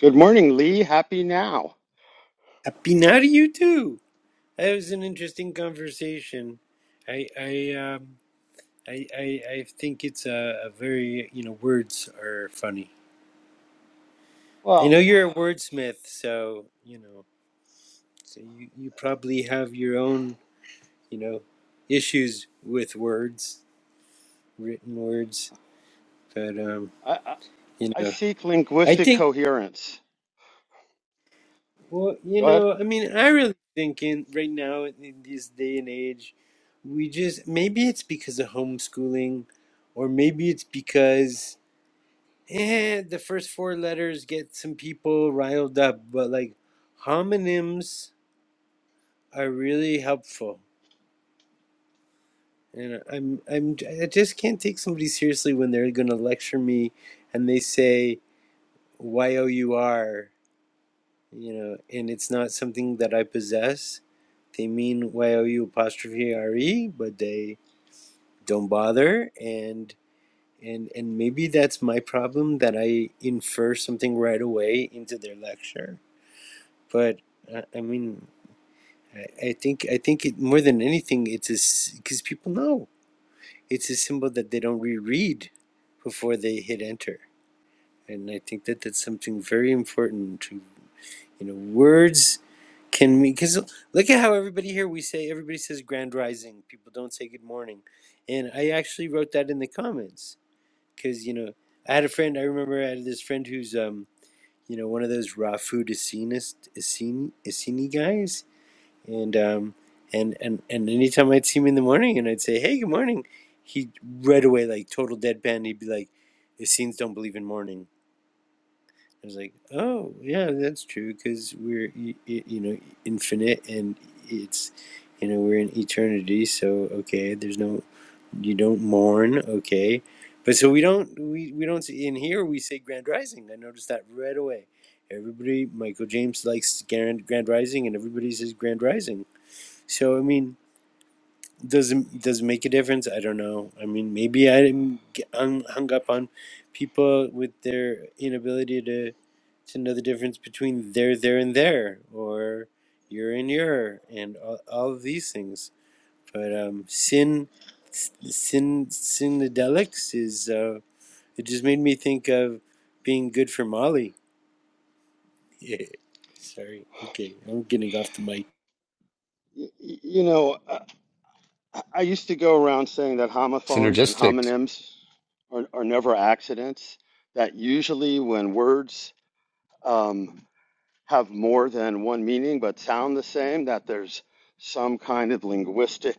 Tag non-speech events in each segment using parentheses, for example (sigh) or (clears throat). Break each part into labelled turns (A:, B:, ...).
A: Good morning, Lee. Happy now.
B: Apinari, you too. That was an interesting conversation. I I um, I, I I think it's a, a very you know words are funny. I
A: Well,
B: know you're a wordsmith, so you know so you, you probably have your own you know issues with words, written words. But um,
A: I, I,
B: you
A: I
B: know,
A: seek
B: I
A: linguistic
B: think
A: coherence.
B: well, you
A: Go ahead.
B: know, I mean, I really think in right now in this day and age we just maybe it's because of homeschooling or maybe it's because eh, the first four letters get some people riled up but like homonyms are really helpful and i'm i'm i just can't take somebody seriously when they're going to lecture me and they say y-o-u-r you know and it's not something that i possess they mean y-o-u apostrophe r-e but they don't bother and. And and maybe that's my problem that I infer something right away into their lecture. But uh, I mean, I, I think I think it more than anything, it's because people know it's a symbol that they don't reread before they hit enter. And I think that that's something very important to, you know, words can mean because look at how everybody here we say everybody says grand rising. People don't say good morning, and I actually wrote that in the comments because you know I had a friend. I remember I had this friend who's um you know one of those raw food Essenis Esseni Esseni guys, and um and and and anytime I'd see him in the morning and I'd say hey good morning, he right away like total deadpan. He'd be like, Essenes don't believe in morning. I was like, oh yeah, that's true because we're y- y- you know infinite and it's you know we're in eternity. So okay, there's no you don't mourn okay but so we don't we, we don't see in here we say grand rising i noticed that right away everybody michael james likes grand, grand rising and everybody says grand rising so i mean does it does it make a difference i don't know i mean maybe i'm g- hung hung up on people with their inability to to know the difference between there there and there or you're and your and all, all of these things but um, sin, sin, synedelics is uh, it just made me think of being good for Molly. Yeah. Sorry. Okay, I'm getting off the mic.
A: Y- y- you know, I, I used to go around saying that homophones and
C: synergistic.
A: homonyms are, are never accidents, that usually when words um, have more than one meaning but sound the same, that there's some kind of linguistic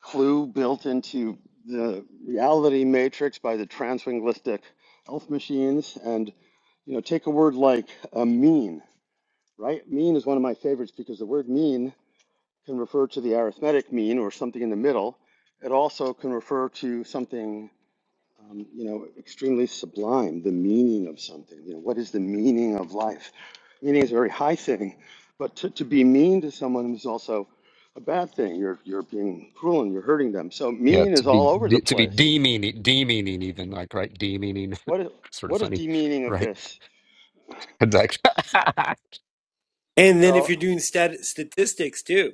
A: clue built into the reality matrix by the translinguistic elf machines and you know take a word like a mean right mean is one of my favorites because the word mean can refer to the arithmetic mean or something in the middle it also can refer to something um, you know, extremely sublime, the meaning of something. You know, what is the meaning of life? Meaning is a very high thing, but to, to be mean to someone is also a bad thing. You're, you're being cruel and you're hurting them. So
C: Yeah,
A: mean
C: to
A: is
C: be
A: all over the
C: de- to be
A: place.
C: demeaning, demeaning even like right, demeaning,
A: What is,
C: (laughs) sort of
A: what is
C: funny,
A: the meaning of
C: right? (laughs)
A: this?
C: It's like, (laughs)
B: And then if you're
A: So,
B: doing stat- statistics too,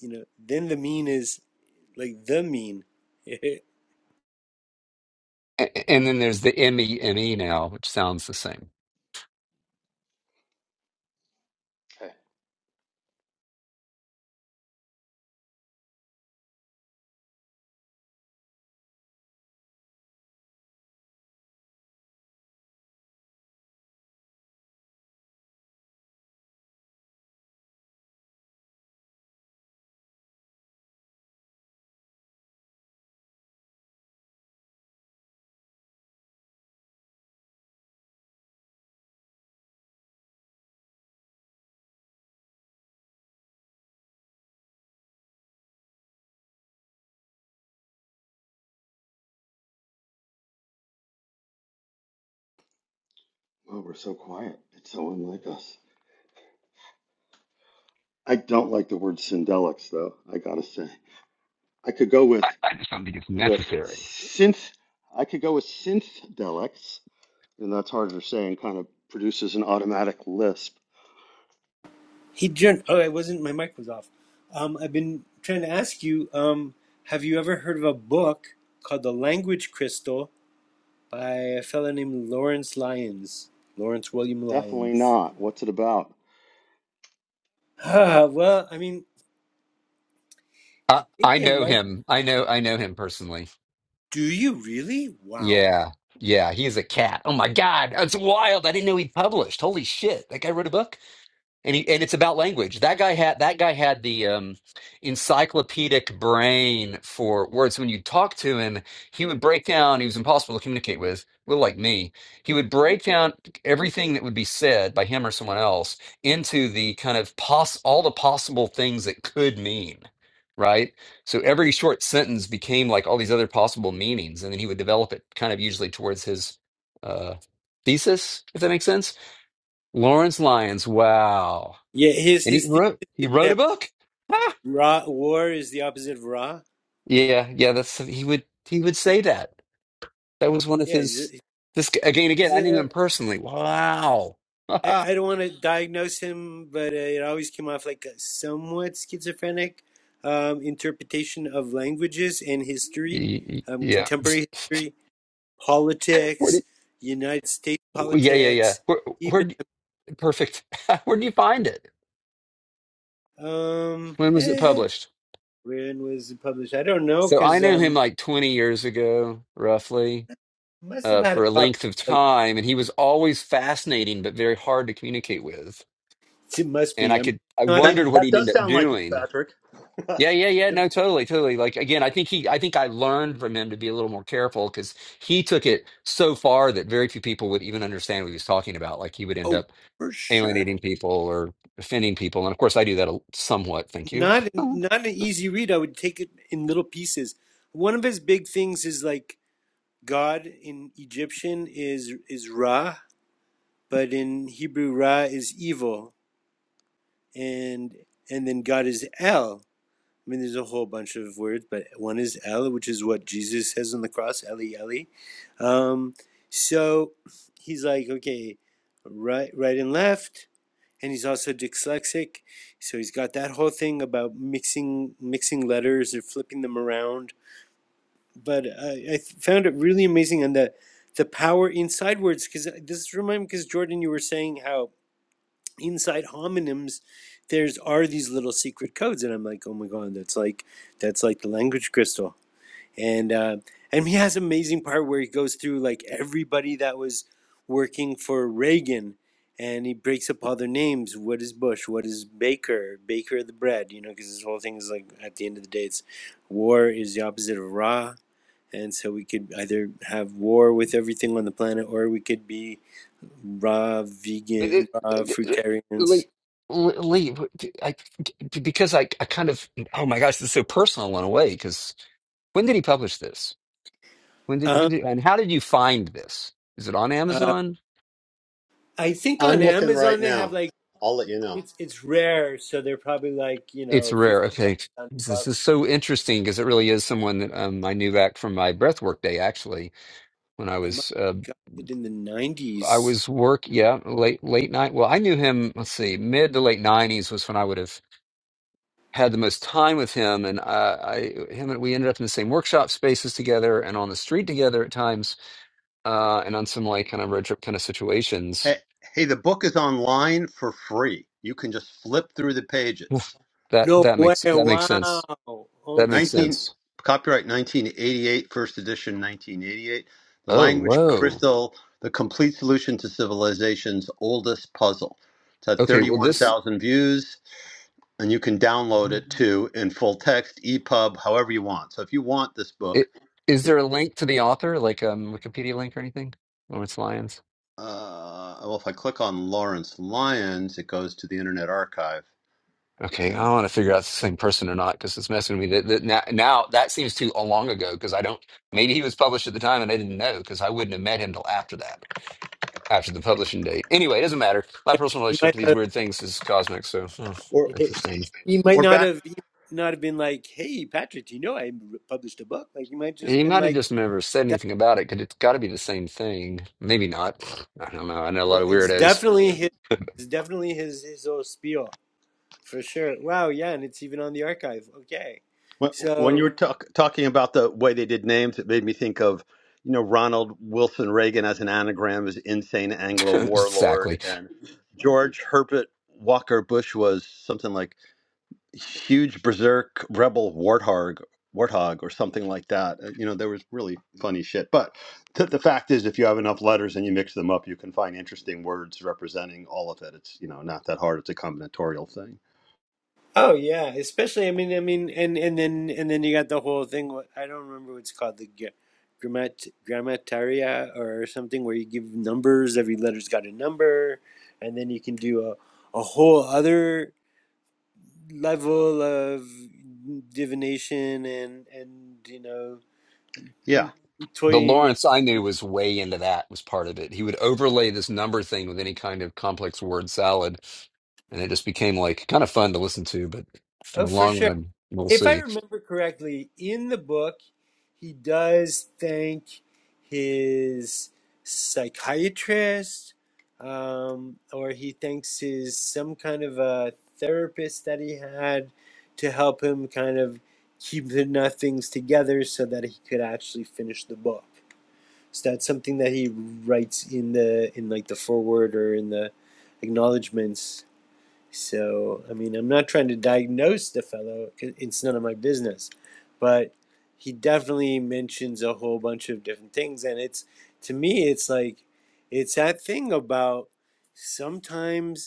B: you know, then the mean is like the mean.
C: A- and then there's the M E M E now, which sounds the same.
A: okay. Well, we're so quiet. It's so unlike us. I don't like the word syndelics, though. I gotta say, I could go
C: I,
A: with
C: I just don't think it's
A: with
C: necessary.
A: synth. I could go with synth and that's harder to say and kind of produces an automatic lisp.
B: (laughs) he turned. Oh, I wasn't. My mic was off. Um, I've been trying to ask you. Um, have you ever heard of a book called The Language Crystal by a fellow named Lawrence Lyons? Lawrence William
A: Definitely
B: Lyons.
A: not. What's it about?
B: (sighs) Ah, well, I mean,
C: I,
B: I think
C: I
B: it
C: know
B: might.
C: him. I know. I know him personally.
B: Do you really? Wow.
C: Yeah, yeah. He is a cat. Oh my god, that's wild. I didn't know he published. Holy shit! That guy wrote a book. and he, and it's about language. That guy had that guy had the um, encyclopedic brain for words. When you talk to him, he would break down. He was impossible to communicate with, well, like me. He would break down everything that would be said by him or someone else into the kind of poss all the possible things it could mean. Right. So every short sentence became like all these other possible meanings, and then he would develop it kind of usually towards his uh, thesis, if that makes sense. Lawrence Lyons, wow
B: Yeah, his
C: and he
B: his
C: wrote
B: thesis
C: he
B: is
C: wrote a
B: that
C: book. Ah,
B: Ra war is the opposite of Ra.
C: yeah, yeah. That's he would he would say that. That was one of
B: Yeah, he's a,
C: his. This g- again, again.
B: he's
C: I knew
B: a.
C: him personally. Wow.
B: I, I
C: (laughs)
B: don't want to diagnose him, but uh, it always came off like a somewhat schizophrenic um, interpretation of languages and history,
C: Y- y-
B: um,
C: yeah.
B: contemporary history,
C: Where
B: politics,
C: did?
B: United States
C: Yeah, yeah, yeah.
B: politics,
C: Where? Where?
B: even
C: d- Perfect. (laughs) Where do you find it?
B: um.
C: When was it
B: eh, eh,
C: published?
B: when was it published? I don't know
C: So I
B: because
C: knew
B: um.
C: him like twenty years ago, roughly,
B: Must have
C: uh,
B: had a
C: for a
B: copy.
C: length of
B: Like
C: time, and he was always fascinating but very hard to communicate with.
B: it must
C: And
B: be.
C: I
B: I mean,
C: could, I
B: not a
A: That,
C: wondered what
A: that
C: he'd
A: does
C: end up
A: sound like you,
C: doing
A: Patrick.
C: Yeah, yeah, yeah.
B: the,
C: No, totally, totally. Like again, I think he, I think I learned from him to be a little more careful because he took it so far that very few people would even understand what he was talking about. Like he would end
B: oh
C: up
B: for sure.
C: alienating people or offending people, and of course, I do that a- somewhat. Thank you.
B: Not
C: (laughs)
B: not an easy read. I would take it in little pieces. One of his big things is like God in Egyptian is is Ra, but in Hebrew Ra is evil, and and then God is El. I mean, there's a whole bunch of words, but one is El, which is what Jesus says on the cross, Eli Eli. Um, so he's like, okay, right, right and left and he's also dyslexic so he's got that whole thing about mixing mixing letters or flipping them around but i, I found it really amazing and the the power inside words because this remind me because jordan you were saying how inside homonyms there's are these little secret codes and i'm like oh my god that's like that's like the language crystal and uh, and he has an amazing part where he goes through like everybody that was working for Reagan, and he breaks up all their names. What is Bush? What is Baker? Baker of the bread, you know, because this whole thing is like at the end of the day, it's war is the opposite of raw, and so we could either have war with everything on the planet, or we could be raw vegan,
C: It-
B: raw
C: it- it- Lee,
B: fruitarians.
C: Lee, I, because I, I kind of, oh my gosh, this is so personal in a way. Because when did he publish this? When did, when
B: Uh,
C: did, and how did you find this? Is it on
B: uh,
C: Amazon?
B: I think on
A: can
B: Amazon
A: right
B: they have
A: now.
B: like
A: I'll let you know.
B: It's it's rare, so they're probably like you
C: It's
B: know
C: rare.
B: fifty bucks,
C: Okay.
B: one hundred
C: This is
B: bucks.
C: so interesting because it really is someone that um, I knew back from my breathwork day, actually, when I
B: I might
C: was uh,
B: have got it in the
C: I
B: nineties.
C: was work, yeah, late late night. Well, I knew him, let's see, mid to late 90s was when I would have had the most time with him and I, I him and we ended up in the same workshop spaces together and on the street together at times uh, and on some like kind of road trip kind of
A: Hey,
C: situations.
A: hey, the book is online for free. You can just flip through the pages.
C: That
B: No
C: that
B: way!
C: makes that makes
B: Wow.
C: sense.
B: Oh,
C: That
B: see
C: makes
B: that
A: 19
C: sense.
A: copyright 1988, first edition 1988. The
C: Oh,
A: language
C: whoa.
A: crystal, the complete solution to civilization's oldest puzzle. It's had
C: Okay, well this
A: 31,000 views. and you can download it too in full text, EPUB, however you want. So if you want this book,
C: It, is
A: it,
C: there a link to the author, like a um, Wikipedia link or anything? Lawrence Lyons.
A: uh, well, if I click on Lawrence Lyons, it goes to the Internet Archive,
C: Okay,
A: and
C: I want to figure out if it's the same person or not because it's messing with me. That, that now, now that seems too long ago because I don't. Maybe he was published at the time and I didn't know because I wouldn't have met him till after that, after the publishing date. Anyway, it doesn't matter. My personal
B: he
C: relationship
B: might
C: to these
B: have.
C: weird things is cosmic, so hmm,
A: or
B: (laughs)
C: interesting.
B: He might
A: or
B: not
A: back
B: have. He might not have been like, "Hey, Patrick, do you know I published a book?" Like he might just
C: He
B: been
C: might have
B: like,
C: just never said
B: "That."
C: anything about it because it's got to be the same thing. Maybe not. I don't know. I know a lot
B: Well,
C: of
B: it's
C: weirdos.
B: definitely his. It's definitely his his old spiel for sure. Wow. Yeah, and it's even on the archive. Okay.
A: when, when
B: So
A: you were talk, talking about the way they did names, it made me think of you know Ronald Wilson Reagan as an anagram is insane
C: (laughs)
A: Anglo warlord,
C: exactly.
A: and George Herbert Walker Bush was something like huge berserk rebel warthog warthog or something like that Uh, you know there was really funny shit but th- the fact is if you have enough letters and you mix them up you can find interesting words representing all of it it's you know not that hard it's a combinatorial thing
B: Oh yeah, especially I mean I mean and and then and then you got the whole thing what I don't remember what it's called the gra- grammat grammataria or something where you give numbers every letter's got a number and then you can do a a whole other level of divination and and you know
A: yeah
C: The
B: toying with,
C: Lawrence I knew was way into that, was part of it. He would overlay this number thing with any kind of complex word salad, and it just became like kind of fun to listen to, but from
B: oh
C: the
B: for
C: long
B: sure
C: run, we'll
B: if I
C: see.
B: remember correctly, in the book, he does thank his psychiatrist, um, or he thanks his some kind of a therapist that he had to help him kind of keep the enough things together so that he could actually finish the book. So that's something that he writes in the in like the foreword or in the acknowledgments so, I mean, I'm not trying to diagnose the fellow, it's none of my business. But he definitely mentions a whole bunch of different things. And it's, to me, it's like, it's that thing about sometimes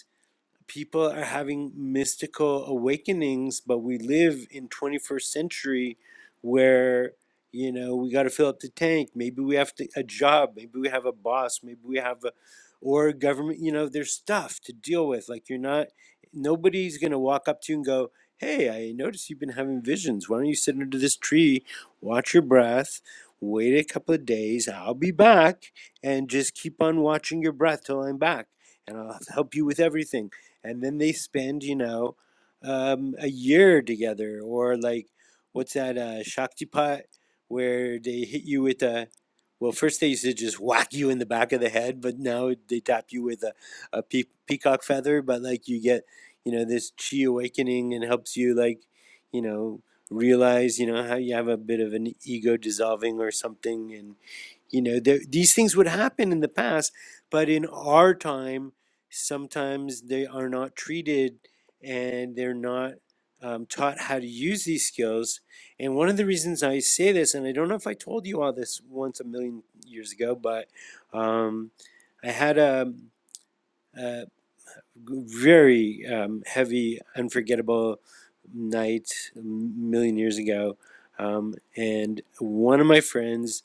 B: people are having mystical awakenings, but we live in 21st century where you know we got to fill up the tank. Maybe we have to, a job. Maybe we have a boss. Maybe we have a or government. You know, there's stuff to deal with. Like you're not nobody's gonna walk up to you and go. Hey, I noticed you've been having visions. Why don't you sit under this tree, watch your breath, wait a couple of days, I'll be back, and just keep on watching your breath till I'm back, and I'll help you with everything and then they spend you know um, a year together or like what's that uh, shaktipat where they hit you with a well first they used to just whack you in the back of the head but now they tap you with a, a pe- peacock feather but like you get you know this chi awakening and helps you like you know realize you know how you have a bit of an ego dissolving or something and. You know, there, these things would happen in the past, but in our time, sometimes they are not treated and they're not um, taught how to use these skills. And one of the reasons I say this, and I don't know if I told you all this once a million years ago, but um, I had a, a, very um, heavy, unforgettable night a million years ago. Um, and one of my friends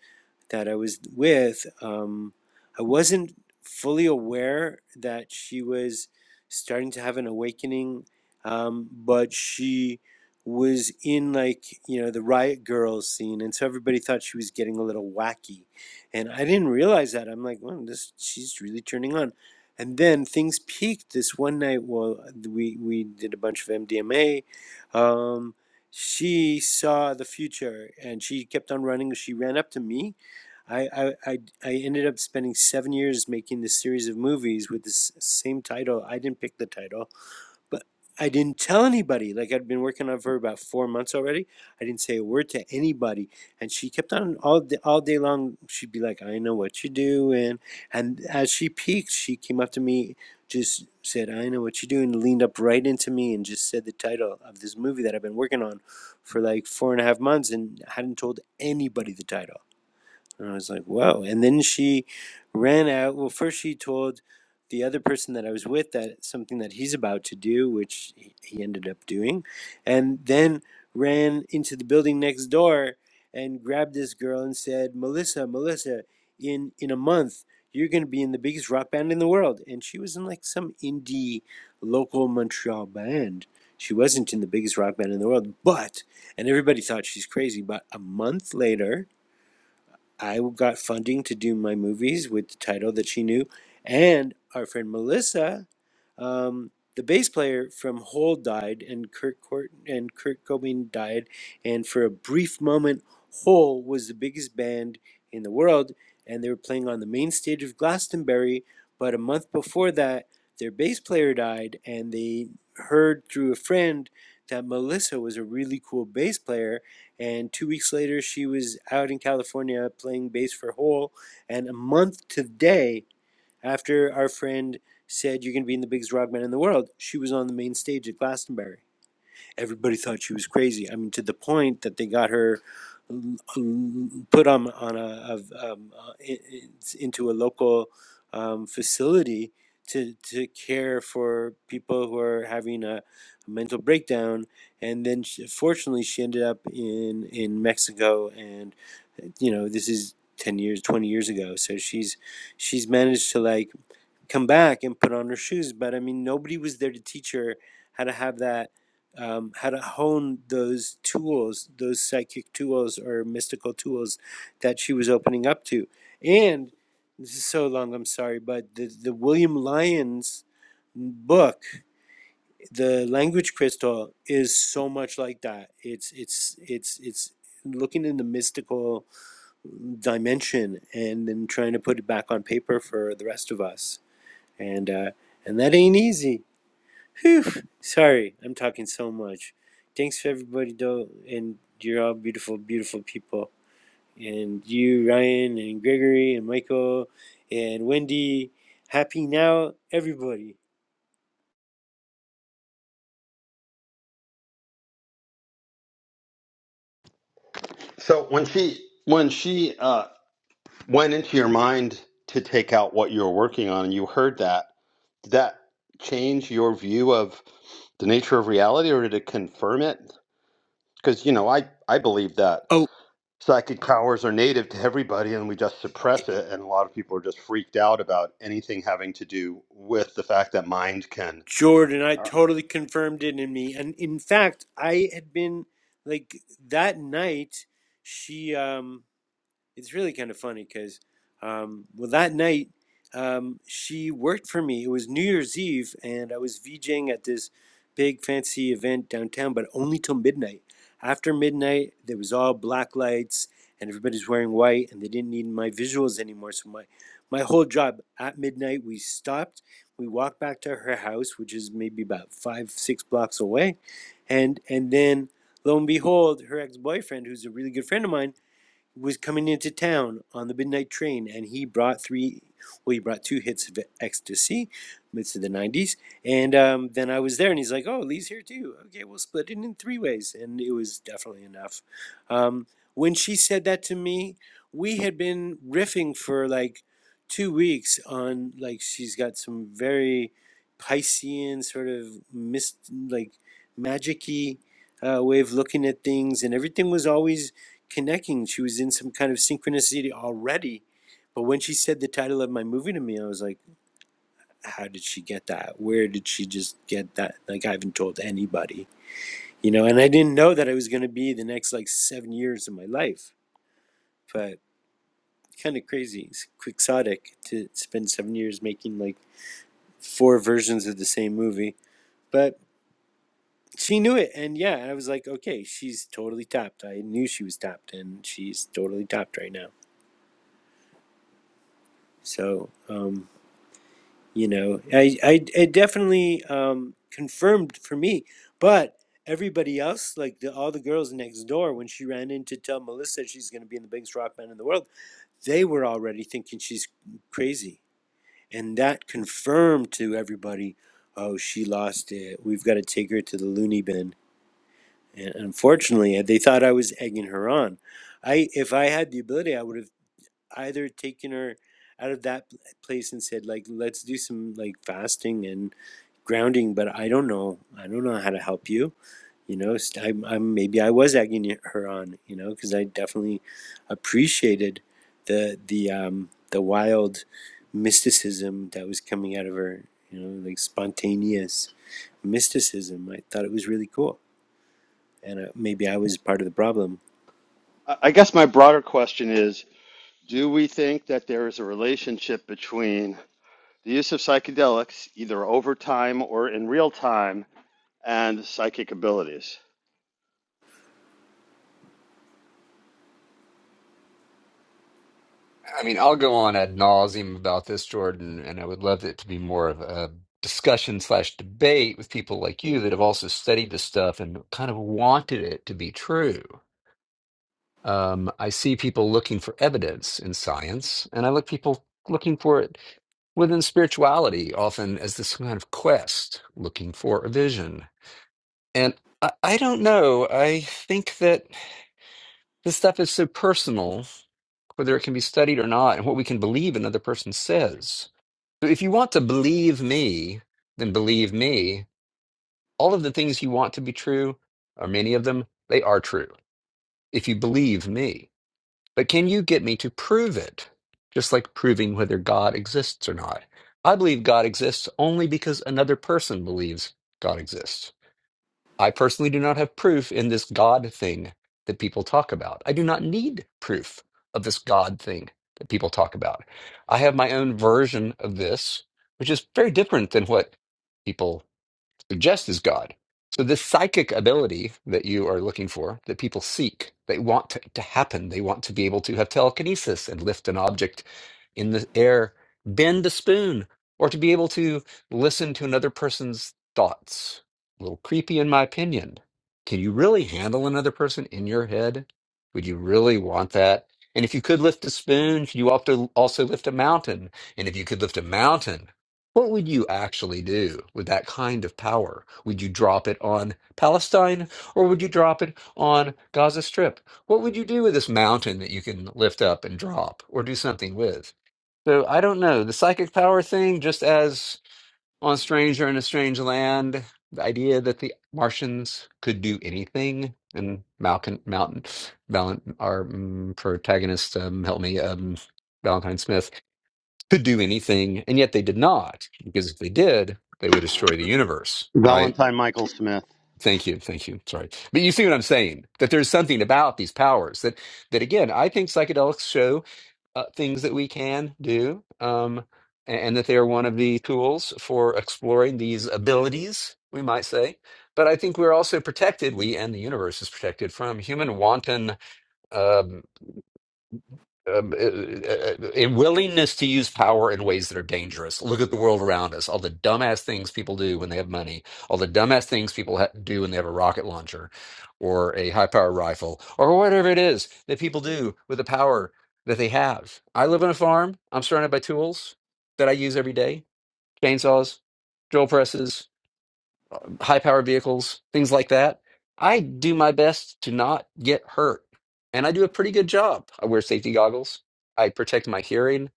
B: that I was with, um, I wasn't fully aware that she was starting to have an awakening, um, but she was in like you know the riot girl scene and so everybody thought she was getting a little wacky and i didn't realize that i'm like well this she's really turning on and then things peaked this one night while we, we did a bunch of MDMA. Um, she saw the future and she kept on running. She ran up to me. I, I, I, I ended up spending seven years making this series of movies with this same title. I didn't pick the title. But I didn't tell anybody. Like I'd been working on her for about four months already. I didn't say a word to anybody, and she kept on all day, all day long. She'd be like, "I know what you're doing," and as she peaked, she came up to me, just said, "I know what you're doing," leaned up right into me, and just said the title of this movie that I've been working on for like four and a half months, and hadn't told anybody the title. And I was like, whoa. And then she ran out. Well, first she told the other person that I was with that something that he's about to do, which he he ended up doing, and then ran into the building next door and grabbed this girl and said, Melissa, Melissa, in, in a month, you're going to be in the biggest rock band in the world. And she was in like some indie local Montreal band. She wasn't in the biggest rock band in the world, but, and everybody thought she's crazy, but a month later, I got funding to do my movies with the title that she knew, and our friend Melissa um, the bass player from Hole died, and Kurt Court- and Kurt Cobain died, and for a brief moment, Hole was the biggest band in the world, and they were playing on the main stage of Glastonbury. But a month before that, their bass player died, and they heard through a friend that Melissa was a really cool bass player. And two weeks later, she was out in California playing bass for Hole. And a month today, after our friend said, You're going to be in the biggest rock band in the world, she was on the main stage at Glastonbury. Everybody thought she was crazy. I mean, to the point that they got her um, put on, on a, a um, uh, into a local um, facility to, to care for people who are having a, a mental breakdown. And then, she, fortunately, she ended up in, in Mexico. And, you know, this is 10 years, 20 years ago. So she's, she's managed to like, come back and put on her shoes. But I mean, nobody was there to teach her how to have that, um, how to hone those tools, those psychic tools or mystical tools that she was opening up to. And this is so long, I'm sorry, but the, the William Lyons book, The Language Crystal, is so much like that. It's, it's, it's, it's, looking in the mystical dimension and then trying to put it back on paper for the rest of us and uh, and that ain't easy. Whew. Sorry, I'm talking so much. Thanks for everybody though, and you're all beautiful, beautiful people. And you, Ryan, and Gregory, and Michael, and Wendy. Happy now, everybody.
A: so when she when she uh, went into your mind to take out what you were working on and you heard that did that change your view of the nature of reality or did it confirm it because you know i i believe that
B: Oh,
A: psychic powers are native to everybody and we just suppress it and a lot of people are just freaked out about anything having to do with the fact that mind can
B: Jordan, I totally confirmed it in me, and in fact, I had been like that night. She um it's really kind of funny because um, well that night um, she worked for me it was new year's eve and i was vjing at this big fancy event downtown but only till midnight after midnight there was all black lights and everybody's wearing white and they didn't need my visuals anymore so my my whole job at midnight we stopped we walked back to her house which is maybe about five six blocks away and and then lo and behold her ex-boyfriend who's a really good friend of mine was coming into town on the midnight train, and he brought three. Well, he brought two hits of ecstasy, midst of the '90s, and um, then I was there, and he's like, "Oh, Lee's here too. Okay, we'll split it in three ways," and it was definitely enough. Um, when she said that to me, we had been riffing for like two weeks on like she's got some very Piscean sort of mist like magicy uh, way of looking at things, and everything was always connecting. She was in some kind of synchronicity already. But when she said the title of my movie to me, I was like, how did she get that? Where did she just get that? Like, I haven't told anybody, you know, and I didn't know that I was going to be the next like seven years of my life. But kind of crazy, it's quixotic to spend seven years making like four versions of the same movie. But she knew it. And yeah, I was like, okay, she's totally tapped. I knew she was tapped, and she's totally tapped right now. So, um, you know i i it definitely um confirmed for me but everybody else like the, all the girls next door when she ran in to tell melissa she's going to be in the biggest rock band in the world they were already thinking she's crazy and that confirmed to everybody oh she lost it we've got to take her to the loony bin and unfortunately uh, they thought i was egging her on i if i had the ability i would have either taken her out of that place and said like let's do some like fasting and grounding but i don't know i don't know how to help you you know i i'm, I'm maybe i was egging her on you know because i definitely appreciated the the um the wild mysticism that was coming out of her you know like spontaneous mysticism i thought it was really cool and uh, maybe i was part of the problem
A: I I guess my broader question is, do we think that there is a relationship between the use of psychedelics, either over time or in real time, and psychic abilities?
C: I mean, I'll go on ad nauseum about this, Jordan, and I would love it to be more of a discussion slash debate with people like you that have also studied this stuff and kind of wanted it to be true. Um, I see people looking for evidence in science, and I look people looking for it within spirituality often as this kind of quest looking for a vision and i, I don't know i think that this stuff is so personal whether it can be studied or not and what we can believe another person says so if you want to believe me then believe me all of the things you want to be true or many of them they are true if you believe me But can you get me to prove it? Just like proving whether God exists or not. I believe God exists only because another person believes God exists. I personally do not have proof in this God thing that people talk about. I do not need proof of this God thing that people talk about. I have my own version of this, which is very different than what people so jest is God. So this psychic ability that you are looking for, that people seek, they want to, to happen. They want to be able to have telekinesis and lift an object in the air, bend a spoon, or to be able to listen to another person's thoughts. A little creepy in my opinion. Can you really handle another person in your head? Would you really want that? And if you could lift a spoon, could you also also lift a mountain? And if you could lift a mountain, what would you actually do with that kind of power? Would you drop it on Palestine or would you drop it on Gaza Strip? What would you do with this mountain that you can lift up and drop or do something with? So I don't know. The psychic power thing, just as on Stranger in a Strange Land, the idea that the Martians could do anything and Malcolm, Mountain, Valen, our mm, protagonist, um, help me, um, Valentine Smith could do anything, and yet they did not, because if they did, they would destroy the universe, right?
A: valentine michael smith
C: Thank you, thank you. Sorry, but you see what I'm saying? That there's something about these powers that that again, I think psychedelics show uh, things that we can do, um, a- and, that they are one of the tools for exploring these abilities, we might say. But I think we're also protected. We and the universe is protected from human wanton. um, um, a willingness to use power in ways that are dangerous. Look at the world around us, all the dumbass things people do when they have money, all the dumbass things people ha- do when they have a rocket launcher or a high power rifle or whatever it is that people do with the power that they have. I live on a farm. I'm surrounded by tools that I use every day chainsaws, drill presses, high power vehicles, things like that. I do my best to not get hurt, and I do a pretty good job. I wear safety goggles, I protect my hearing,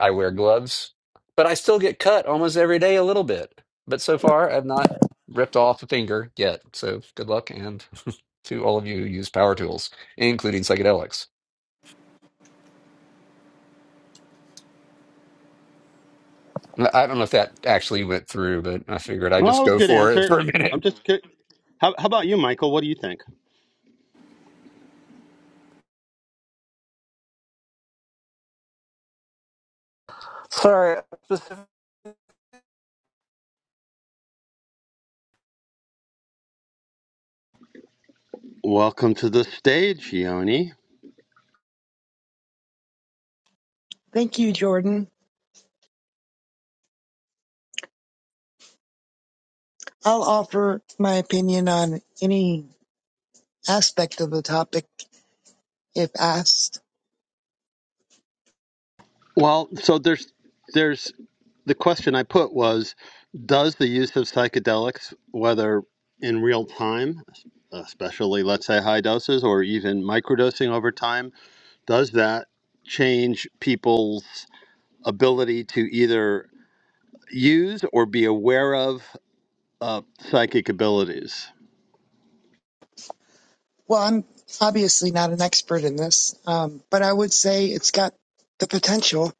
C: I wear gloves, but I still get cut almost every day a little bit. But so far, I've not ripped off a finger yet. So good luck, and to all of you who use power tools, including psychedelics. I I don't know if that actually went through, but I figured I'd
A: well that
C: just
A: was a
C: go
A: good
C: for it (laughs)
A: answer
C: for a minute.
A: i'm just cur- how, how about you michael what do you think
D: Sorry, specific.
A: welcome to the stage yoni
E: Thank you, Jordan. I'll offer my opinion on any aspect of the topic if asked.
A: Well, so there's there's the question I put was, does the use of psychedelics, whether in real time, especially let's say high doses or even microdosing over time, does that change people's ability to either use or be aware of uh, psychic abilities?
E: Well, I'm obviously not an expert in this, um, but I would say it's got the potential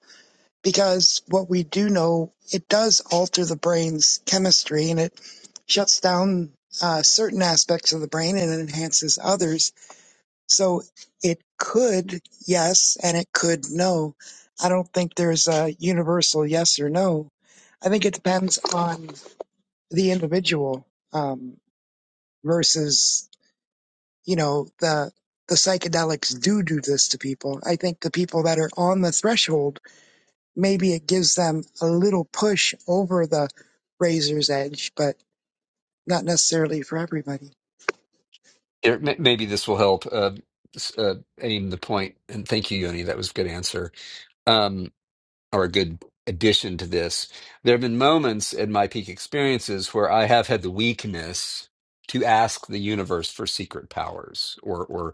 E: because what we do know, it does alter the brain's chemistry and it shuts down uh, certain aspects of the brain and enhances others So it could yes and it could no. I don't think there's a universal yes or no. I think it depends on the individual um, versus you know the the psychedelics do do this to people. I think the people that are on the threshold maybe it gives them a little push over the razor's edge, but not necessarily for everybody.
C: Here, may- maybe this will help uh, s- uh, aim the point. And thank you, Yoni. That was a good answer um, or a good addition to this. There have been moments in my peak experiences where I have had the weakness to ask the universe for secret powers or or.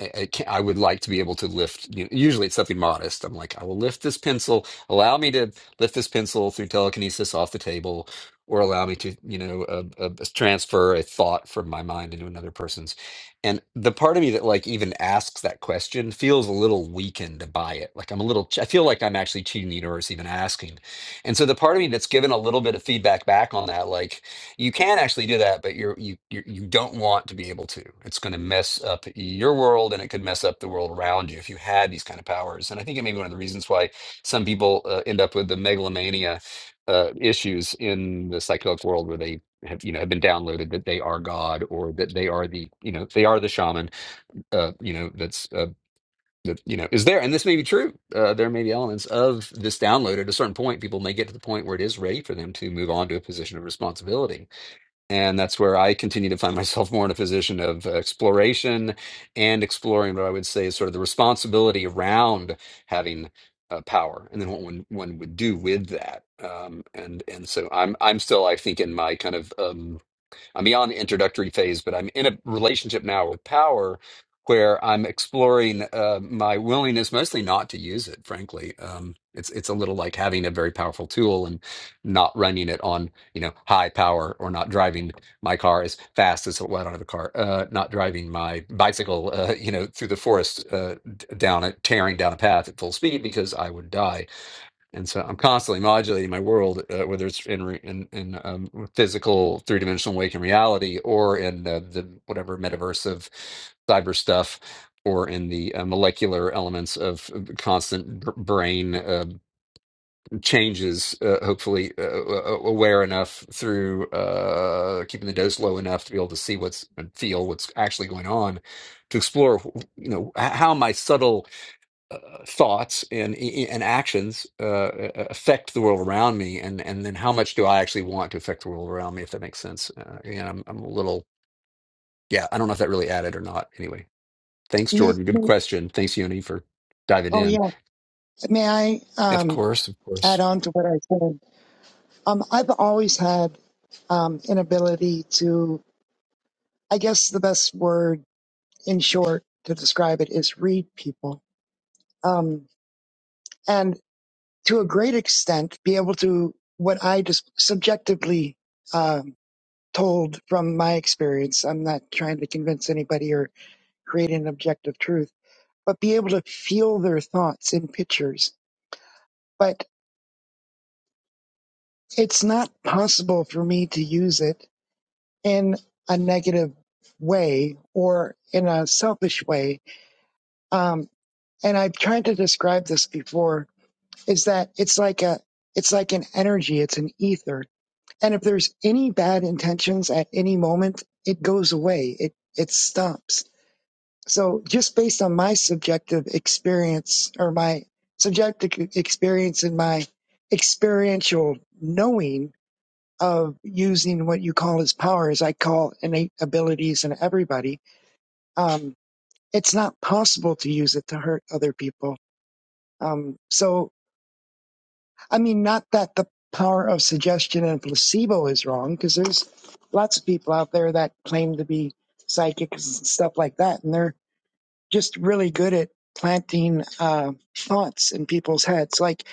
C: I I can't, I would like to be able to lift. You know, usually, it's something modest. I'm like, I will lift this pencil. Allow me to lift this pencil through telekinesis off the table, or allow me to, you know, uh, uh, transfer a thought from my mind into another person's. And the part of me that like even asks that question feels a little weakened by it. Like I'm a little. ch- I feel like I'm actually cheating the universe even asking. And so the part of me that's given a little bit of feedback back on that, like you can actually do that, but you're you you you don't want to be able to. It's going to mess up your world, and it could mess up the world around you if you had these kind of powers. And I think it may be one of the reasons why some people uh, end up with the megalomania uh, issues in the psychedelic world, where they have you know have been downloaded that they are God or that they are the you know they are the shaman. Uh, you know that's. Uh, that you know is there, and this may be true. Uh, there may be elements of this download. At a certain point, people may get to the point where it is ready for them to move on to a position of responsibility and that's where I continue to find myself more in a position of uh, exploration and exploring what I would say is sort of the responsibility around having uh, power and then what one, one would do with that. Um, and and so I'm I'm still I think in my kind of um, I'm beyond the introductory phase, but I'm in a relationship now with power where I'm exploring uh, my willingness mostly not to use it, frankly. Um, it's it's a little like having a very powerful tool and not running it on, you know, high power or not driving my car as fast as well, I don't have a car, uh, not driving my bicycle, uh, you know, through the forest uh, d- down a tearing down a path at full speed because I would die and so I'm constantly modulating my world, uh, whether it's in re- in, in um, physical three dimensional waking reality, or in uh, the whatever metaverse of cyber stuff, or in the uh, molecular elements of uh, constant br- brain uh, changes. Uh, hopefully, uh, uh, uh, aware enough through uh, keeping the dose low enough to be able to see what's and feel what's actually going on, to explore, you know, h- how my subtle uh, thoughts and and actions uh, affect the world around me, and and then how much do I actually want to affect the world around me? If that makes sense, uh, and I'm I'm a little yeah, I don't know if that really added or not. Anyway, thanks
E: May,
C: Jordan, good
E: oh
C: question. Thanks Yoni for diving in.
E: yeah, may I
C: Of
E: um,
C: course, of
E: add
C: course.
E: on to what I said? Um, I've always had um, an ability to, I guess the best word in short to describe it is read people. Um, and to a great extent, be able to, what I just subjectively um, told from my experience, I'm not trying to convince anybody or create an objective truth, but be able to feel their thoughts in pictures. But it's not possible for me to use it in a negative way or in a selfish way. Um, and I've tried to describe this before is that it's like a, it's like an energy. It's an ether. And if there's any bad intentions at any moment, it goes away. It, it stops. So just based on my subjective experience or my subjective experience and my experiential knowing of using what you call as powers, I call innate abilities in everybody um, it's not possible to use it to hurt other people. Um, so, I mean, not that the power of suggestion and placebo is wrong, because there's lots of people out there that claim to be psychics and stuff like that, and they're just really good at planting uh, thoughts in people's heads. Like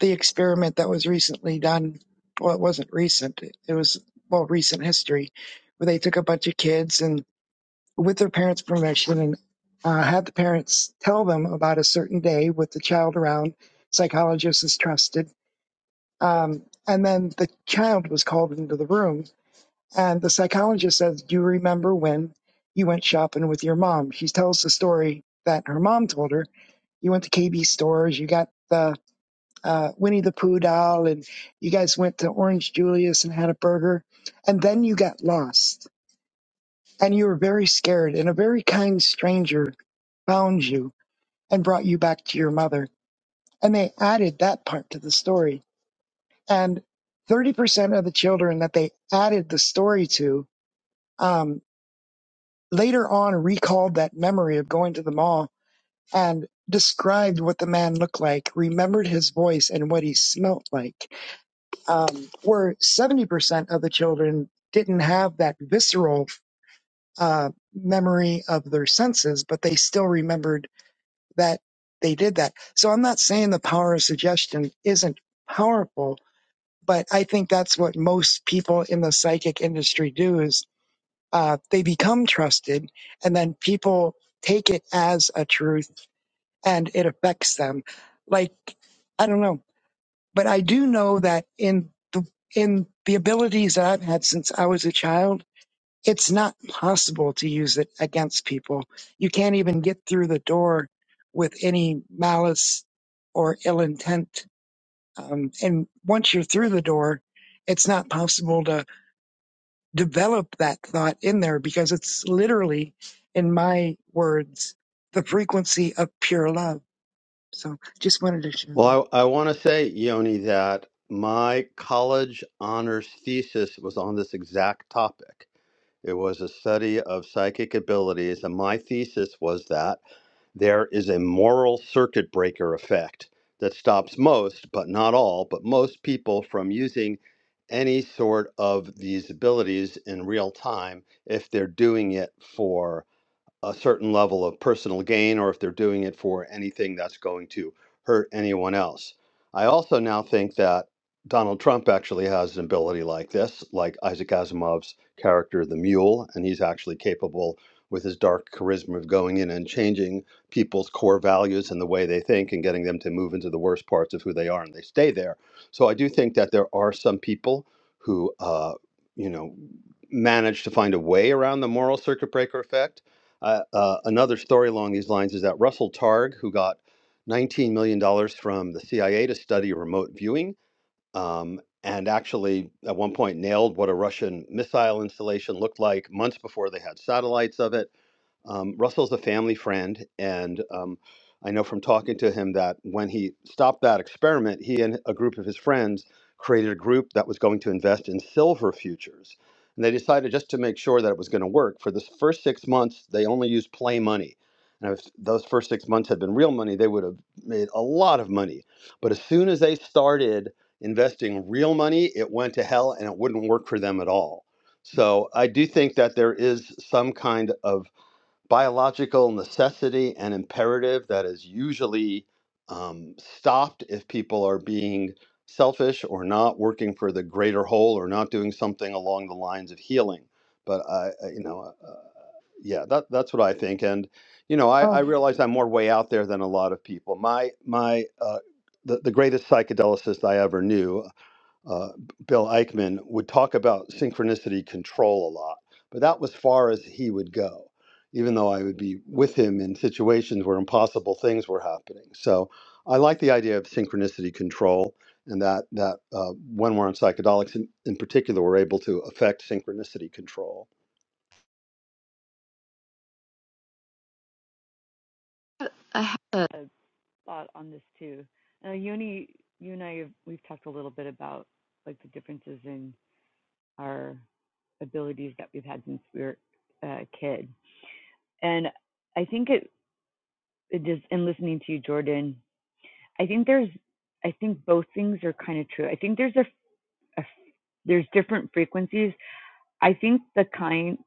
E: the experiment that was recently done, well, it wasn't recent, it was, well, recent history, where they took a bunch of kids and with their parents' permission and uh, have the parents tell them about a certain day with the child around. Psychologist is trusted. Um, and then the child was called into the room, and the psychologist says, Do you remember when you went shopping with your mom? She tells the story that her mom told her. You went to KB stores, you got the uh, Winnie the Pooh doll, and you guys went to Orange Julius and had a burger, and then you got lost, and you were very scared, and a very kind stranger found you and brought you back to your mother. And they added that part to the story. And 30% of the children that they added the story to um, later on recalled that memory of going to the mall and described what the man looked like, remembered his voice and what he smelt like. Um, where 70% of the children didn't have that visceral uh, memory of their senses, but they still remembered that they did that. So I'm not saying the power of suggestion isn't powerful, but I think that's what most people in the psychic industry do is uh, they become trusted and then people take it as a truth and it affects them. Like, I don't know, but I do know that in the, in the abilities that I've had since I was a child, it's not possible to use it against people. You can't even get through the door with any malice or ill intent. Um, and once you're through the door, it's not possible to develop that thought in there because it's literally, in my words, the frequency of pure love. So just wanted to share that.
A: Well, I, I want to say, Yoni, that my college honors thesis was on this exact topic. It was a study of psychic abilities, and my thesis was that there is a moral circuit breaker effect that stops most, but not all, but most people from using any sort of these abilities in real time if they're doing it for a certain level of personal gain or if they're doing it for anything that's going to hurt anyone else. I also now think that Donald Trump actually has an ability like this, like Isaac Asimov's character, the mule, and he's actually capable with his dark charisma of going in and changing people's core values and the way they think and getting them to move into the worst parts of who they are and they stay there. So I do think that there are some people who, uh, you know, manage to find a way around the moral circuit breaker effect uh, uh, another story along these lines is that Russell Targ, who got $19 million dollars from the CIA to study remote viewing, um, and actually at one point nailed what a Russian missile installation looked like months before they had satellites of it um, Russell's a family friend, and um, I know from talking to him that when he stopped that experiment, he and a group of his friends created a group that was going to invest in silver futures. And they decided just to make sure that it was going to work. For the first six months, they only used play money. And if those first six months had been real money, they would have made a lot of money. But as soon as they started investing real money, it went to hell and it wouldn't work for them at all. So I do think that there is some kind of biological necessity and imperative that is usually um, stopped if people are being selfish or not working for the greater whole or not doing something along the lines of healing. But I, I- you know, uh, yeah, that that's what I think. And you know, I, I
E: Oh,
A: realize I'm more way out there than a lot of people. My my uh, the, the greatest psychedelicist I ever knew uh, Bill Eichmann would talk about synchronicity control a lot, but that was far as he would go, even though I would be with him in situations where impossible things were happening. So I like the idea of synchronicity control and that, that uh, when we're on psychedelics in, in particular, we're able to affect synchronicity control.
F: I have a thought on this too. Uh, Yoni, you and I, have, we've talked a little bit about like the differences in our abilities that we've had since we were uh, a kid, and I think it, it just in listening to you, Jordan, I think there's, I think both things are kind of true. I think there's a, a there's different frequencies. I think the kind,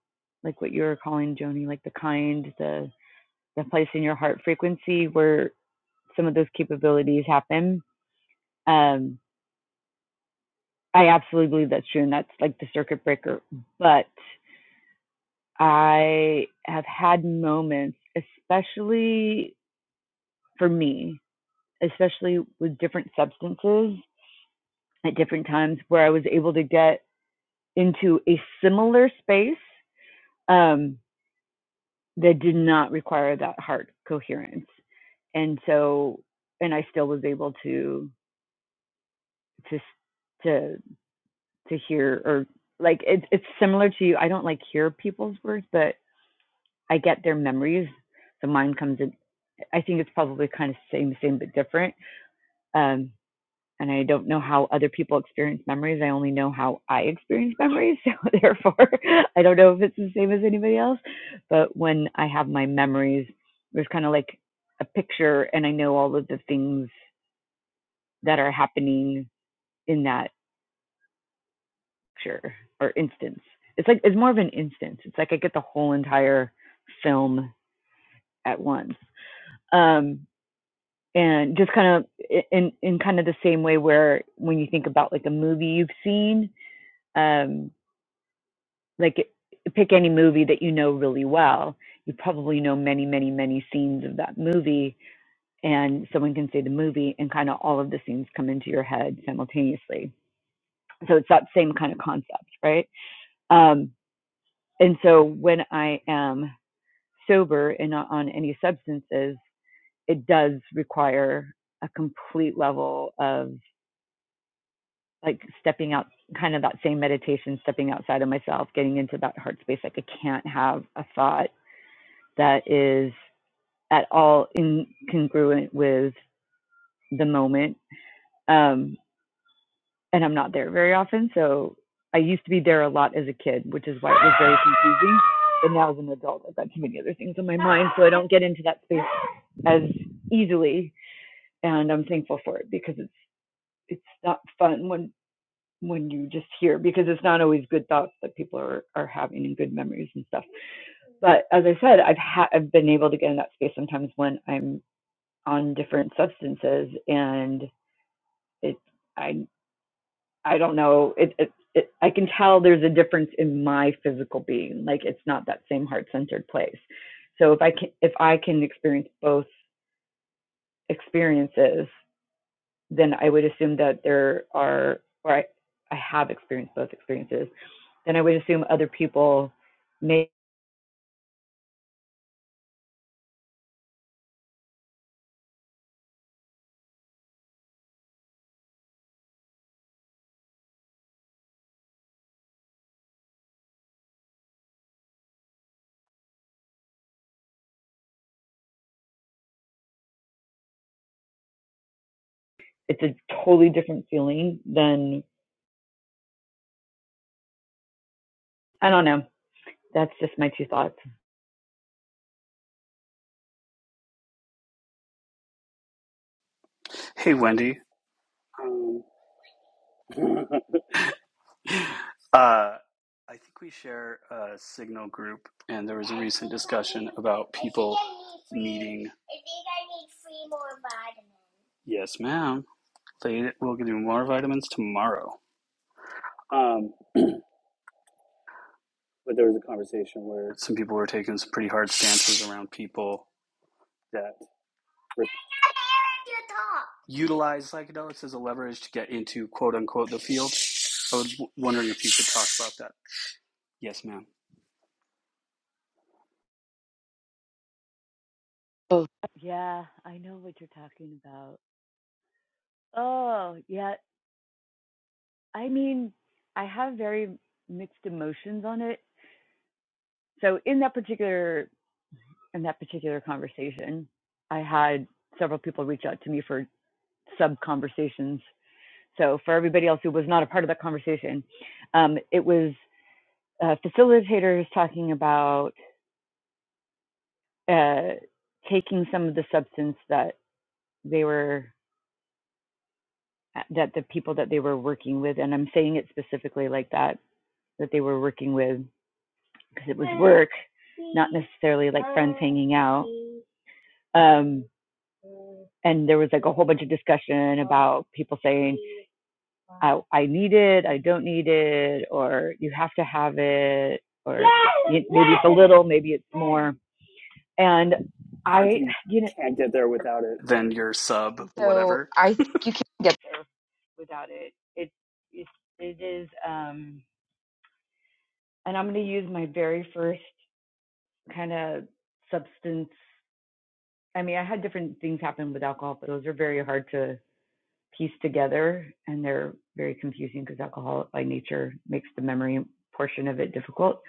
F: like what you were calling Joni, like the kind, the the place in your heart frequency where some of those capabilities happen. Um, I absolutely believe that's true, and that's like the circuit breaker. But I have had moments, especially for me, especially with different substances at different times, where I was able to get into a similar space um, that did not require that heart coherence, and so, and I still was able to to to to hear or like it's it's similar to you. I don't like hear people's words, but I get their memories. So mine comes in. I think it's probably kind of same, same but different. Um, and I don't know how other people experience memories. I only know how I experience (laughs) memories. So therefore, (laughs) I don't know if it's the same as anybody else. But when I have my memories, there's kind of like a picture, and I know all of the things that are happening in that picture or instance. It's like it's more of an instance. It's like I get the whole entire film at once. Um, and just kind of in in kind of the same way where when you think about like a movie you've seen um like pick any movie that you know really well you probably know many many many scenes of that movie and someone can say the movie and kind of all of the scenes come into your head simultaneously so it's that same kind of concept right um and so when i am sober and not on any substances it does require a complete level of like stepping out kind of that same meditation stepping outside of myself getting into that heart space like i can't have a thought that is at all incongruent with the moment um and i'm not there very often so i used to be there a lot as a kid which is why it was very confusing but now as an adult i've got too many other things on my mind so i don't get into that space as easily and i'm thankful for it because it's it's not fun when when you just hear because it's not always good thoughts that people are, are having and good memories and stuff. But as I said, I've ha- I've been able to get in that space sometimes when I'm on different substances and it I I don't know it it, it I can tell there's a difference in my physical being like it's not that same heart centered place. So if I can if I can experience both experiences, then I would assume that there are or I I have experienced both experiences then I would assume other people may, it's a totally different feeling than, I don't know. That's just my two thoughts.
G: Hey, Wendy. Um, (laughs) uh, I think we share a signal group, and there was a recent discussion about people needing. Yes, ma'am. They will give you more vitamins tomorrow. Um, but there was a conversation where some people were taking some pretty hard stances around people that were utilize psychedelics as a leverage to get into quote unquote the field. I was w- wondering if you could talk about that. Yes, ma'am.
F: Oh, Yeah, I know what you're talking about. Oh, yeah. I mean, I have very mixed emotions on it. So in that particular in that particular conversation, I had several people reach out to me for sub conversations. So for everybody else who was not a part of that conversation, um, it was uh, facilitator is talking about uh, taking some of the substance that they were uh, that the people that they were working with, and I'm saying it specifically like that that they were working with because it was work, not necessarily like friends hanging out. Um, and there was like a whole bunch of discussion about people saying, I, I need it, I don't need it, or you have to have it, or maybe it's a little, maybe it's more. And I, you know,
G: Then your sub,
F: And so
G: whatever.
F: I think you can get there without it. It it, it is um and I'm going to use my very first kind of substance. I mean, I had different things happen with alcohol, but those are very hard to piece together and they're very confusing because alcohol by nature makes the memory portion of it difficult.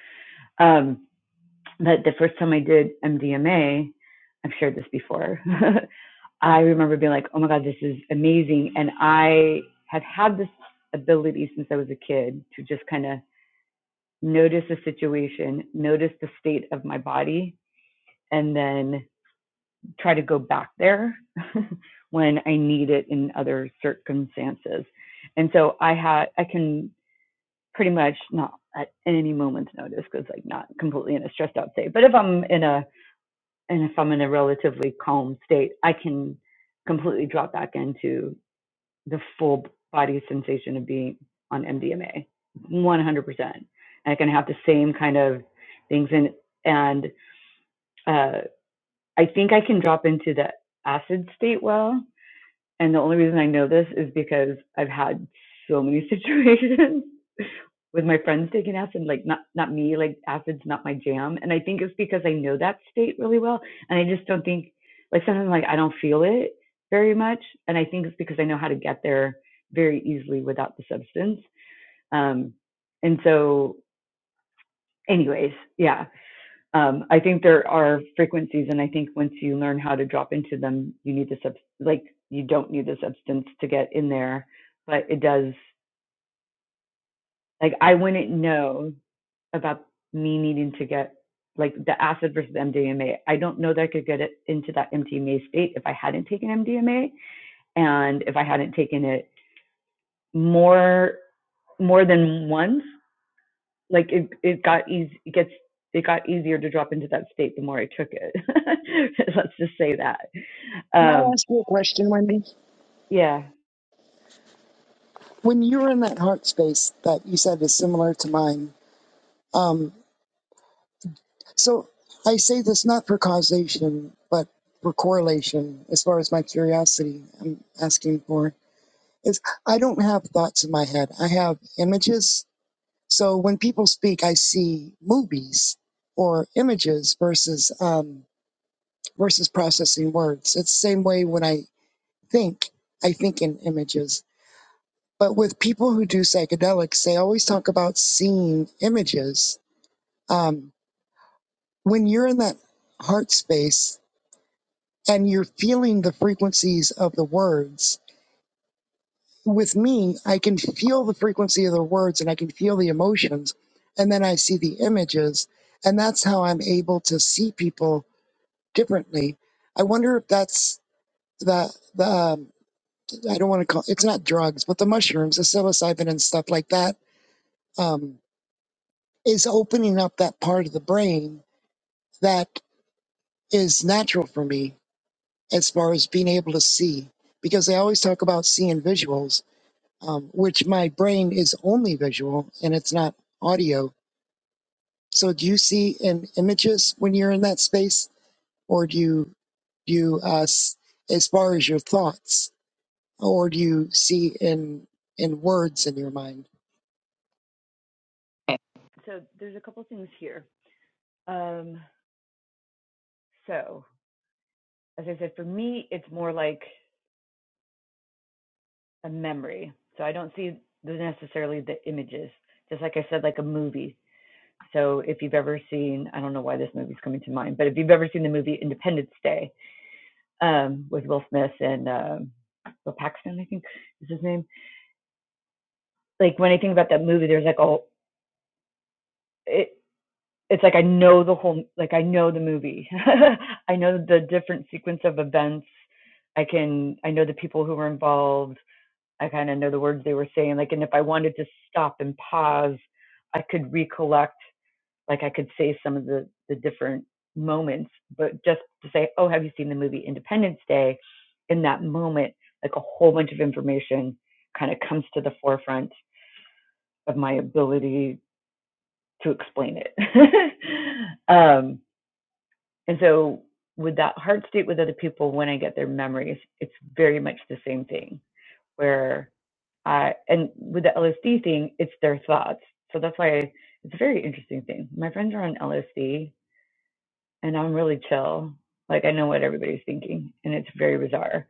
F: Um but the first time I did MDMA, I've shared this before. (laughs) I remember being like, oh my God, this is amazing. And I have had this ability since I was a kid to just kind of notice a situation, notice the state of my body, and then try to go back there (laughs) when I need it in other circumstances. And so I had, I can pretty much not at any moment's notice because like not completely in a stressed out state, but if I'm in a, and if I'm in a relatively calm state, I can completely drop back into the full body sensation of being on MDMA, 100%. And I can have the same kind of things. And, and uh, I think I can drop into the acid state well. And the only reason I know this is because I've had so many (laughs) situations with my friends taking acid, like not not me, like acid's not my jam. And I think it's because I know that state really well, and I just don't think like sometimes like I don't feel it very much, and I think it's because I know how to get there very easily without the substance. Um, and so, anyways, yeah, um, I think there are frequencies, and I think once you learn how to drop into them, you need the sub like you don't need the substance to get in there, but it does. Like I wouldn't know about me needing to get like the acid versus MDMA. I don't know that I could get it into that MDMA state if I hadn't taken MDMA and if I hadn't taken it more more than once. Like it it got easy it gets it got easier to drop into that state the more I took it. (laughs) Let's just say that.
E: can I
F: Um
E: ask you a question, Wendy?
F: yeah.
E: When you were in that heart space that you said is similar to mine, um, So I say this not for causation, but for correlation, as far as my curiosity I'm asking for, is I don't have thoughts in my head. I have images. So when people speak, I see movies or images versus, um, versus processing words. It's the same way when I think, I think in images. But with people who do psychedelics, they always talk about seeing images. Um, when you're in that heart space, and you're feeling the frequencies of the words. With me, I can feel the frequency of the words and I can feel the emotions, and then I see the images, and that's how I'm able to see people differently. I wonder if that's the the um, I don't want to call it's not drugs, but the mushrooms, the psilocybin and stuff like that um, is opening up that part of the brain that is natural for me as far as being able to see because they always talk about seeing visuals um, which my brain is only visual and it's not audio. So do you see in images when you're in that space, or do you do you uh, s- as far as your thoughts, or do you see in in words in your mind?
F: So there's a couple things here. Um so as I said for me it's more like a memory. So I don't see the necessarily the images. Just like I said, like a movie. So if you've ever seen, I don't know why this movie's coming to mind, but if you've ever seen the movie Independence Day um, with Will Smith and um, Will Paxton, I think is his name. Like when I think about that movie, there's like a it. It's like I know the whole, like I know the movie. (laughs) I know the different sequence of events. I can, I know the people who were involved. I kind of know the words they were saying. Like, and if I wanted to stop and pause, I could recollect, like, I could say some of the, the different moments, but just to say, oh, have you seen the movie Independence Day? In that moment, like a whole bunch of information kind of comes to the forefront of my ability to explain it. (laughs) um, and so, with that heart state with other people, when I get their memories, it's very much the same thing where Uh, and with the LSD thing, it's their thoughts. So that's why it's a very interesting thing. My friends are on LSD and I'm really chill. Like I know what everybody's thinking and it's very bizarre.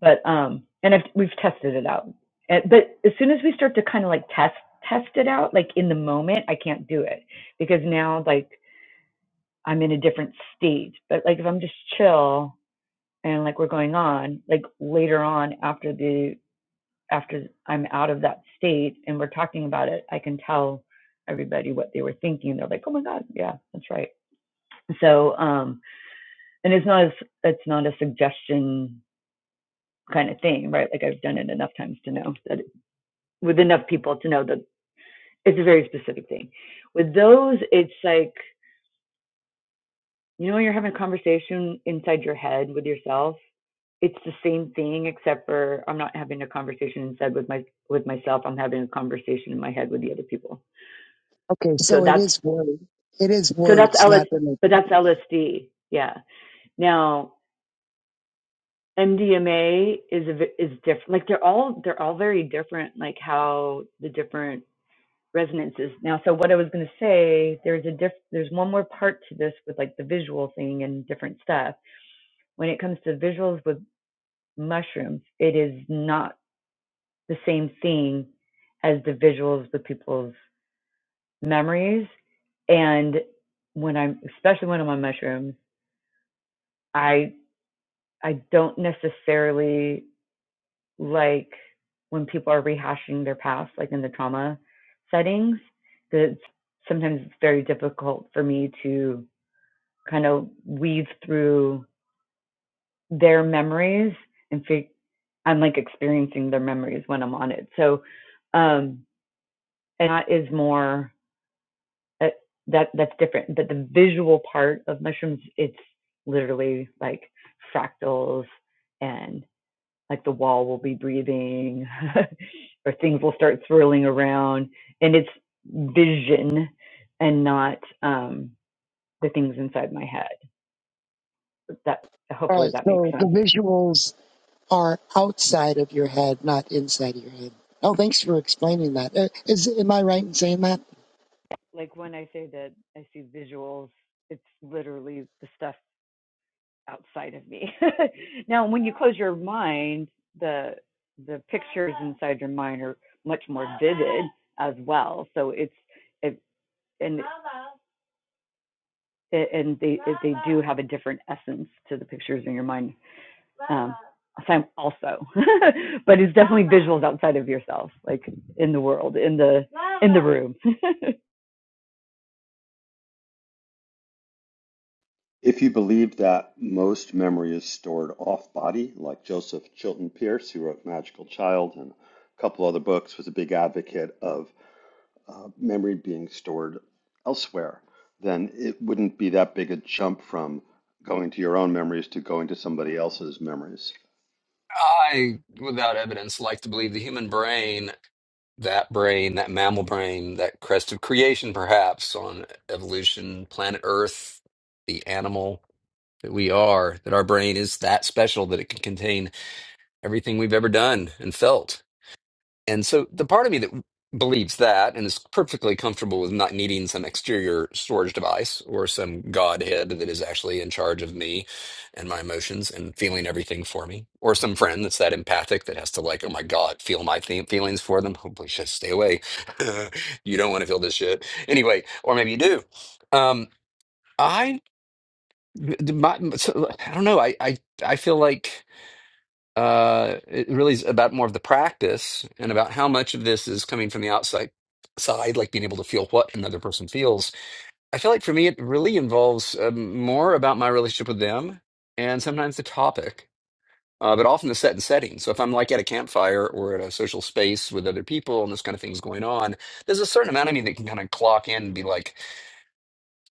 F: But, um, and I've, we've tested it out. And, but as soon as we start to kind of like test, test it out, like in the moment, I can't do it because now like I'm in a different state. But like if I'm just chill and like we're going on, like later on after the after I'm out of that state and we're talking about it, I can tell everybody what they were thinking. They're like, "Oh my god, yeah, that's right." So, um, and it's not as it's not a suggestion kind of thing, right? Like I've done it enough times to know that with enough people to know that it's a very specific thing. With those, it's like you know when you're having a conversation inside your head with yourself. It's the same thing except for I'm not having a conversation inside with my with myself. I'm having a conversation in my head with the other people
E: Okay,
F: so
E: so it
F: that's
E: is words. It is
F: So that's
E: words,
F: LS,
E: not images.
F: but that's LSD. Yeah. Now MDMA is a, is different. Like they're all they're all very different. Like how the different resonances. Now, so what I was going to say, there's a diff. There's one more part to this with like the visual thing and different stuff. When it comes to visuals with mushrooms, it is not the same thing as the visuals with people's memories. And when I'm, especially when I'm on mushrooms, I I don't necessarily like when people are rehashing their past, like in the trauma settings, that sometimes it's very difficult for me to kind of weave through their memories and fig- I'm like experiencing their memories when I'm on it. So, um, and that is more uh, that that's different. But the visual part of mushrooms, it's literally like fractals and like the wall will be breathing (laughs) or things will start swirling around and it's vision and not um the things inside my head that
E: All
F: hopefully
E: right.
F: that makes
E: So the
F: sense
E: visuals are outside of your head, not inside of your head. Oh, thanks for explaining that. Uh, Is am I right in saying that?
F: Like when I say that I see visuals, it's literally the stuff outside of me. (laughs) now, when you close your mind, the the pictures inside your mind are much more vivid as well. So it's it, and and they they do have a different essence to the pictures in your mind. Um, also, (laughs) but it's definitely visuals outside of yourself, like in the world, in the in the room. (laughs)
A: If you believe that most memory is stored off body, like Joseph Chilton Pierce, who wrote Magical Child and a couple other books, was a big advocate of uh, memory being stored elsewhere, then it wouldn't be that big a jump from going to your own memories to going to somebody else's memories.
C: I, without evidence, like to believe the human brain, that brain, that mammal brain, that crest of creation, perhaps on evolution, planet Earth, the animal. that we are, that our brain is that special that it can contain everything we've ever done and felt. And so the part of me that believes that and is perfectly comfortable with not needing some exterior storage device or some godhead that is actually in charge of me and my emotions and feeling everything for me or some friend that's that empathic that has to like oh my god feel my th- feelings for them hopefully shit stay away (laughs) you don't want to feel this shit anyway or maybe you do um I the- my- so, I don't know. I, I I feel like uh, it really is about more of the practice and about how much of this is coming from the outside side, like being able to feel what another person feels. I feel like for me, it really involves um, more about my relationship with them and sometimes the topic, uh, but often the set and setting. So if I'm like at a campfire or at a social space with other people and this kind of thing's going on, there's a certain amount of me that can kind of clock in and be like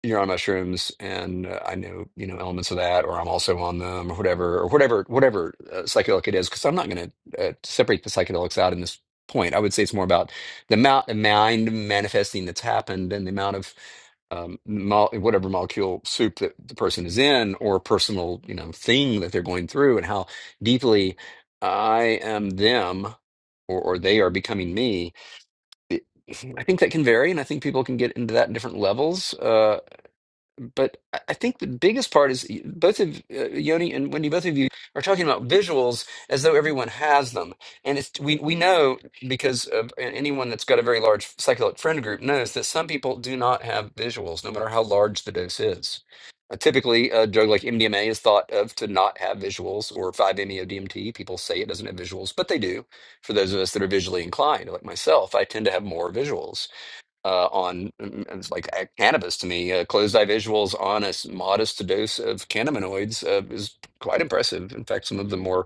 C: you're on mushrooms and uh, I know, you know, elements of that, or I'm also on them or whatever, or whatever, whatever uh, psychedelic it is, because I'm not going to uh, separate the psychedelics out in this point. I would say it's more about the amount of mind manifesting that's happened and the amount of um, mol whatever molecule soup that the person is in or personal, you know, thing that they're going through and how deeply I am them or, or they are becoming me. It- I think that can vary, and I think people can get into that in different levels. Uh, um, But I I think the biggest part is y- both of uh, Yoni and Wendy, both of you are talking about visuals as though everyone has them, and it's we we know because of, and anyone that's got a very large psychedelic friend group knows that some people do not have visuals, no matter how large the dose is. Uh, typically, a drug like MDMA is thought of to not have visuals, or 5-MeO-DMT. People say it doesn't have visuals, but they do. For those of us that are visually inclined, like myself, I tend to have more visuals uh, on mm, mm, it's like uh, cannabis to me. Uh, closed eye visuals on a s- modest dose of cannabinoids uh, is quite impressive. In fact, some of the more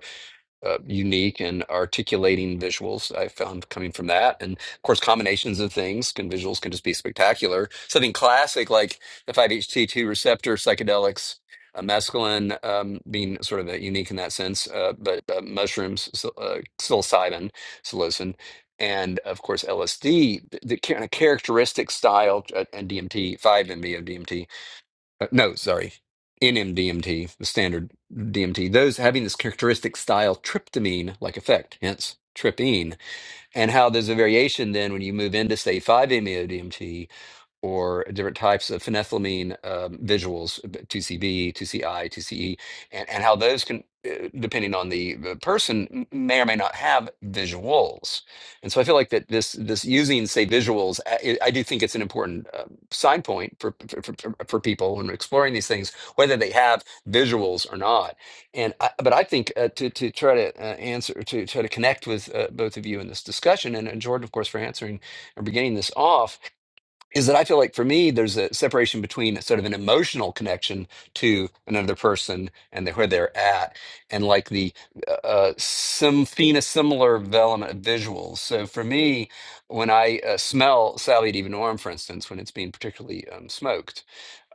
C: uh, unique and articulating visuals I found coming from that. And of course, combinations of things can visuals can just be spectacular. Something classic like the 5-HT2 receptor psychedelics, uh, mescaline um, being sort of uh, unique in that sense, uh, but uh, mushrooms, psil- uh, psilocybin, psilocin. And of course, LSD, the, the kind of characteristic style, uh, and DMT, 5-MeO-DMT uh, no, sorry, NMDMT, the standard DMT, those having this characteristic style tryptamine-like effect, hence trypene, and how there's a variation then when you move into, say, 5-MeO-DMT or different types of phenethylamine um, visuals, 2CB, 2CI, 2CE, and, and how those can, uh, depending on the, the person, m- may or may not have visuals. And so I feel like that this this using say visuals, I, I do think it's an important uh, sign point for for, for for for people when exploring these things, whether they have visuals or not. And I, but I think uh, to to try to uh, answer to try to connect with uh, both of you in this discussion, and, and Jordan, of course, for answering or beginning this off is that I feel like for me, there's a separation between sort of an emotional connection to another person and the, where they're at, and like the uh, some phena similar element of visuals. So for me, when I uh, smell salvia divinorum, for instance, when it's being particularly um, smoked,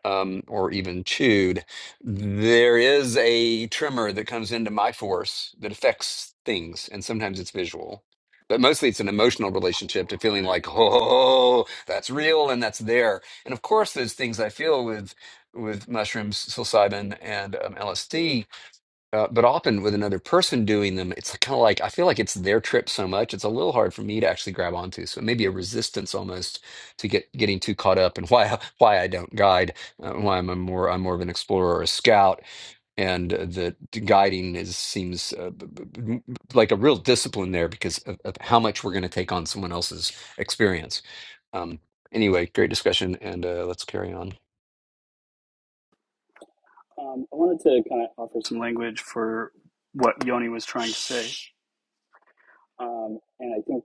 C: um, or even chewed, there is a tremor that comes into my force that affects things, and sometimes it's visual. But mostly it's an emotional relationship to feeling like, oh, that's real and that's there. And of course, those things I feel with with mushrooms, psilocybin, and um, LSD uh, but often with another person doing them, it's kind of like I feel like it's their trip so much, it's a little hard for me to actually grab onto. So maybe a resistance almost to get getting too caught up and (laughs) why why I don't guide, uh, why I'm a more I'm more of an explorer or a scout, and uh, the the guiding is seems uh, b- b- b- m- like a real discipline there because of, of how much we're going to take on someone else's experience. Um, anyway, great discussion, and uh, let's carry on.
G: Um, I wanted to kind of offer some language for what Yoni was trying to say. Um, and I think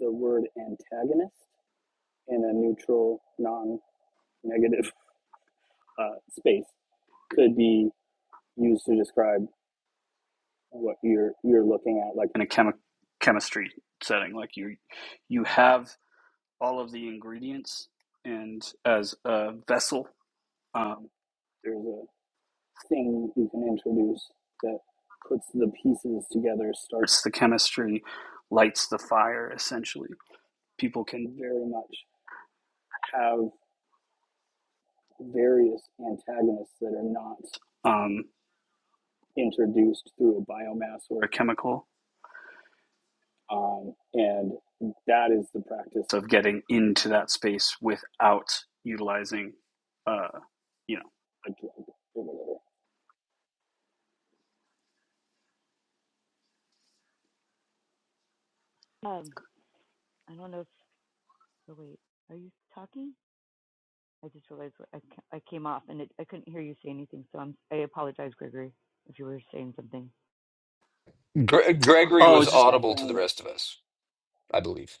G: the word antagonist in a neutral, non negative uh, space could be used to describe what you're you're looking at like in a chemi- chemistry setting like you you have all of the ingredients and as a vessel um, there's a thing you can introduce that puts the pieces together, starts the chemistry, lights the fire, essentially. People can very much have various antagonists that are not um, introduced through a biomass or a chemical. Um, and that is the practice of getting into that space without utilizing, uh, you know, a drug or whatever.
F: Um, I don't know if. Oh wait, are you talking? I just realized I I came off and it, I couldn't hear you say anything, so I'm I apologize, Gregory, if you were saying something.
C: Gre- Gregory
G: Oh, I
C: was
G: was just
C: audible to the
G: offering
C: rest of us, I believe.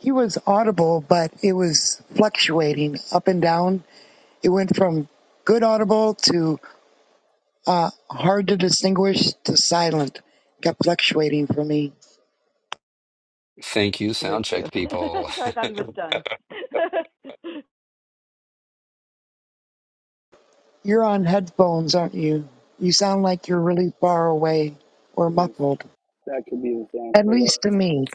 E: He was audible, but it was fluctuating up and down. It went from good audible to hard to distinguish to silent. Kept fluctuating for me.
C: Thank you,
F: I heard
C: sound
F: you.
C: check
F: (laughs)
C: people.
F: so I
C: (laughs)
F: thought he was done. (laughs)
E: You're on headphones, aren't you? You sound like you're really far away or muffled,
G: that could be the thing.
E: at
G: Hold up.
E: least to me.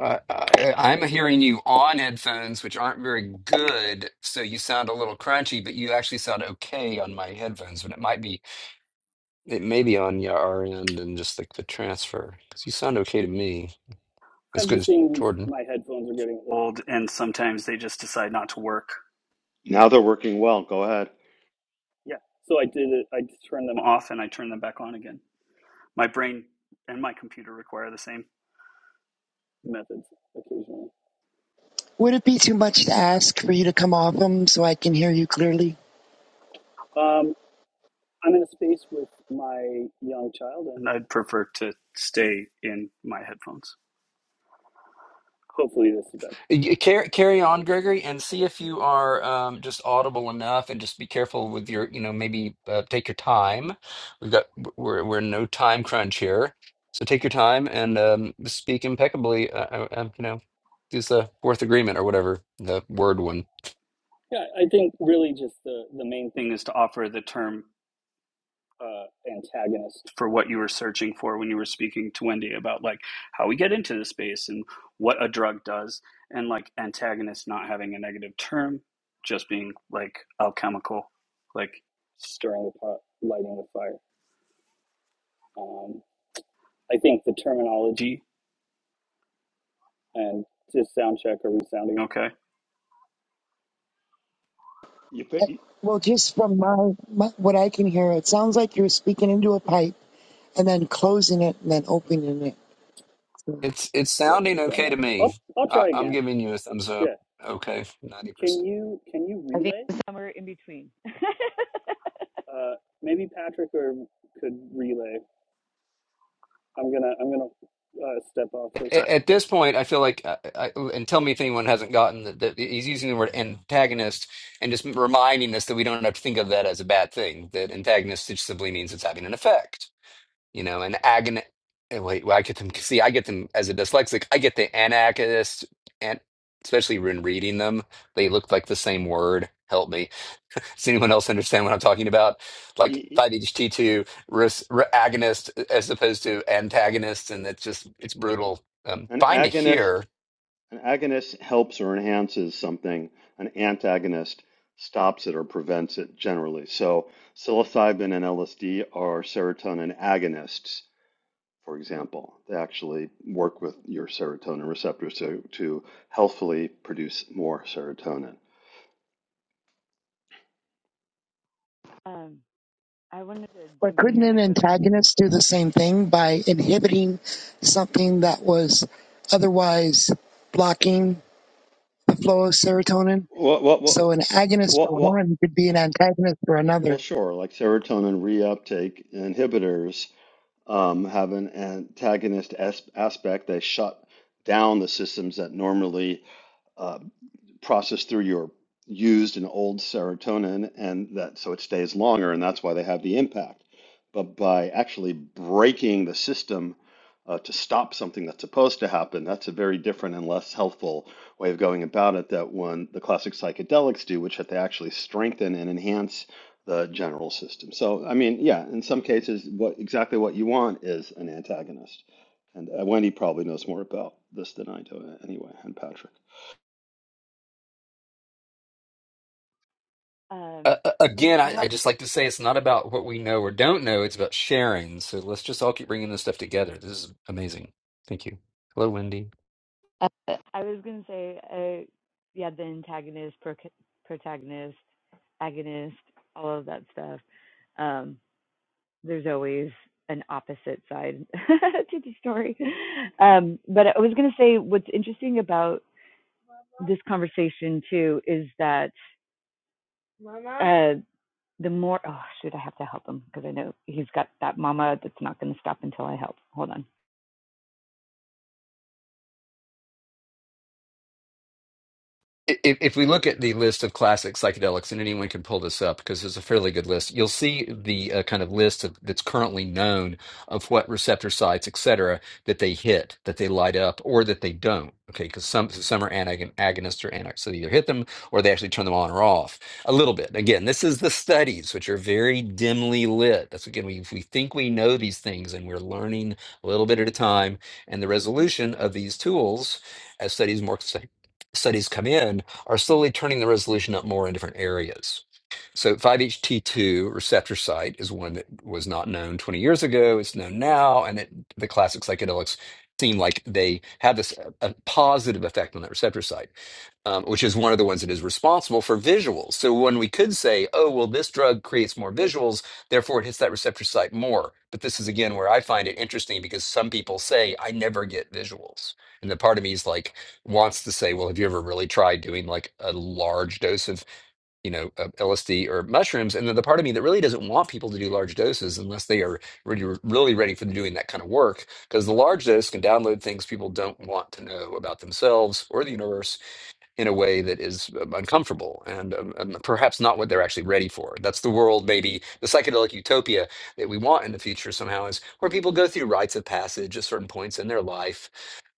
C: I, I, I'm hearing you on headphones, which aren't very good, so you sound a little crunchy, but you actually sound okay on my headphones. But it might be, it may be on your our end and just like the transfer, because you sound okay to me, as good as
G: practicing.
C: Jordan.
G: My headphones are getting old, and sometimes they just decide not to work.
A: Now they're working well. Go ahead.
G: Yeah. So I did it. I turned them off and I turned them back on again. My brain and my computer require the same methods occasionally.
E: Would it be too much to ask for you to come off them so I can hear you clearly?
G: Um, I'm in a space with my young child, and and I'd prefer to stay in my headphones. Hopefully, this is better.
C: You- Carry, carry on, Gregory, and see if you are um, just audible enough, and just be careful with your, you know, maybe uh, take your time. We've got we're we're in no time crunch here, so take your time and um, speak impeccably. Uh, uh, uh, you know, use the fourth agreement or whatever the word one.
G: Yeah, I think really just the, the main thing is to offer the term uh, antagonist for what you were searching for when you were speaking to Wendy about like how we get into this space and what a drug does, and like antagonist not having a negative term, just being like alchemical, like stirring the pot, lighting the fire. Um, I think the terminology and just sound check are we sounding okay?
A: You put
E: Uh,
A: you,
E: Well, just from my, my what I can hear, it sounds like you're speaking into a pipe and then closing it and then opening it.
C: It's it's
G: Cool,
C: sounding okay
G: bummer.
C: to me.
G: I'll I'll
C: I,
G: try
C: I'm
G: again.
C: giving you a thumbs up.
G: Yeah,
C: Okay, ninety percent.
G: can you can you
F: I think
G: relay?
F: somewhere in between. (laughs)
G: Uh, maybe Patrick or could relay I'm gonna I'm gonna uh, step off for a sec.
C: A- At this point, I feel like, I, I, and tell me if anyone hasn't gotten that that he's using the word antagonist and just reminding us that we don't have to think of that as a bad thing. That antagonist just simply means it's having an effect, you know. An agon. eh, Wait, well, I get them. See, I get them as a dyslexic. I get the anarchist, and especially when reading them, they look like the same word. Help me. Does anyone else understand what I'm talking about? Like
A: you,
C: 5-HT2 res- re- agonist uh, as opposed to antagonist, and it's just it's brutal. Um,
A: an
C: fine to
A: agonist.
C: hear.
A: An agonist helps or enhances something. An antagonist stops it or prevents it generally. So psilocybin and LSD are serotonin agonists. for example, they actually work with your serotonin receptors to, to healthfully produce more serotonin.
F: um, I wanted to
E: But
F: jump in
E: couldn't
F: here
E: an
F: like with
E: antagonist do the same thing by inhibiting something that was otherwise blocking the flow of serotonin?
A: Well, well,
E: So
A: well,
E: an agonist
A: well,
E: for
A: well,
E: one could be an antagonist for another.
A: well, sure. Like serotonin reuptake inhibitors um, have an antagonist as- aspect. They shut down the systems that normally uh, pro- your used in old se- is longer, and that's why they have the impact. But by actually breaking the system uh, to stop something that's supposed to happen, that's a very different and less helpful way of going about it that one the classic psychedelics do, which that they actually strengthen and enhance the general system. So, I mean, yeah, in some cases, what exactly what you want is an antagonist. And uh, Wendy probably knows more about this than I do, uh, anyway, and Patrick.
C: Uh,
F: um
C: uh, again,
F: I
C: I, I just
F: have
C: like to say it's not about what we know or don't know. It's about sharing. So let's just all keep bringing this stuff together. This is amazing. Thank you. Hello, Wendy.
F: I was gonna say uh yeah the antagonist proc protagonist agonist all of that stuff um there's always an opposite side (laughs) to the story um but I was gonna say what's interesting about this conversation too is that uh the more oh shoot I have to help him because I know he's got that mama that's not gonna stop until I help hold on
C: If, if we look at the list of classic psychedelics, and anyone can pull this up because it's a fairly good list, you'll see the uh, kind of list of, that's currently known of what receptor sites, et cetera, that they hit, that they light up, or that they don't. Okay, because some some are antagon- agonists or anti, so they either hit them or they actually turn them on or off a little bit. Again, this is the studies, which are very dimly lit. That's again, we we think we know these things, and we're learning a little bit at a time. And the resolution of these tools, as studies more studies come in are slowly turning the resolution up more in different areas. So 5-HT2 receptor site is one that was not known 20 years ago. It's known now, and it, the classic psychedelics seem like they have this a positive effect on that receptor site, um, which is one of the ones that is responsible for visuals. So when we could say, oh, well, this drug creates more visuals, therefore it hits that receptor site more. But this is again where I find it interesting because some people say, I never get visuals. And the part of me is like, wants to say, well, have you ever really tried doing like a large dose of you know, uh, LSD or mushrooms. And then the part of me that really doesn't want people to do large doses unless they are really, really ready for doing that kind of work, because the large dose can download things people don't want to know about themselves or the universe in a way that is um, uncomfortable and um, um, perhaps not what they're actually ready for. That's the world, maybe the psychedelic utopia that we want in the future somehow is where people go through rites of passage at certain points in their life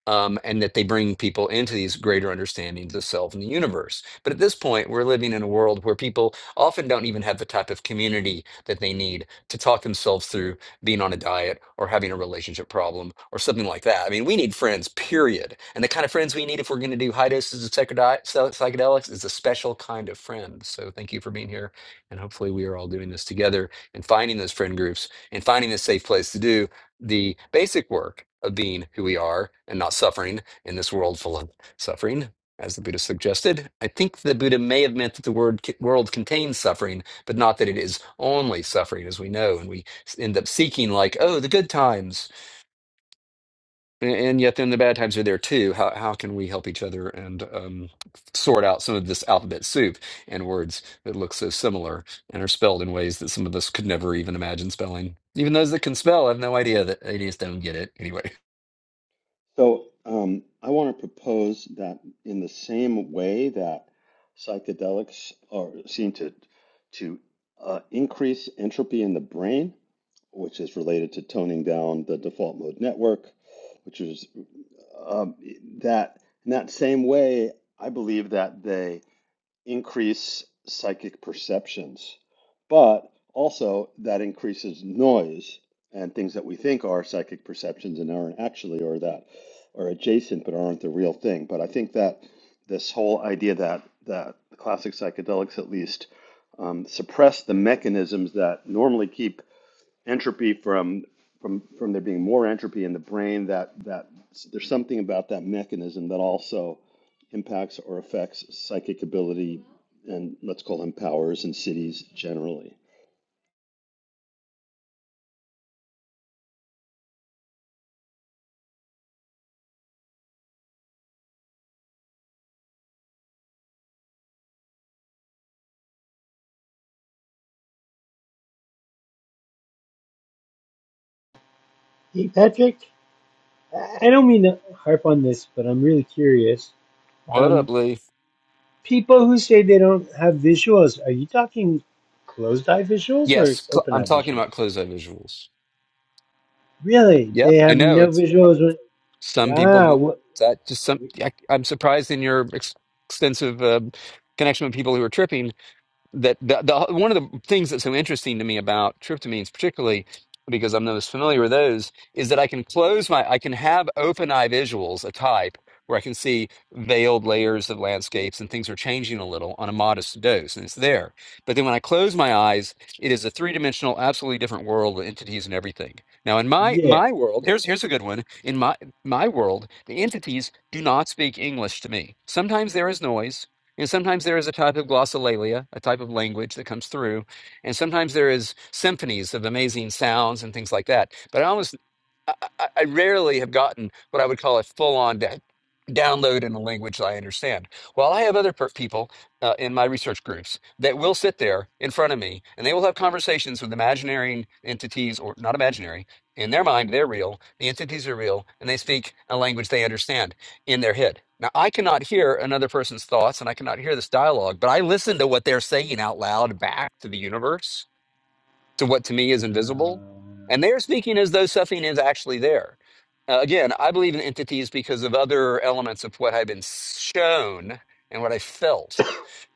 C: um, and that they bring people into these greater understandings of self and the universe. But at this point, we're living in a world where people often don't even have the type of community that they need to talk themselves through being on a diet or having a relationship problem or something like that. I mean, we need friends, period. And the kind of friends we need if we're going to do high doses of psychedi- psy- psychedelics is a special kind of friend. So thank you for being here. And hopefully, we are all doing this together and finding those friend groups and finding a safe place to do the basic work of being who we are and not suffering in this world full of suffering, as the Buddha suggested. I think the Buddha may have meant that the word world contains suffering, but not that it is only suffering, as we know, and we end up seeking like, oh, the good times, a- and yet then the bad times are there too. How how can we help each other and um, sort out some of this alphabet soup and words that look so similar and are spelled in ways that some of us could never even imagine spelling. Even those that can spell have no idea that they just don't get it anyway.
A: So um, I want to propose that in the same way that psychedelics are seen to to uh, increase entropy in the brain, which is related to toning down the default mode network, which is um, that in that same way, I believe that they increase psychic perceptions, but also that increases noise and things that we think are psychic perceptions and aren't actually, or that are adjacent but aren't the real thing. But I think that this whole idea that that classic psychedelics, at least, um, suppress the mechanisms that normally keep entropy from from from there being more entropy in the brain that that there's something about that mechanism that also impacts or affects psychic ability and let's call them powers in cities generally
B: Hey, Patrick, I I don't mean to harp on this, but I'm really curious.
C: What
B: Um,
C: up, Lee?
B: people who say they don't have visuals, are you talking closed eye visuals or
C: Yes, cl-
B: open
C: I'm
B: eye
C: talking
B: visuals?
C: about closed-eye visuals.
B: Really? They
C: Yep, I
B: have
C: know
B: no
C: it's har-
B: visuals. when-
C: some people
B: Wow.
C: do
B: What,
C: that. Just some, I, I'm surprised in your ex extensive um connection with people who are tripping. that the, the one of the things that's so interesting to me about tryptamines, particularly because I'm not as familiar with those, is that I can close my, I can have open eye visuals, a type where I can see veiled layers of landscapes and things are changing a little on a modest dose, and it's there. But then when I close my eyes, it is a three dimensional, absolutely different world with entities and everything. Now, in my
B: yeah.
C: my world, here's here's a good one. In my my world, the entities do not speak English to me. Sometimes there is noise. And sometimes there is a type of glossolalia, a type of language that comes through. And sometimes there is symphonies of amazing sounds and things like that. But I almost. I, I I rarely have gotten what I would call a full on download in a language that I understand. While I have other per- people uh, in my research groups that will sit there in front of me and they will have conversations with imaginary entities or not imaginary. In their mind, they're real, the entities are real, and they speak a language they understand in their head. Now, I cannot hear another person's thoughts and I cannot hear this dialogue, but I listen to what they're saying out loud back to the universe to what to me is invisible.
B: Uh,
C: And they are speaking as though something is actually there. Uh, again, I believe in entities because of other elements of what I've been shown and what I felt.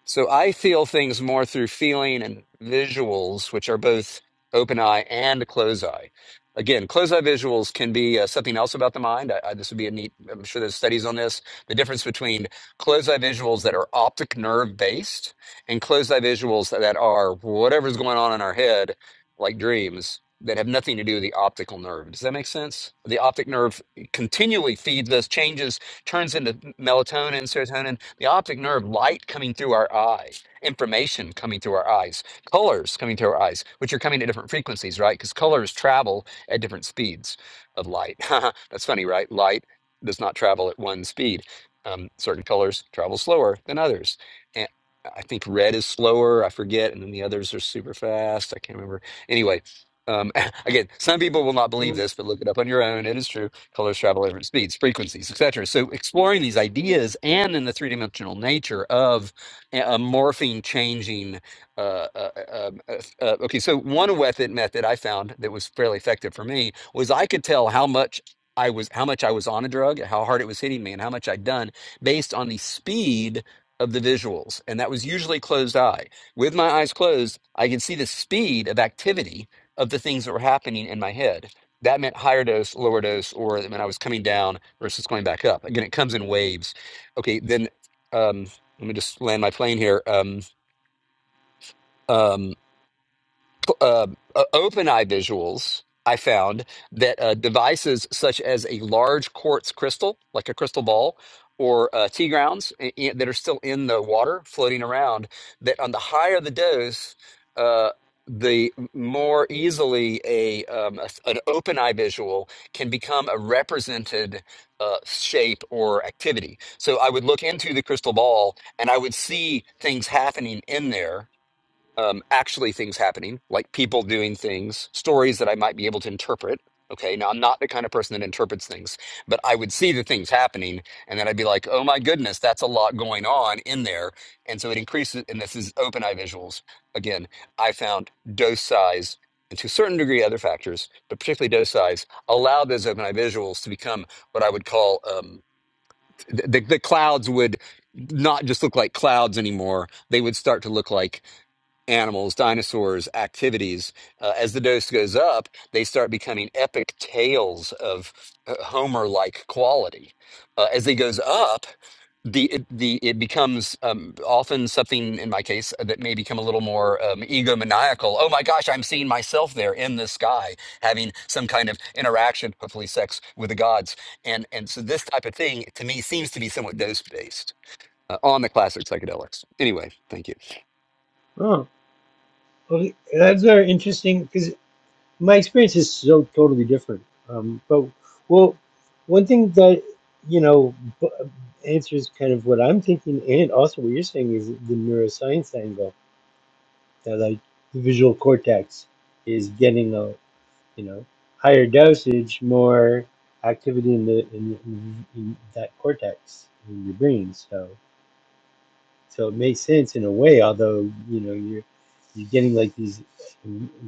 C: So I feel things more through feeling and visuals, which are both open eye and close eye. Again, close eye visuals can be uh, something else about the mind. I, I, this would be a neat, I'm sure there's studies on this. The difference between close eye visuals that are optic nerve based and close eye visuals that are whatever's going on in our head, like dreams, that have nothing to do with the optical nerve. Does that make sense? The optic nerve continually feeds us, changes turns into melatonin, serotonin, the optic nerve, light coming through our eye, information coming through our eyes, colors coming through our eyes, which are coming at different frequencies, right? Because colors travel at different speeds of light. (laughs) That's funny, right? Light does not travel at one speed. Um, certain colors travel slower than others. And I think red is slower, I forget, and then the others are super fast. I can't remember. Anyway, um, (laughs) again, some people will not believe this, but look it up on your own. It is true colors, travel at different speeds, frequencies, etc. So exploring these ideas and in the three dimensional nature of a a morphing, changing. Uh, uh, uh, uh, uh, okay, so one method method I found that was fairly effective for me was I could tell how much. I was how much I was on a drug, how hard it was hitting me, and how much I'd done based on the speed of the visuals. And that was usually closed eye. With my eyes closed, I could see the speed of activity of the things that were happening in my head that meant higher dose, lower dose, or it meant I was coming down versus going back up. Again, it comes in waves. Okay, then um, let me just land my plane here. Um, um, cl- uh, uh, OpenEye visuals, I found that uh, devices such as a large quartz crystal, like a crystal ball, or uh, tea grounds i- i- that are still in the water floating around, that on the higher the dose, uh, the more easily a, um, a an open eye visual can become a represented uh, shape or activity. So I would look into the crystal ball and I would see things happening in there um, actually things happening, like people doing things, stories that I might be able to interpret. Okay, now I'm not the kind of person that interprets things, but I would see the things happening, and then I'd be like, "Oh my goodness, that's a lot going on in there," and so it increases. And this is open eye visuals. Again, I found dose size and to a certain degree other factors, but particularly dose size, allowed those open eye visuals to become what I would call um, the, the the clouds would not just look like clouds anymore. They would start to look like animals, dinosaurs, activities. Uh, as the dose goes up, they start becoming epic tales of uh, Homer-like quality. Uh, as it goes up, the it, the it becomes um, often something in my case uh, that may become a little more um, egomaniacal. Oh my gosh, I'm seeing myself there in the sky, having some kind of interaction, hopefully sex with the gods, and and so this type of thing to me seems to be somewhat dose based uh, on the classic psychedelics. Anyway, thank you.
B: oh, okay. That's very interesting because my experience is so totally different. Um, but well, one thing that you know b- answers kind of what I'm thinking, and also what you're saying is the neuroscience angle that like the visual cortex is getting a you know, higher dosage, more activity in the in, in, in that cortex in your brain. So so it makes sense in a way, although you know you're you're getting like these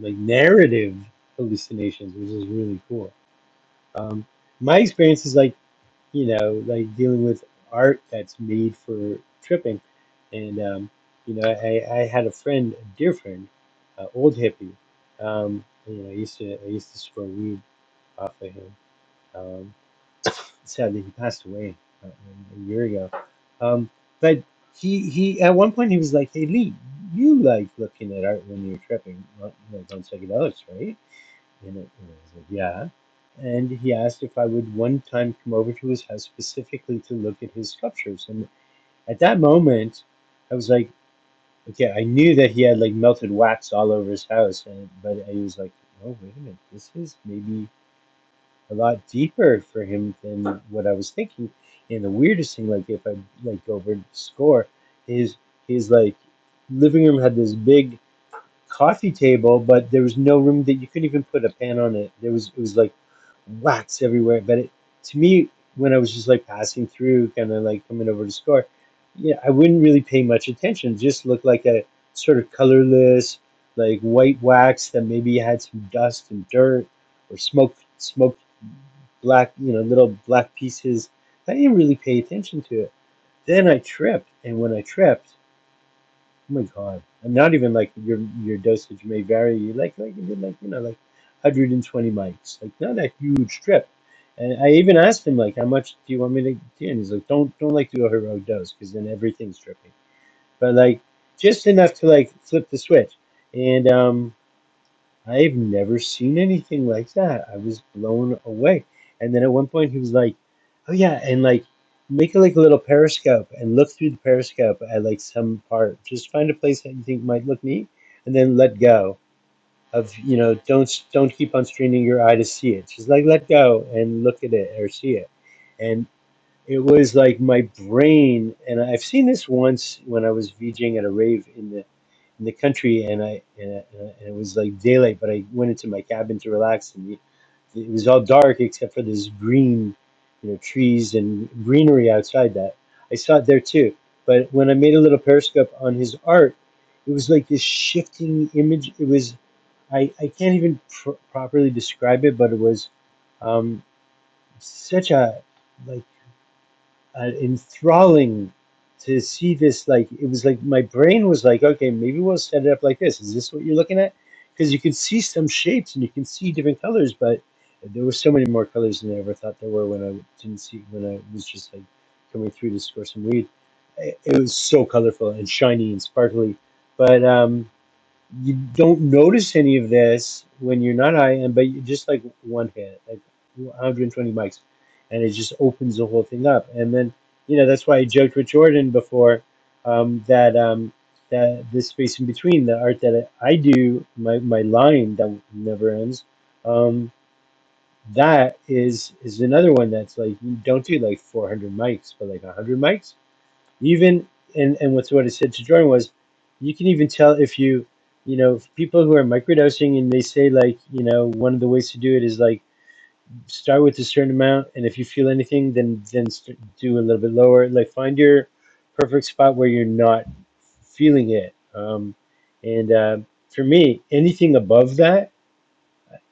B: like narrative hallucinations, which is really cool. Um, my experience is like you know like dealing with art that's made for tripping, and um, you know I, I had a friend, a dear friend, uh, old hippie. Um, you know, I used to I used to score weed off of him um, sadly, he passed away uh, a year ago. Um, but he he at one point he was like, "Hey Lee, you like looking at art when you're tripping on, like on psychedelics, right?" And, it, and I was like, "Yeah." And he asked if I would one time come over to his house specifically to look at his sculptures. And at that moment, I was like, "Okay, I knew that he had like melted wax all over his house." And but I was like, "Oh wait a minute, this is maybe." a lot deeper for him than what I was thinking. And the weirdest thing, like if I like go over and score, is his like living room had this big coffee table, but there was no room that you couldn't even put a pan on it. There was it was like wax everywhere. But it, to me, when I was just like passing through, kind of like coming over to score, yeah, I wouldn't really pay much attention. It just looked like a sort of colorless, like white wax that maybe had some dust and dirt or smoke, smoked black, you know, little black pieces. I didn't really pay attention to it. Then I tripped, and when I tripped Oh my God. And not even like your your dosage may vary. You like like you did like you know like 120 mics, like not a huge strip. And I even asked him like, how much do you want me to do? And he's like, don't don't like do a heroic dose because then everything's dripping. But like just enough to like flip the switch. And um I've never seen anything like that. I was blown away. And then at one point he was like, Oh yeah, and like make a like a little periscope and look through the periscope at like some part. Just find a place that you think might look neat and then let go of you know, don't don't keep on straining your eye to see it. Just like let go and look at it or see it. And it was like my brain and I've seen this once when I was VJing at a rave in the in the country, and I and, I, and it was like daylight, but I went into my cabin to relax, and it it was all dark except for this green, you know, trees and greenery outside that. I saw it there too, but when I made a little periscope on his art, it was like this shifting image. It was I I can't even pr- properly describe it, but it was um, such a like and enthralling to see this. Like it was like my brain was like, okay, maybe we'll set it up like this. Is this what you're looking at? Because you can see some shapes and you can see different colors, but there were so many more colors than I ever thought there were when I didn't see when I was just like coming through to score some weed. It it was so colorful and shiny and sparkly, but um, you don't notice any of this when you're not high, and but you just like one hit, like 120 mics, and it just opens the whole thing up. And then you know that's why I joked with Jordan before um, that um, that this space in between the art that I do, my my line that never ends. Um, that is is another one that's like you don't do like 400 mics, but like 100 mics even and and what's what I said to Jordan was, you can even tell if you, you know, people who are microdosing and they say like, you know, one of the ways to do it is like start with a certain amount, and if you feel anything, then then st- do a little bit lower. Like find your perfect spot where you're not feeling it. Um, and uh, for me, anything above that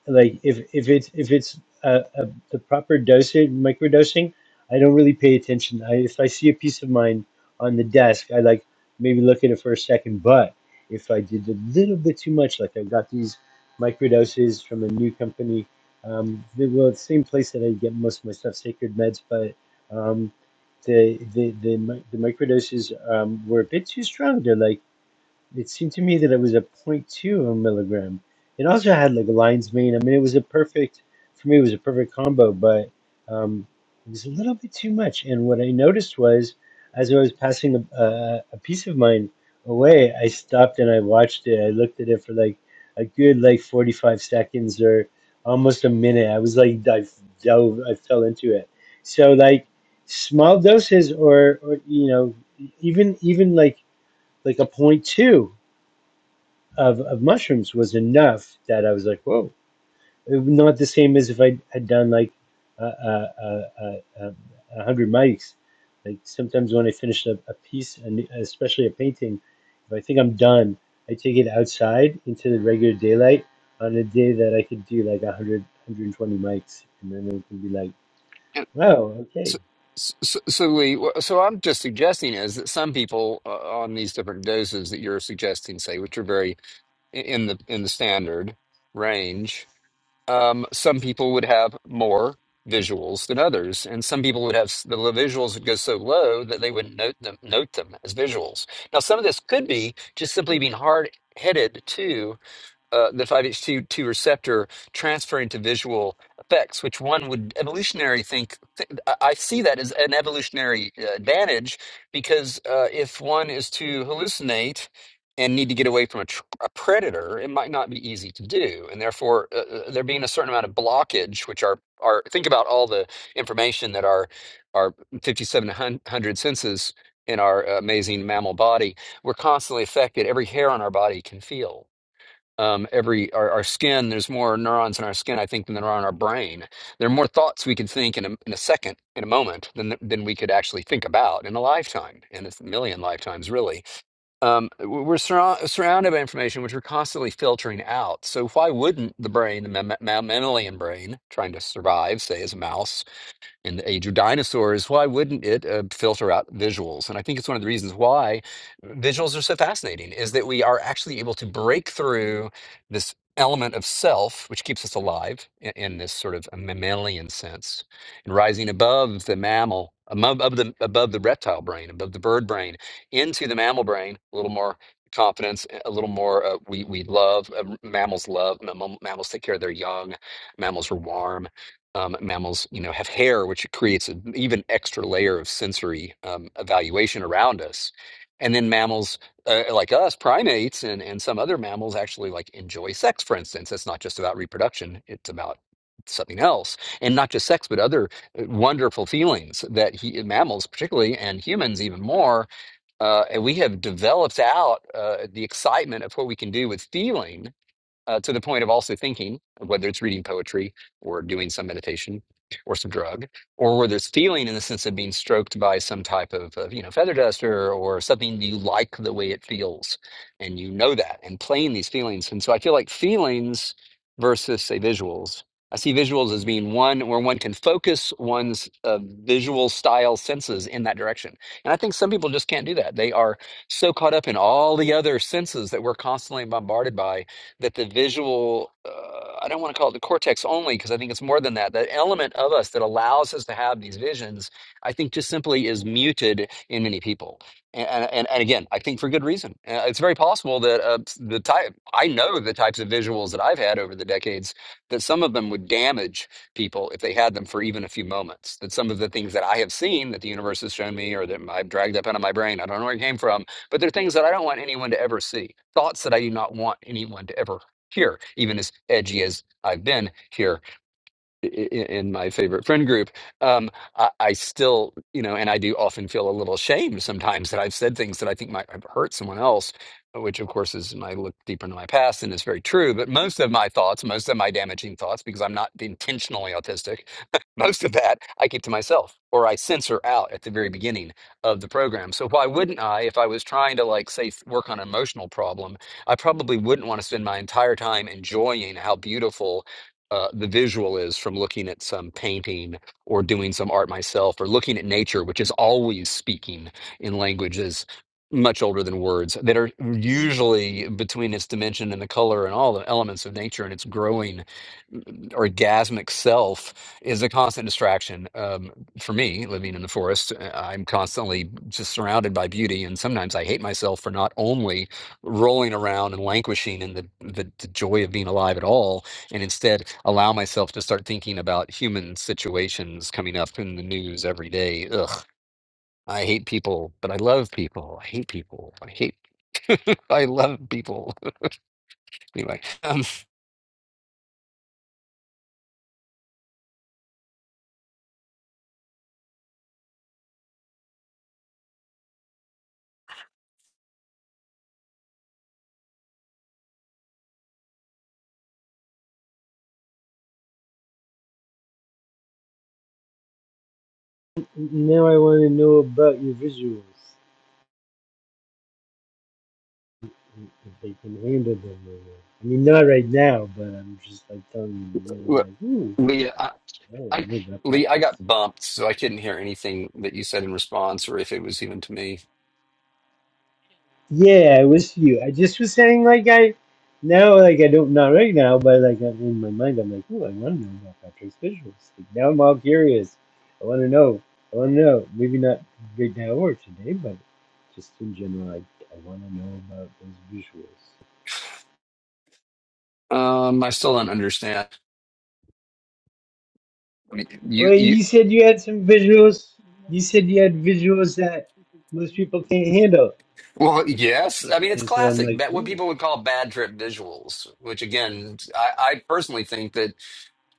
B: like if if it's if it's uh a, the proper dosage microdosing i don't really pay attention I, if i see a piece of mine on the desk i like maybe look at it for a second but if i did a little bit too much like i got these microdoses from a new company um they were the same place that i get most of my stuff sacred meds but um the the the, mi- the microdoses um were a bit too strong they're like it seemed to me that it was a point two milligram. It also had like a lion's mane. I mean, it was a perfect, for me, it was a perfect combo, but um, it was a little bit too much. And what I noticed was, as I was passing a, a, a piece of mine away, I stopped and I watched it. I looked at it for like a good like 45 seconds or almost a minute. I was like, I dove, I fell into it. So like small doses or, or you know, even, even like, like a point two of, of mushrooms was enough that I was like, whoa, not the same as if I had done like a uh, uh, uh, uh, uh, hundred mics. Like sometimes when I finish a, a piece, and especially a painting, if I think I'm done, I take it outside into the regular daylight on a day that I could do like 100, 120 mics, and then it can be like, wow, okay,
C: So, so, so so, Lee, wh- so I'm just suggesting is that some people uh, on these different doses that you're suggesting, say, which are very i- in the in the standard range, um, some people would have more visuals than others, and some people would have s- the li- visuals would go so low that they wouldn't note them note them as visuals. Now, some of this could be just simply being hard headed too uh, the 5-HT2 receptor transferring to visual effects, which one would evolutionary think? Th- I I see that as an evolutionary uh, advantage because uh, if one is to hallucinate and need to get away from a, tr- a predator, it might not be easy to do, and therefore uh, uh, there being a certain amount of blockage, which are are think about all the information that our our 5,700 senses in our uh, amazing mammal body, we're constantly affected. Every hair on our body can feel um, every our, our skin. There's more neurons in our skin, I think, than there are in our brain. There are more thoughts we can think in a, in a second, in a moment, than than we could actually think about in a lifetime, in a million lifetimes, really. Um, w- we're surra- surrounded by information which we're constantly filtering out. So why wouldn't the brain, the ma- ma- mammalian brain, trying to survive, say as a mouse? in the age of dinosaurs, why wouldn't it uh, filter out visuals? And I think it's one of the reasons why visuals are so fascinating is that we are actually able to break through this element of self, which keeps us alive in, in this sort of uh, mammalian sense, and rising above the mammal, above, above the above the reptile brain, above the bird brain, into the mammal brain, a little more confidence a little more uh, we we love uh, mammals love mam- mammals take care of their young mammals are warm um, mammals, you know, have hair, which creates an even extra layer of sensory um, evaluation around us. And then mammals uh, like us, primates, and and some other mammals actually like enjoy sex. For instance, it's not just about reproduction; it's about something else, and not just sex, but other uh, wonderful feelings that he, mammals, particularly, and humans even more. Uh, and we have developed out uh, the excitement of what we can do with feelings uh, to the point of also thinking, whether it's reading poetry or doing some meditation or some drug, or whether it's feeling in the sense of being stroked by some type of, of you know feather duster or something you like the way it feels, and you know that, and playing these feelings. And so I feel like feelings versus say visuals. I see visuals as being one where one can focus one's uh, visual style senses in that direction. And I think some people just can't do that. They are so caught up in all the other senses that we're constantly bombarded by that the visual uh, i don't want to call it the cortex only because i think it's more than that that element of us that allows us to have these visions i think just simply is muted in many people and and, and again i think for good reason Uh, it's very possible that uh, the type i know the types of visuals that i've had over the decades that some of them would damage people if they had them for even a few moments that some of the things that i have seen that the universe has shown me or that i've dragged up out of my brain i don't know where it came from but they're things that I don't want anyone to ever see, thoughts that I do not want anyone to ever hear, even as edgy as I've been here i- in my favorite friend group, um, I, I still, you know, and I do often feel a little shame sometimes that I've said things that I think might have hurt someone else, which of course is, I look deeper into my past and it's very true. But most of my thoughts, most of my damaging thoughts, because I'm not intentionally autistic, (laughs) most of that I keep to myself or I censor out at the very beginning of the program. So why wouldn't I, if I was trying to like say work on an emotional problem, I probably wouldn't want to spend my entire time enjoying how beautiful uh, the visual is from looking at some painting or doing some art myself or looking at nature, which is always speaking in languages much older than words that are usually between its dimension and the color and all the elements of nature and its growing orgasmic self is a constant distraction um, for me living in the forest uh, i'm constantly just surrounded by beauty and sometimes i hate myself for not only rolling around and languishing in the, the, the joy of being alive at all and instead allow myself to start thinking about human situations coming up in the news every day. Ugh, I hate people, but I love people. I hate people. I hate. (laughs) I love people. (laughs) Anyway, um,
B: now I want to know about your visuals. if they can handle them or not. I mean, not right now, but I'm just like telling you, you know, I'm
C: Le-
B: like, ooh,
C: Leah, I,
B: I
C: I,
B: don't know about
C: Lee, I
B: Patrick's.
C: got bumped, so I couldn't hear anything that you said in response, or if it was even to me.
B: Yeah, I wish you. I just was saying, like, I now, like, I don't, not right now, but like, I'm in my mind, I'm like, ooh, I want to know about Patrick's visuals. Like, now I'm all curious. I want to know. I want to know. Maybe not right now or today, but just in general, I, I want to know about those visuals.
C: Um, I still don't understand. I mean,
B: Well,
C: You, you,
B: you said you had some visuals. You said you had visuals that most people can't handle.
C: well, yes. I mean, it's
B: And so I'm
C: classic.
B: like,
C: ba- What
B: ooh.
C: people would call bad trip visuals, which again, I, I personally think that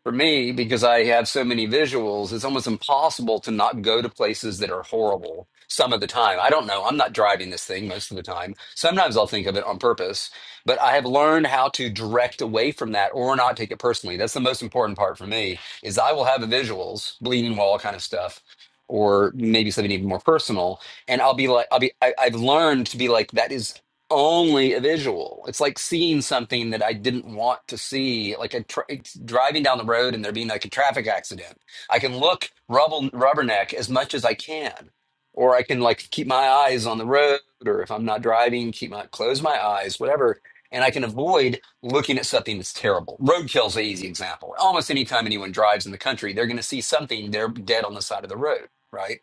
C: for me because I have so many visuals, it's almost impossible to not go to places that are horrible some of the time. I don't know. I'm not driving this thing most of the time. Sometimes I'll think of it on purpose, but I have learned how to direct away from that or not take it personally. That's the most important part for me is I will have the visuals, bleeding wall kind of stuff. Or maybe something even more personal, and I'll be like, I'll be. I, I've learned to be like that. Is only a visual. It's like seeing something that I didn't want to see, like a tra- it's driving down the road and there being like a traffic accident. I can look rubble rubberneck as much as I can, or I can like keep my eyes on the road, or if I'm not driving, keep my close my eyes, whatever. And I can avoid looking at something that's terrible. Roadkill's an easy example. Almost anytime anyone drives in the country, they're going to see something. They're dead on the side of the road, right?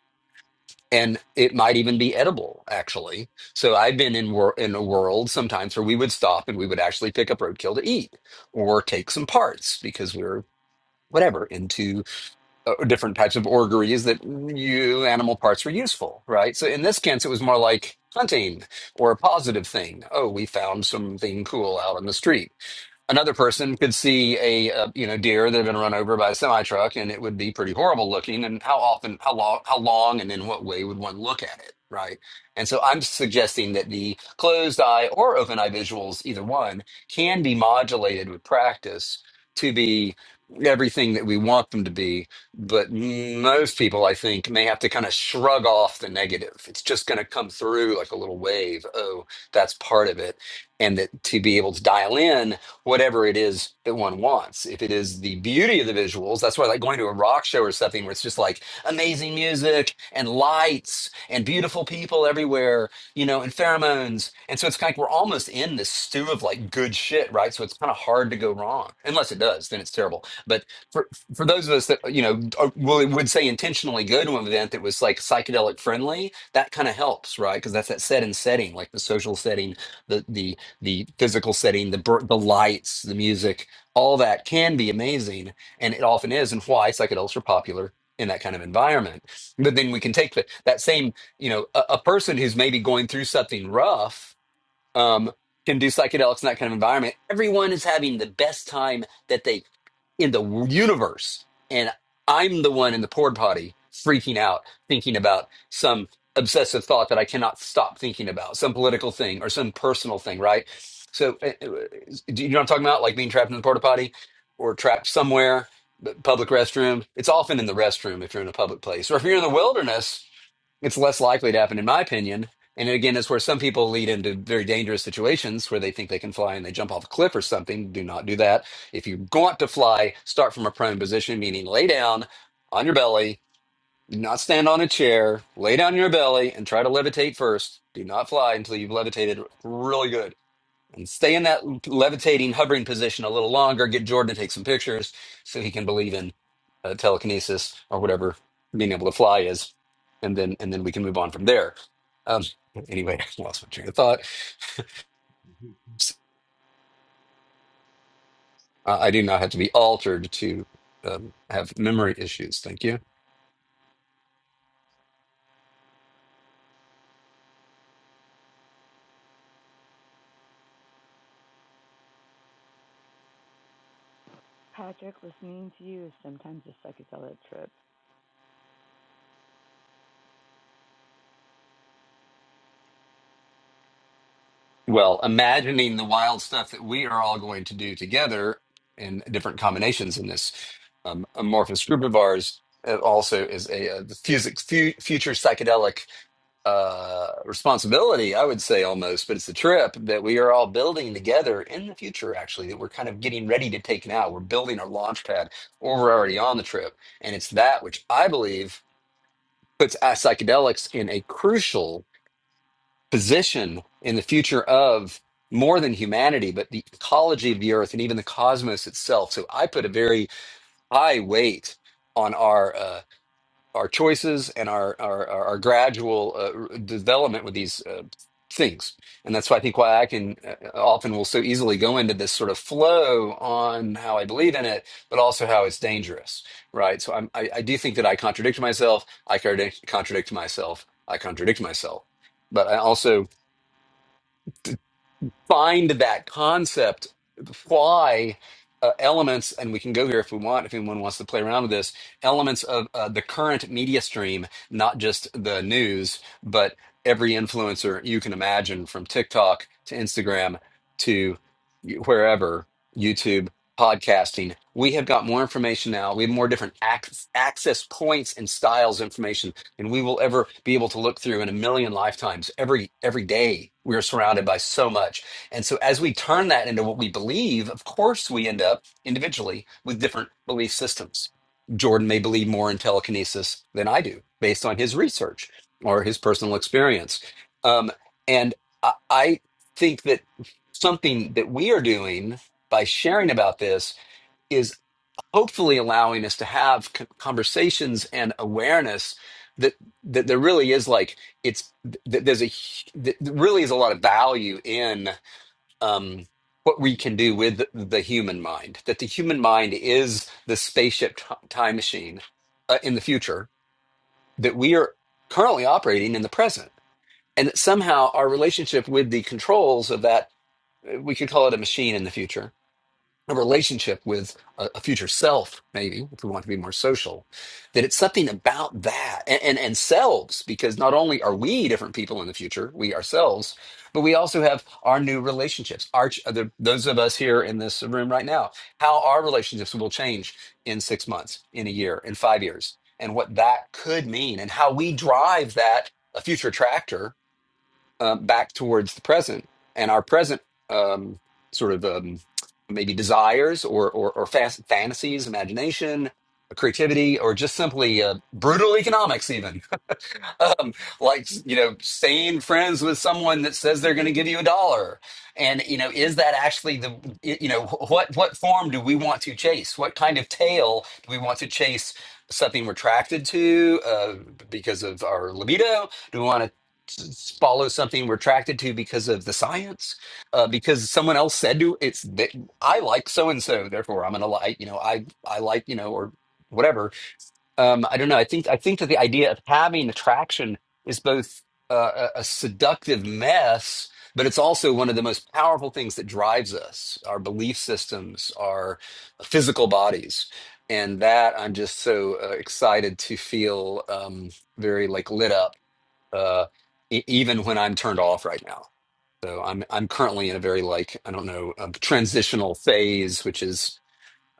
C: and it might even be edible actually so i've been in wor- in a world sometimes where we would stop and we would actually pick up roadkill to eat or take some parts because we are whatever into uh, different types of orgeries that you animal parts were useful right so in this sense it was more like hunting or a positive thing oh we found something cool out on the street another person could see a uh, you know deer that had been run over by a semi truck and it would be pretty horrible looking and how often how long how long and in what way would one look at it right and so i'm suggesting that the closed eye or open eye visuals either one can be modulated with practice to be everything that we want them to be but most people i think may have to kind of shrug off the negative it's just going to come through like a little wave oh that's part of it and that to be able to dial in whatever it is that one wants. If it is the beauty of the visuals, that's why I like going to a rock show or something where it's just like amazing music and lights and beautiful people everywhere, you know, and pheromones. And so it's kind of like we're almost in this stew of like good shit, right? So it's kind of hard to go wrong. Unless it does, then it's terrible. But for for those of us that you know are- will would say intentionally go to an event that was like psychedelic friendly, that kind of helps, right? Because that's that set and setting, like the social setting, the the the physical setting, the bur- the lights, the music, all that can be amazing, and it often is, and why psychedelics are popular in that kind of environment. But then we can take the, that same, you know, a, a person who's maybe going through something rough um, can do psychedelics in that kind of environment, everyone is having the best time that they in the universe. And I'm the one in the porta potty freaking out, thinking about some obsessive thought that I cannot stop thinking about, some political thing or some personal thing, right? So, uh, uh, do you know what I'm talking about? Like being trapped in the porta potty or trapped somewhere, the public restroom. It's often in the restroom if you're in a public place, or if you're in the wilderness it's less likely to happen, in my opinion. And again, it's where some people lead into very dangerous situations where they think they can fly and they jump off a cliff or something. Do not do that. If you want to fly, start from a prone position, meaning lay down on your belly, do not stand on a chair, lay down on your belly and try to levitate first. Do not fly until you've levitated really good and stay in that levitating, hovering position a little longer. Get Jordan to take some pictures so he can believe in uh, telekinesis or whatever being able to fly is, and then and then we can move on from there. Um, anyway, (laughs) I lost my train of thought. Uh, I do not have to be altered to um, have memory issues. Thank you.
F: Patrick, listening to you is sometimes a psychedelic trip,
C: Well, imagining the wild stuff that we are all going to do together in different combinations in this um, amorphous group of ours. It also is a, uh the physics, fu- future psychedelic uh responsibility i would say almost but it's a trip that we are all building together in the future actually that we're kind of getting ready to take now we're building our launch pad or we're already on the trip and it's that which i believe puts uh, psychedelics in a crucial position in the future of more than humanity but the ecology of the earth and even the cosmos itself so i put a very high weight on our uh our choices and our our our our gradual uh, development with these uh, things and that's why i think why i can uh, uh, often will so easily go into this sort of flow on how i believe in it but also how it's dangerous right so I'm, I, I do think that i contradict myself i contradict contradict myself i contradict myself but i also find that concept, fly uh, elements, and we can go here if we want, if anyone wants to play around with this, elements of uh, the current media stream, not just the news, but every influencer you can imagine from TikTok to Instagram to wherever, YouTube, podcasting. We have got more information now. We have more different ac- access points and styles of information and we will ever be able to look through in a million lifetimes every every day we are surrounded by so much and so, as we turn that into what we believe, of course, we end up individually with different belief systems. Jordan may believe more in telekinesis than I do, based on his research or his personal experience. Um, and I, I think that something that we are doing by sharing about this is hopefully allowing us to have c- conversations and awareness that that there really is like it's that there's a hu- that there really is a lot of value in um, what we can do with the human mind, that the human mind is the spaceship t- time machine uh, in the future that we are currently operating in the present. And that somehow our relationship with the controls of that, uh, we could call it a machine in the future, a relationship with a, a future self, maybe, if we want to be more social, that it's something about that and, and, and selves, because not only are we different people in the future, we ourselves, but we also have our new relationships. Our, ch- the, those of us here in this room right now, how our relationships will change in six months, in a year, in five years, and what that could mean, and how we drive that a future tractor uh, back towards the present and our present um, sort of um, maybe desires or or, or fast fantasies, imagination, creativity, or just simply uh, brutal economics. Even (laughs) um, like you know staying friends with someone that says they're going to give you a dollar and you know is that actually the you know what what form do we want to chase what kind of tail do we want to chase something we're attracted to uh, because of our libido do we want to follow something we're attracted to because of the science uh, because someone else said to it's that i like so and so therefore i'm gonna like you know i i like you know or whatever um, I don't know. I think I think that the idea of having attraction is both uh, a, a seductive mess, but it's also one of the most powerful things that drives us, our belief systems, our physical bodies, and that I'm just so uh, excited to feel um, very like lit up, uh, e- even when I'm turned off right now. So I'm I'm currently in a very like I don't know um transitional phase, which is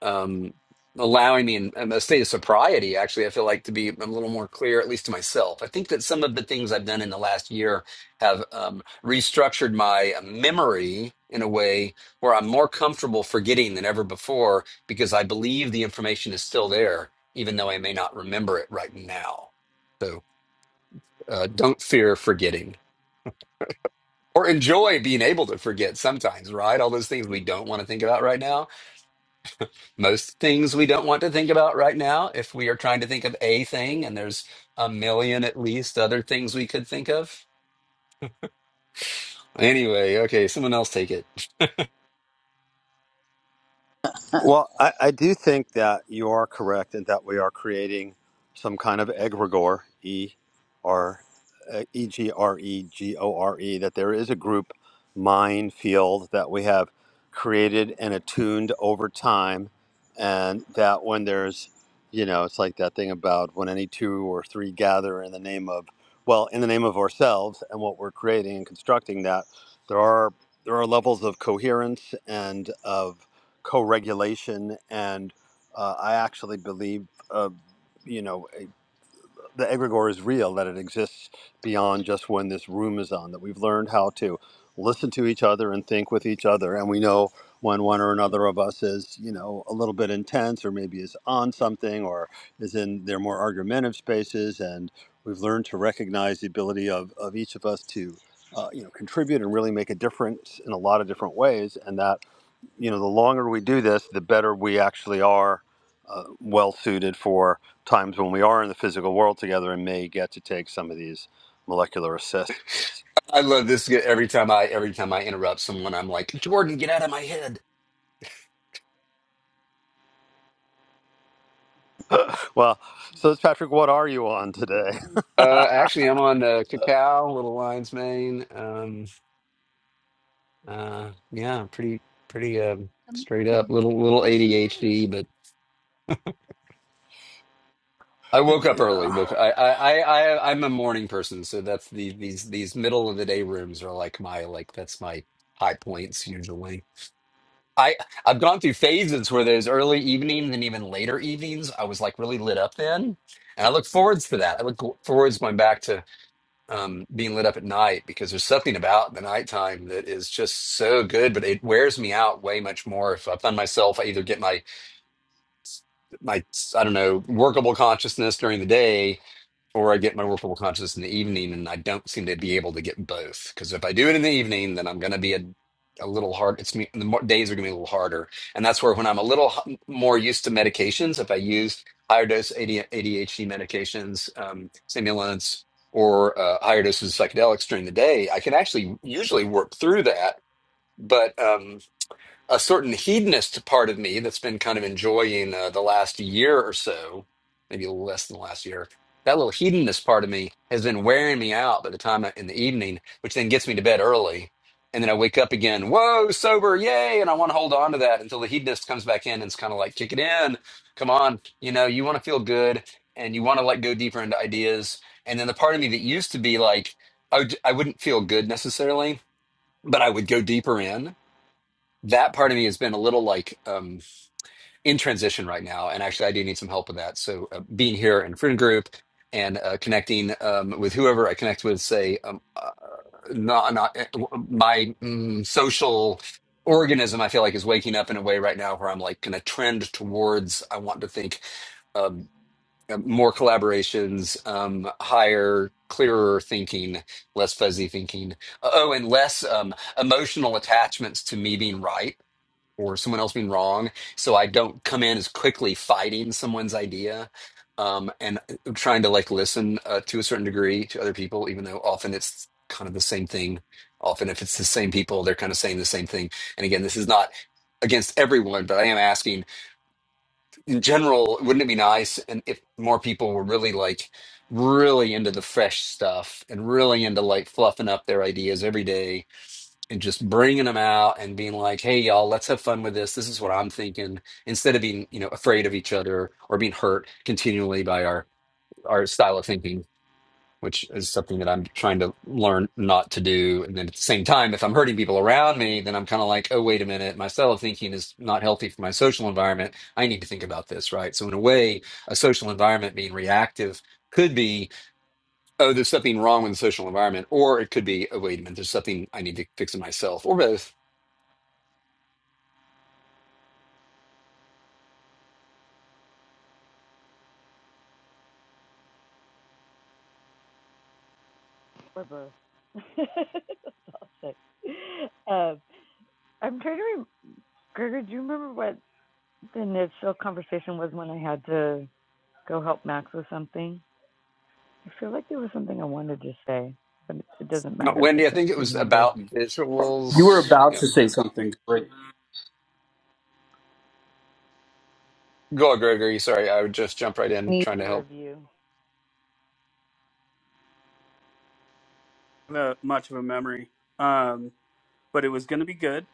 C: um, allowing me in, in a state of sobriety, actually, I feel like to be a little more clear, at least to myself. I think that some of the things I've done in the last year have um, restructured my uh, memory in a way where I'm more comfortable forgetting than ever before because I believe the information is still there, even though I may not remember it right now. So uh, don't fear forgetting. Or enjoy being able to forget sometimes, right? All those things we don't want to think about right now most things we don't want to think about right now if we are trying to think of a thing and there's a million at least other things we could think of anyway okay someone else take it
A: Well, I, I do think that you are correct and that we are creating some kind of egregore, E R uh, E G R E G O R E, that there is a group mind field that we have created and attuned over time. And that when there's, you know, it's like that thing about when any two or three gather in the name of, well, in the name of ourselves and what we're creating and constructing, that there are there are levels of coherence and of co-regulation and uh, i actually believe uh, you know eh, the egregore is real that it exists beyond just when this room is on that we've learned how to listen to each other and think with each other and we know when one or another of us is you know a little bit intense or maybe is on something or is in their more argumentative spaces and we've learned to recognize the ability of, of each of us to uh, you know contribute and really make a difference in a lot of different ways and that you know, the longer we do this, the better we actually are uh, well suited for times when we are in the physical world together and may get to take some of these molecular assists.
C: i love this every time i every time i interrupt someone i'm like jordan get out of my head
A: Well, so Patrick, what are you on today?
C: uh actually i'm on uh cacao little lion's mane um uh yeah pretty pretty um straight up little little adhd I
A: (laughs)
C: woke up early. Woke.
A: yeah.
C: I. I. I. I- I'm a morning person, so that's the these these middle of the day rooms are like my like that's my high points usually. I I've gone through phases where there's early evenings and even later evenings. I was like really lit up then, and I look forwards to that. I look forwards going back to um, being lit up at night because there's something about the nighttime that is just so good, but it wears me out way much more if I find myself I either get my my I don't know workable consciousness during the day or I get my workable consciousness in the evening, and I don't seem to be able to get both. Because if I do it in the evening, then I'm going to be a a little hard. It's me. The mo- days are going to be a little harder, and that's where when I'm a little h- more used to medications, if I use higher dose AD, ADHD medications, um, stimulants, or uh, higher doses of psychedelics during the day, I can actually usually work through that. But um, a certain hedonist part of me that's been kind of enjoying uh, the last year or so, maybe less than the last year. That little hedonist part of me has been wearing me out by the time I, in the evening, which then gets me to bed early. And then I wake up again, whoa, sober, yay. And I want to hold on to that until the hedonist comes back in and it's kind of like, kick it in. Come on. You know, you want to feel good and you want to like go deeper into ideas. And then the part of me that used to be like, I, would, I wouldn't feel good necessarily, but I would go deeper in that part of me has been a little like um, in transition right now, and actually, I do need some help with that. So, uh, being here in friend group and uh, connecting um, with whoever I connect with, say, um, uh, not not uh, my mm, social organism, I feel like is waking up in a way right now where I'm like going to trend towards. I want to think um, uh, more collaborations, um, higher, clearer thinking, less fuzzy thinking. uh, Oh, and less um, emotional attachments to me being right or someone else being wrong. So I don't come in as quickly fighting someone's idea um, and trying to like listen uh, to a certain degree to other people, even though often it's kind of the same thing. Often, if it's the same people, they're kind of saying the same thing. And again, this is not against everyone, but I am asking in general, wouldn't it be nice and if more people were really like really into the fresh stuff and really into like fluffing up their ideas every day and just bringing them out and being like, "Hey, y'all, let's have fun with this. This is what I'm thinking." Instead of being, you know, afraid of each other or being hurt continually by our our style of thinking, which is something that I'm trying to learn not to do. And then at the same time, if I'm hurting people around me, then I'm kind of like, "Oh, wait a minute, my style of thinking is not healthy for my social environment. I need to think about this, right?" So in a way, a social environment being reactive could be oh, there's something wrong with the social environment, or it could be, oh, wait a minute, there's something I need to fix in myself, or both
F: or both. (laughs) That's all I'll say. Um, I'm trying to remember, Gregor, do you remember what the Nipsil conversation was when I had to go help Max with something? I feel like there was something I wanted to say, but it it doesn't
C: No,
F: matter if I
C: Wendy, I
F: can't
C: think it was
F: remember.
C: about
G: You were
C: visuals.
G: about
C: Yeah.
G: to say something.
C: Go, Gregory. Sorry, I would just jump right in trying to
F: Neither
C: help.
F: of
C: (laughs)
F: you.
G: Not much of a memory, um, but it was gonna be good,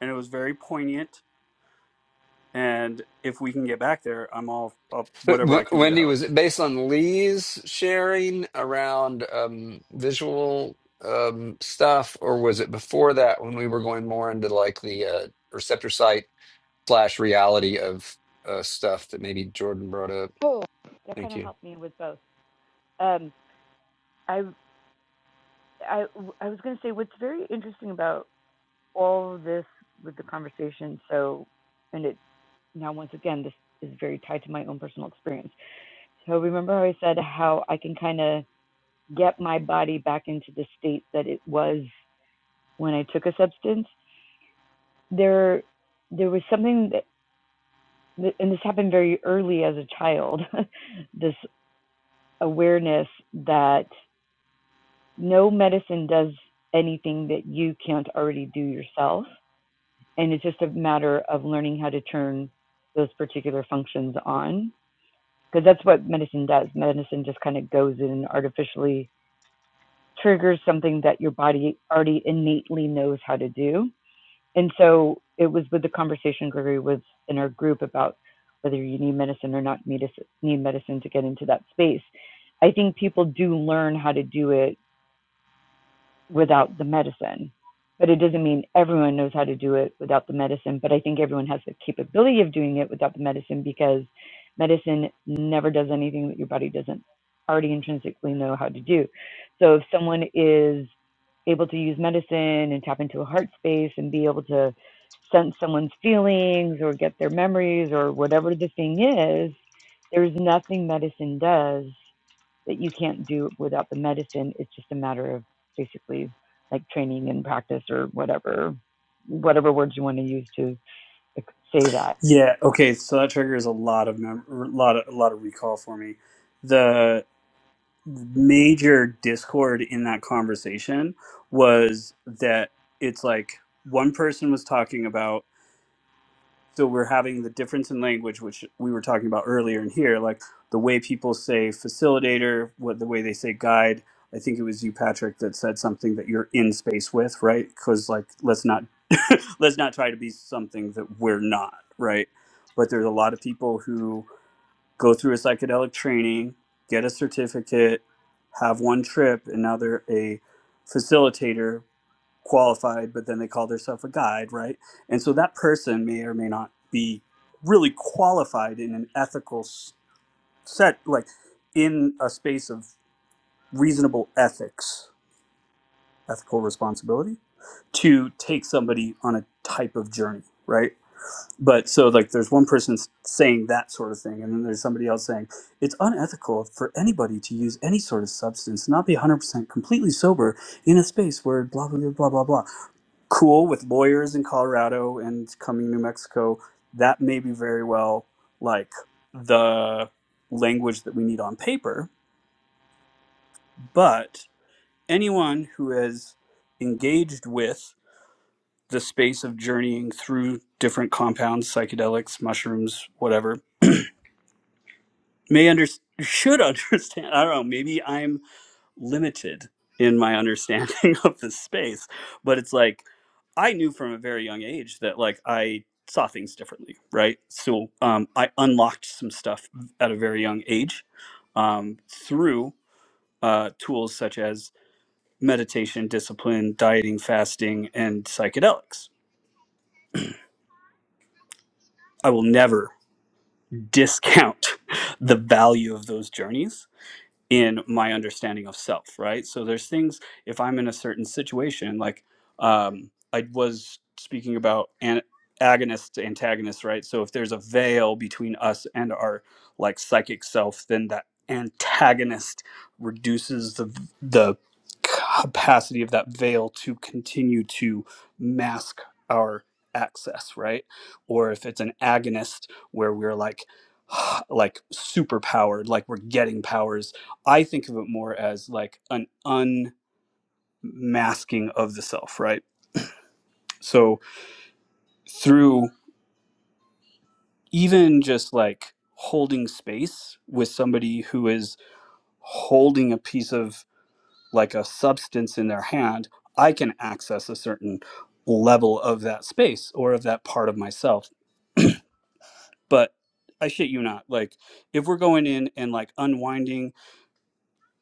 G: and it was very poignant. And if we can get back there, I'm all up
C: But
G: whatever
C: W-
G: I can do to
C: Wendy,
G: help.
C: was it based on Lee's sharing around um, visual um, stuff, or was it before that when we were going more into like the uh, receptor site slash reality of uh, stuff that maybe Jordan brought up?
F: Oh, That kind
C: Thank
F: of
C: you.
F: helped me with both. Um, I, I, I was going to say what's very interesting about all of this with the conversation. So, and it now once again, this is very tied to my own personal experience. So remember how I said how I can kind of get my body back into the state that it was when I took a substance. There, there was something that, and this happened very early as a child. (laughs) this awareness that no medicine does anything that you can't already do yourself and it's just a matter of learning how to turn those particular functions on because that's what medicine does medicine just kind of goes in and artificially triggers something that your body already innately knows how to do and so it was with the conversation gregory was in our group about whether you need medicine or not need medicine to get into that space i think people do learn how to do it without the medicine. But it doesn't mean everyone knows how to do it without the medicine. But I think everyone has the capability of doing it without the medicine because medicine never does anything that your body doesn't already intrinsically know how to do. So if someone is able to use medicine and tap into a heart space and be able to sense someone's feelings or get their memories or whatever the thing is, there's nothing medicine does that you can't do without the medicine. It's just a matter of basically like training and practice or whatever whatever words you want to use to say that
G: Yeah. Okay. So that triggers a lot of mem- a lot of a lot of recall for me. The major discord in that conversation was that it's like one person was talking about. so we're having the difference in language which we were talking about earlier in here like the way people say facilitator what the way they say guide i think it was you patrick that said something that you're in space with right because like let's not let's not try to be something that we're not right but there's a lot of people who go through a psychedelic training get a certificate have one trip and now they're a facilitator qualified, but then they call themselves a guide, right? And so that person may or may not be really qualified in an ethical set, like in a space of reasonable ethics, ethical responsibility to take somebody on a type of journey, right? But so, like, there's one person saying that sort of thing, and then there's somebody else saying it's unethical for anybody to use any sort of substance, not be 100% completely sober in a space where blah, blah, blah, blah, blah. blah." cool with lawyers in Colorado and coming to New Mexico, that may be very well like the language that we need on paper. But anyone who has engaged with the space of journeying through different compounds, psychedelics, mushrooms, whatever, may under (laughs) should understand. I don't know. Maybe I'm limited in my understanding (laughs) of this space but it's like i knew from a very young age that like i saw things differently right so um, i unlocked some stuff at a very young age um, through uh, tools such as meditation discipline dieting fasting and psychedelics i will never discount (laughs) the value of those journeys in my understanding of self, right? So there's things if I'm in a certain situation, like um, I was speaking about an- agonist to antagonist, right? So if there's a veil between us and our like psychic self, then that antagonist reduces the the capacity of that veil to continue to mask our access, right? Or if it's an agonist where we're like (sighs) like super powered, like we're getting powers I think of it more as like an unmasking of the self, right? So through even just like holding space with somebody who is holding a piece of like a substance in their hand, I can access a certain level of that space or of that part of myself. But I shit you not, like if we're going in and like unwinding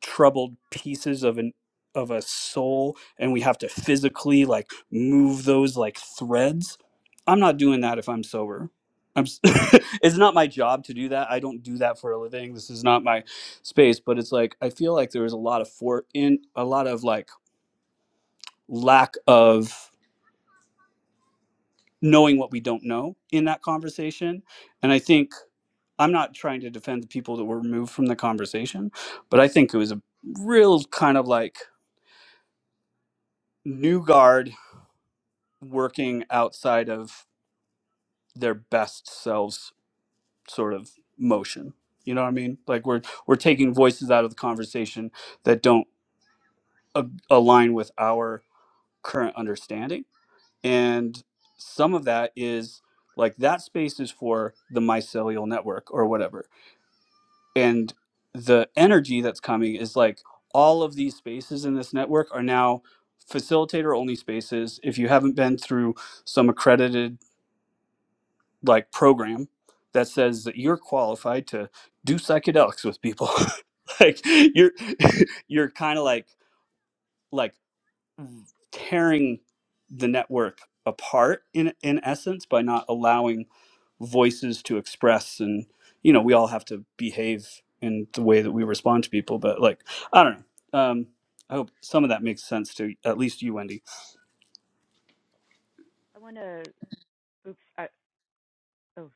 G: troubled pieces of an of a soul and we have to physically like move those like threads i'm not doing that if i'm sober i'm s- (laughs) it's not my job to do that i don't do that for a living this is not my space but it's like i feel like there was a lot of for in a lot of like lack of knowing what we don't know in that conversation and i think i'm not trying to defend the people that were removed from the conversation but i think it was a real kind of like new guard working outside of their best selves sort of motion you know what i mean like we're we're taking voices out of the conversation that don't a- align with our current understanding and some of that is like that space is for the mycelial network or whatever and the energy that's coming is like all of these spaces in this network are now facilitator only spaces if you haven't been through some accredited like program that says that you're qualified to do psychedelics with people (laughs) like you're (laughs) you're kind of like like tearing the network apart in in essence by not allowing voices to express and you know we all have to behave in the way that we respond to people but like i don't know um i hope some of that makes sense to at least you wendy
F: I want to. Oops. I, oh,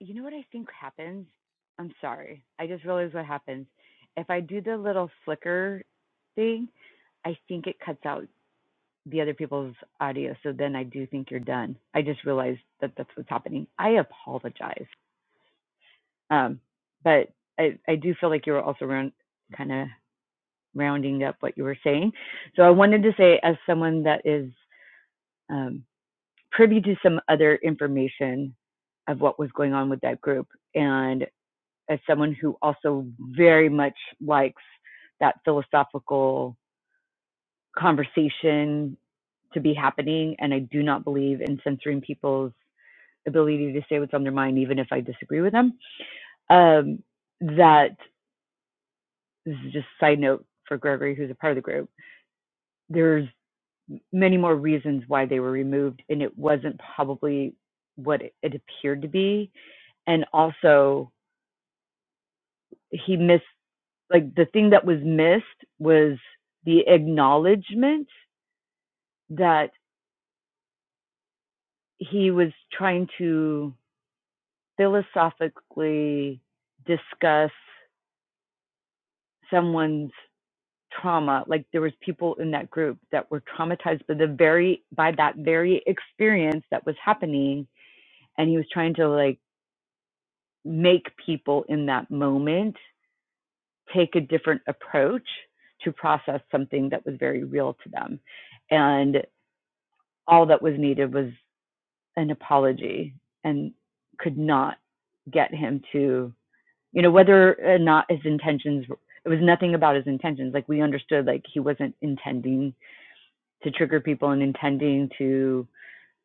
F: you know what I think happens? I'm sorry. I just realized what happens. If I do the little flicker thing, I think it cuts out the other people's audio. So then I do think you're done. I just realized that that's what's happening. I apologize. Um, but I, I do feel like you were also around kind of rounding up what you were saying. So I wanted to say, as someone that is um, privy to some other information of what was going on with that group, and as someone who also very much likes that philosophical conversation to be happening, and I do not believe in censoring people's ability to say what's on their mind, even if I disagree with them. Um, that this is just a side note for Gregory, who's a part of the group. There's many more reasons why they were removed, and it wasn't probably what it it appeared to be. And also, he missed like the thing that was missed was the acknowledgement that he was trying to philosophically discuss someone's trauma like there was people in that group that were traumatized by the very by that very experience that was happening and he was trying to like make people in that moment take a different approach to process something that was very real to them. And all that was needed was an apology and could not get him to, you know, whether or not his intentions, it was nothing about his intentions. Like we understood, like he wasn't intending to trigger people and intending to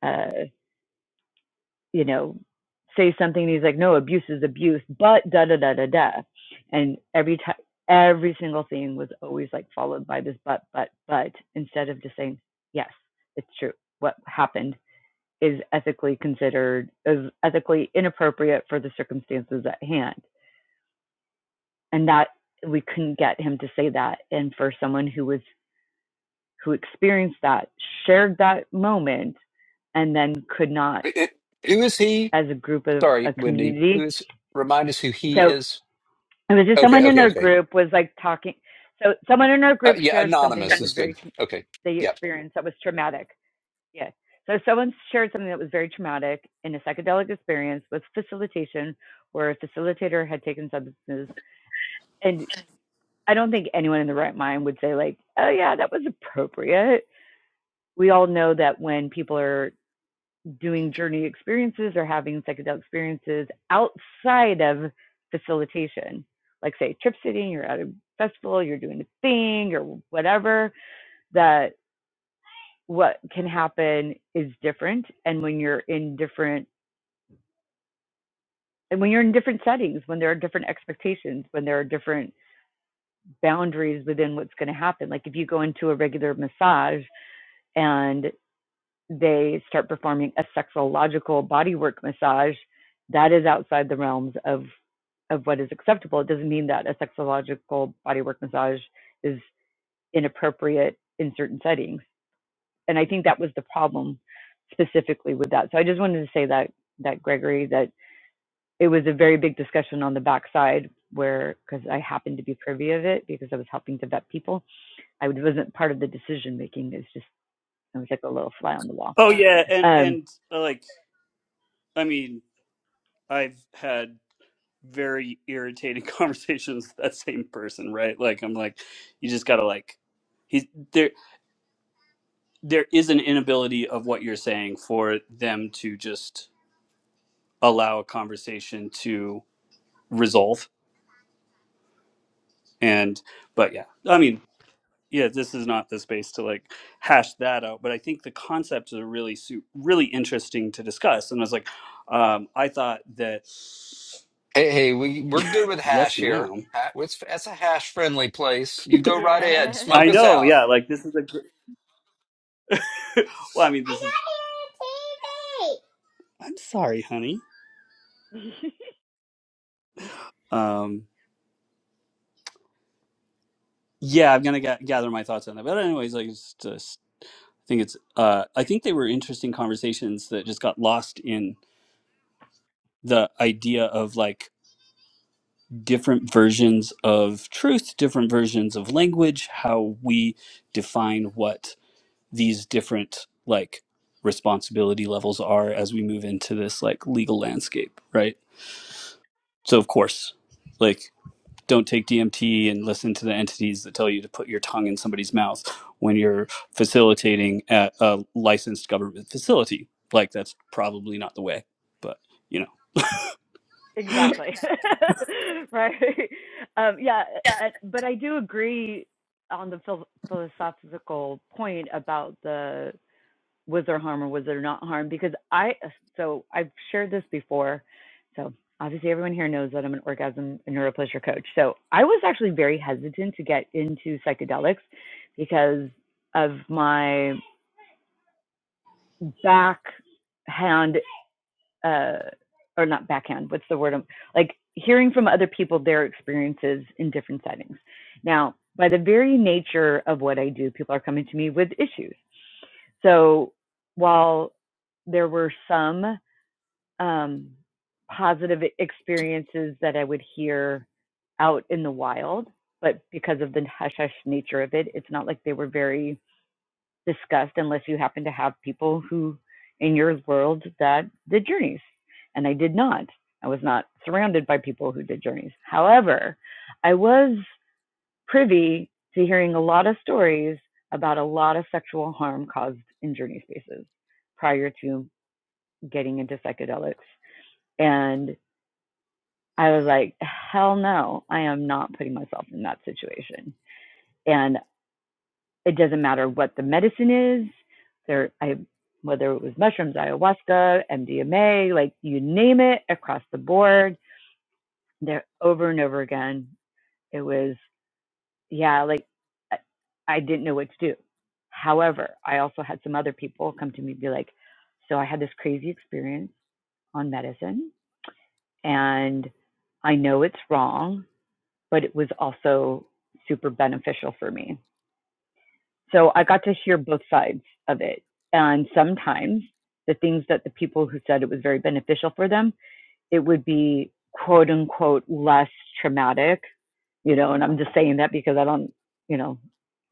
F: uh, you know, say something and he's like, no, abuse is abuse, but da da da da da. And every time, every single thing was always like followed by this but, but, but, instead of just saying, yes, it's true. What happened is ethically considered, is ethically inappropriate for the circumstances at hand. And that we couldn't get him to say that. And for someone who was, who experienced that, shared that moment, and then could not
C: I- I- who is he?
F: as a group of
C: Sorry,
F: a
C: Wendy. Who
F: community.
C: is? Remind us who he
F: So
C: is.
F: it was just
C: Okay,
F: someone in
C: okay,
F: our
C: okay.
F: group was like talking so someone in our
C: Uh,
F: group
C: yeah,
F: shared something that
C: anonymous
F: was
C: is
F: very
C: good.
F: tra-
C: Okay.
F: they
C: Yeah.
F: experienced that was traumatic yeah so someone shared something that was very traumatic in a psychedelic experience with facilitation where a facilitator had taken substances and i don't think anyone in the right mind would say like oh yeah that was appropriate we all know that when people are doing journey experiences or having psychedelic experiences outside of facilitation, like say trip sitting, you're at a festival, you're doing a thing or whatever, that what can happen is different. And when you're in different and when you're in different settings, when there are different expectations, when there are different boundaries within what's going to happen. Like if you go into a regular massage and they start performing a sexological bodywork massage, that is outside the realms of of what is acceptable. It doesn't mean that a sexological bodywork massage is inappropriate in certain settings. And I think that was the problem specifically with that. So I just wanted to say that that Gregory that it was a very big discussion on the backside where because I happened to be privy of it because I was helping to vet people. I wasn't part of the decision making. It's just I was like a little fly on the wall.
G: oh yeah and
F: Um,
G: and uh, like i mean i've had very irritating (laughs) conversations with that same person, right? Like I'm like, you just gotta like he's there there is an inability of what you're saying for them to just allow a conversation to resolve. And but yeah. I mean, yeah, this is not the space to like hash that out. But I think the concepts are really su- really interesting to discuss. And I was like, um, I thought that
C: Hey, hey, we we're
G: (laughs)
C: good with
G: yes,
C: hash here.
G: ma'am.
C: Ha- It's that's a hash friendly place. You go right ahead,
F: Yeah.
G: I
C: smoke us
G: know,
C: out.
G: yeah. Like this is a gr- (laughs) well, I mean, this I got is. it on T V. I'm sorry, honey.
F: (laughs)
G: Um, yeah, I'm gonna ga- gather my thoughts on that. But anyways, I just, just think it's. Uh, I think they were interesting conversations that just got lost in the idea of like different versions of truth, different versions of language, how we define what these different like responsibility levels are as we move into this like legal landscape, right? So of course, like don't take DMT and listen to the entities that tell you to put your tongue in somebody's mouth when you're facilitating at a licensed government facility. Like that's probably not the way, but you know. (laughs)
F: exactly. (laughs) right. Um, yeah. uh, But I do agree on the phil- philosophical point about the was there harm or was there not harm? Because I, so I've shared this before. So obviously everyone here knows that I'm an orgasm and neuropleasure coach. So I was actually very hesitant to get into psychedelics because of my backhand uh, or not backhand, what's the word? I'm- Like hearing from other people their experiences in different settings. Now, by the very nature of what I do, people are coming to me with issues. So while there were some um, positive experiences that I would hear out in the wild, but because of the hush hush nature of it, it's not like they were very discussed unless you happen to have people who in your world that did journeys. And I did not. I was not surrounded by people who did journeys. However, I was privy to hearing a lot of stories about a lot of sexual harm caused in journey spaces prior to getting into psychedelics. And I was like, hell no, I am not putting myself in that situation. And it doesn't matter what the medicine is there i whether it was mushrooms ayahuasca mdma like you name it across the board there over and over again it was yeah like i I didn't know what to do however i also had some other people come to me and be like so i had this crazy experience on medicine and i know it's wrong but it was also super beneficial for me So I got to hear both sides of it. And sometimes the things that the people who said it was very beneficial for them, it would be quote unquote less traumatic, you know, and I'm just saying that because I don't, you know,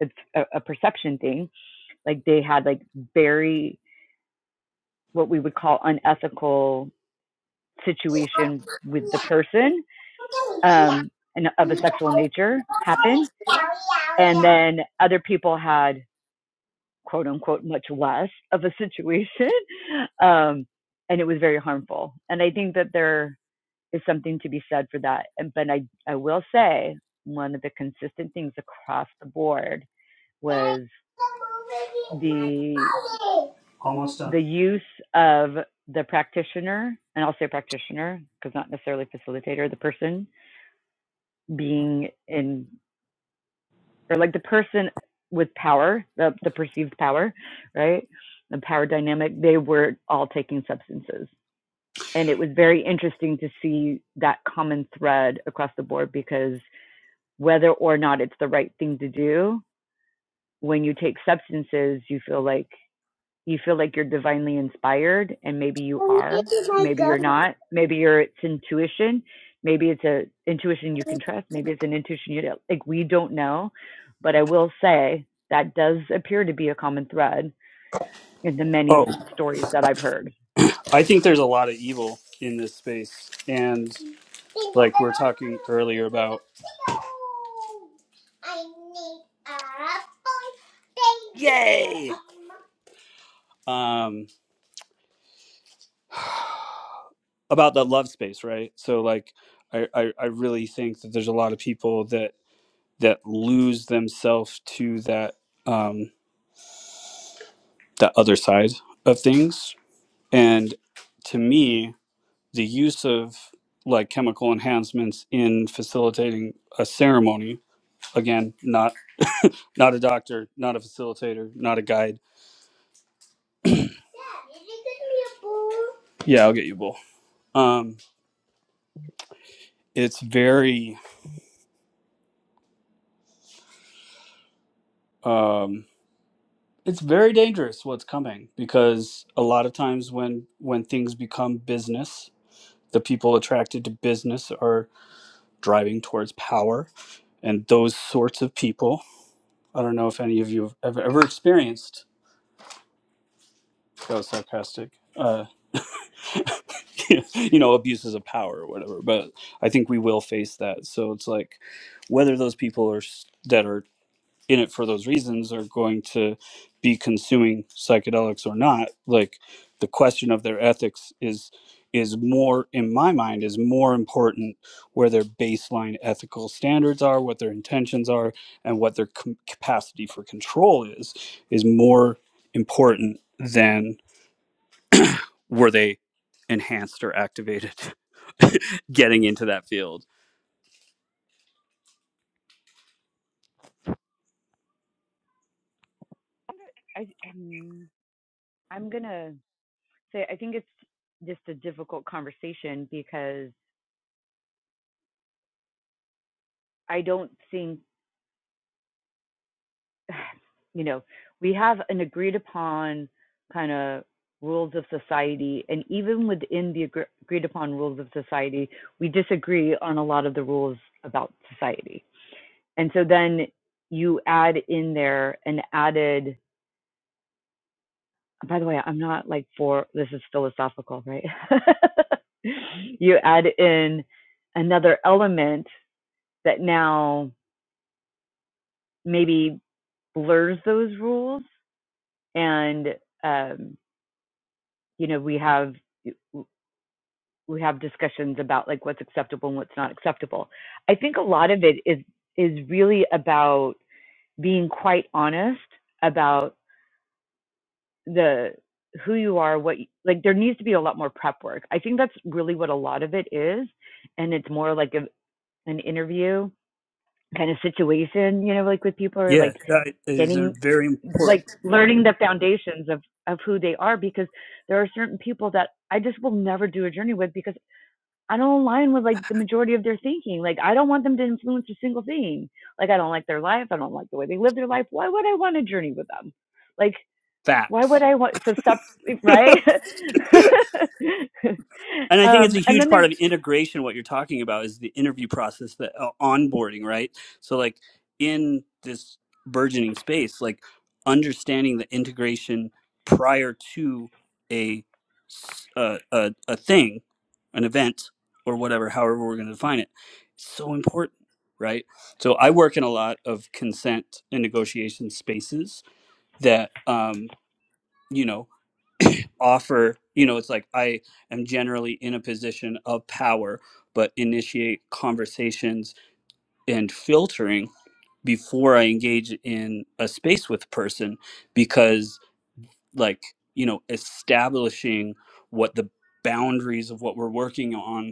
F: it's a, a perception thing. Like they had like very what we would call unethical situation with the person um, and of a sexual nature happen. And then other people had quote unquote much less of a situation (laughs) um and it was very harmful and i think that there is something to be said for that and but i i will say one of the consistent things across the board was the the use of the practitioner and i'll say practitioner because not necessarily facilitator the person being in or like the person with power, the, the perceived power, right? The power dynamic, they were all taking substances. And it was very interesting to see that common thread across the board because whether or not it's the right thing to do, when you take substances, you feel like you feel like you're divinely inspired and maybe you are maybe you're not maybe you're it's intuition maybe it's a intuition you can trust maybe it's an intuition you don't like we don't know but i will say that does appear to be a common thread in the many
G: Oh,
F: stories that i've heard
G: I think there's a lot of evil in this space, and Like we were talking earlier about. Yay! um, about that love space, right? So like, I, I I really think that there's a lot of people that that lose themselves to that um, that other side of things, and to me, the use of like chemical enhancements in facilitating a ceremony again not. Not a doctor, not a facilitator, not a guide. Dad, did you get me a bowl? Yeah, I'll get you a bowl. Um, it's very, um, it's very dangerous what's coming because a lot of times when when things become business, the people attracted to business are driving towards power, and those sorts of people. I don't know if any of you have ever, ever experienced. That was sarcastic. Uh, (laughs) you know abuses of power or whatever but i think we will face that so it's like whether those people are s- that are in it for those reasons are going to be consuming psychedelics or not like the question of their ethics is is more in my mind is more important where their baseline ethical standards are what their intentions are and what their com- capacity for control is is more important than were they enhanced or activated (laughs) getting into that field?
F: I, um, i'm gonna say i think it's just a difficult conversation because i don't think (sighs) you know, we have an agreed upon kind of rules of society, and even within the agre- agreed upon rules of society, we disagree on a lot of the rules about society. And so then you add in there an added, by the way, I'm not like for this is philosophical, right? (laughs) you add in another element that now maybe blurs those rules and um, you know we have we have discussions about like what's acceptable and what's not acceptable. I think a lot of it is is really about being quite honest about the who you are, what you, like there needs to be a lot more prep work. I think that's really what a lot of it is, and it's more like a, an interview kind of situation, you know, like with people are
G: Yeah,
F: like
G: that is a
F: getting
G: very
F: like
G: important
F: learning the foundations of of who they are because there are certain people that I just will never do a journey with because. I don't align with like the majority of their thinking. Like I don't want them to influence a single thing. Like I don't like their life. I don't like the way they live their life. Why would I want to journey with them? Like why would
G: fact.
F: I want so sub right? (laughs)
G: (laughs) And I think it's
F: um
G: a
F: and
G: huge
F: then
G: part
F: there's
G: of integration. What you're talking about is the interview process, the uh, onboarding, right? So, like in this burgeoning space, like understanding the integration prior to a s- a, a, a thing, an event, or whatever, however we're going to define it, is so important, right? So, I work in a lot of consent and negotiation spaces that um, you know offer you know it's like i am generally in a position of power but initiate conversations and filtering before i engage in a space with a person because like you know establishing what the boundaries of what we're working on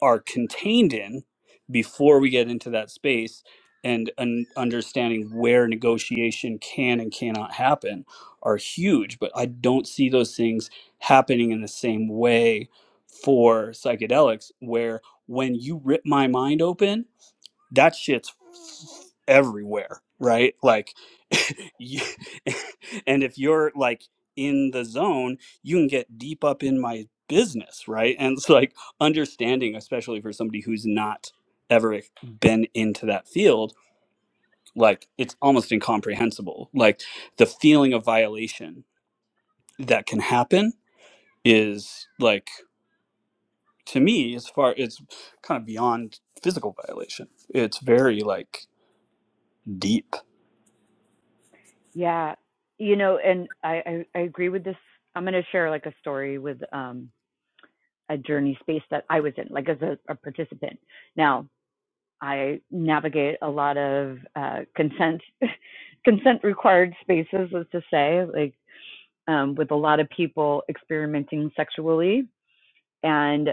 G: are contained in before we get into that space and un- understanding where negotiation can and cannot happen are huge but i don't see those things happening in the same way for psychedelics where when you rip my mind open that shit's everywhere, right? Like, (laughs) you- (laughs) and if you're like in the zone, you can get deep up in my business, right? And it's like understanding, especially for somebody who's not ever been into that field, like it's almost incomprehensible. Like the feeling of violation that can happen is like to me as far it's kind of beyond physical violation. It's very like deep
F: yeah, you know, and I I, I agree with this. I'm going to share like a story with um a journey space that I was in, like as a, a participant. Now, I navigate a lot of uh, consent (laughs) consent required spaces, as to say, like um, with a lot of people experimenting sexually, and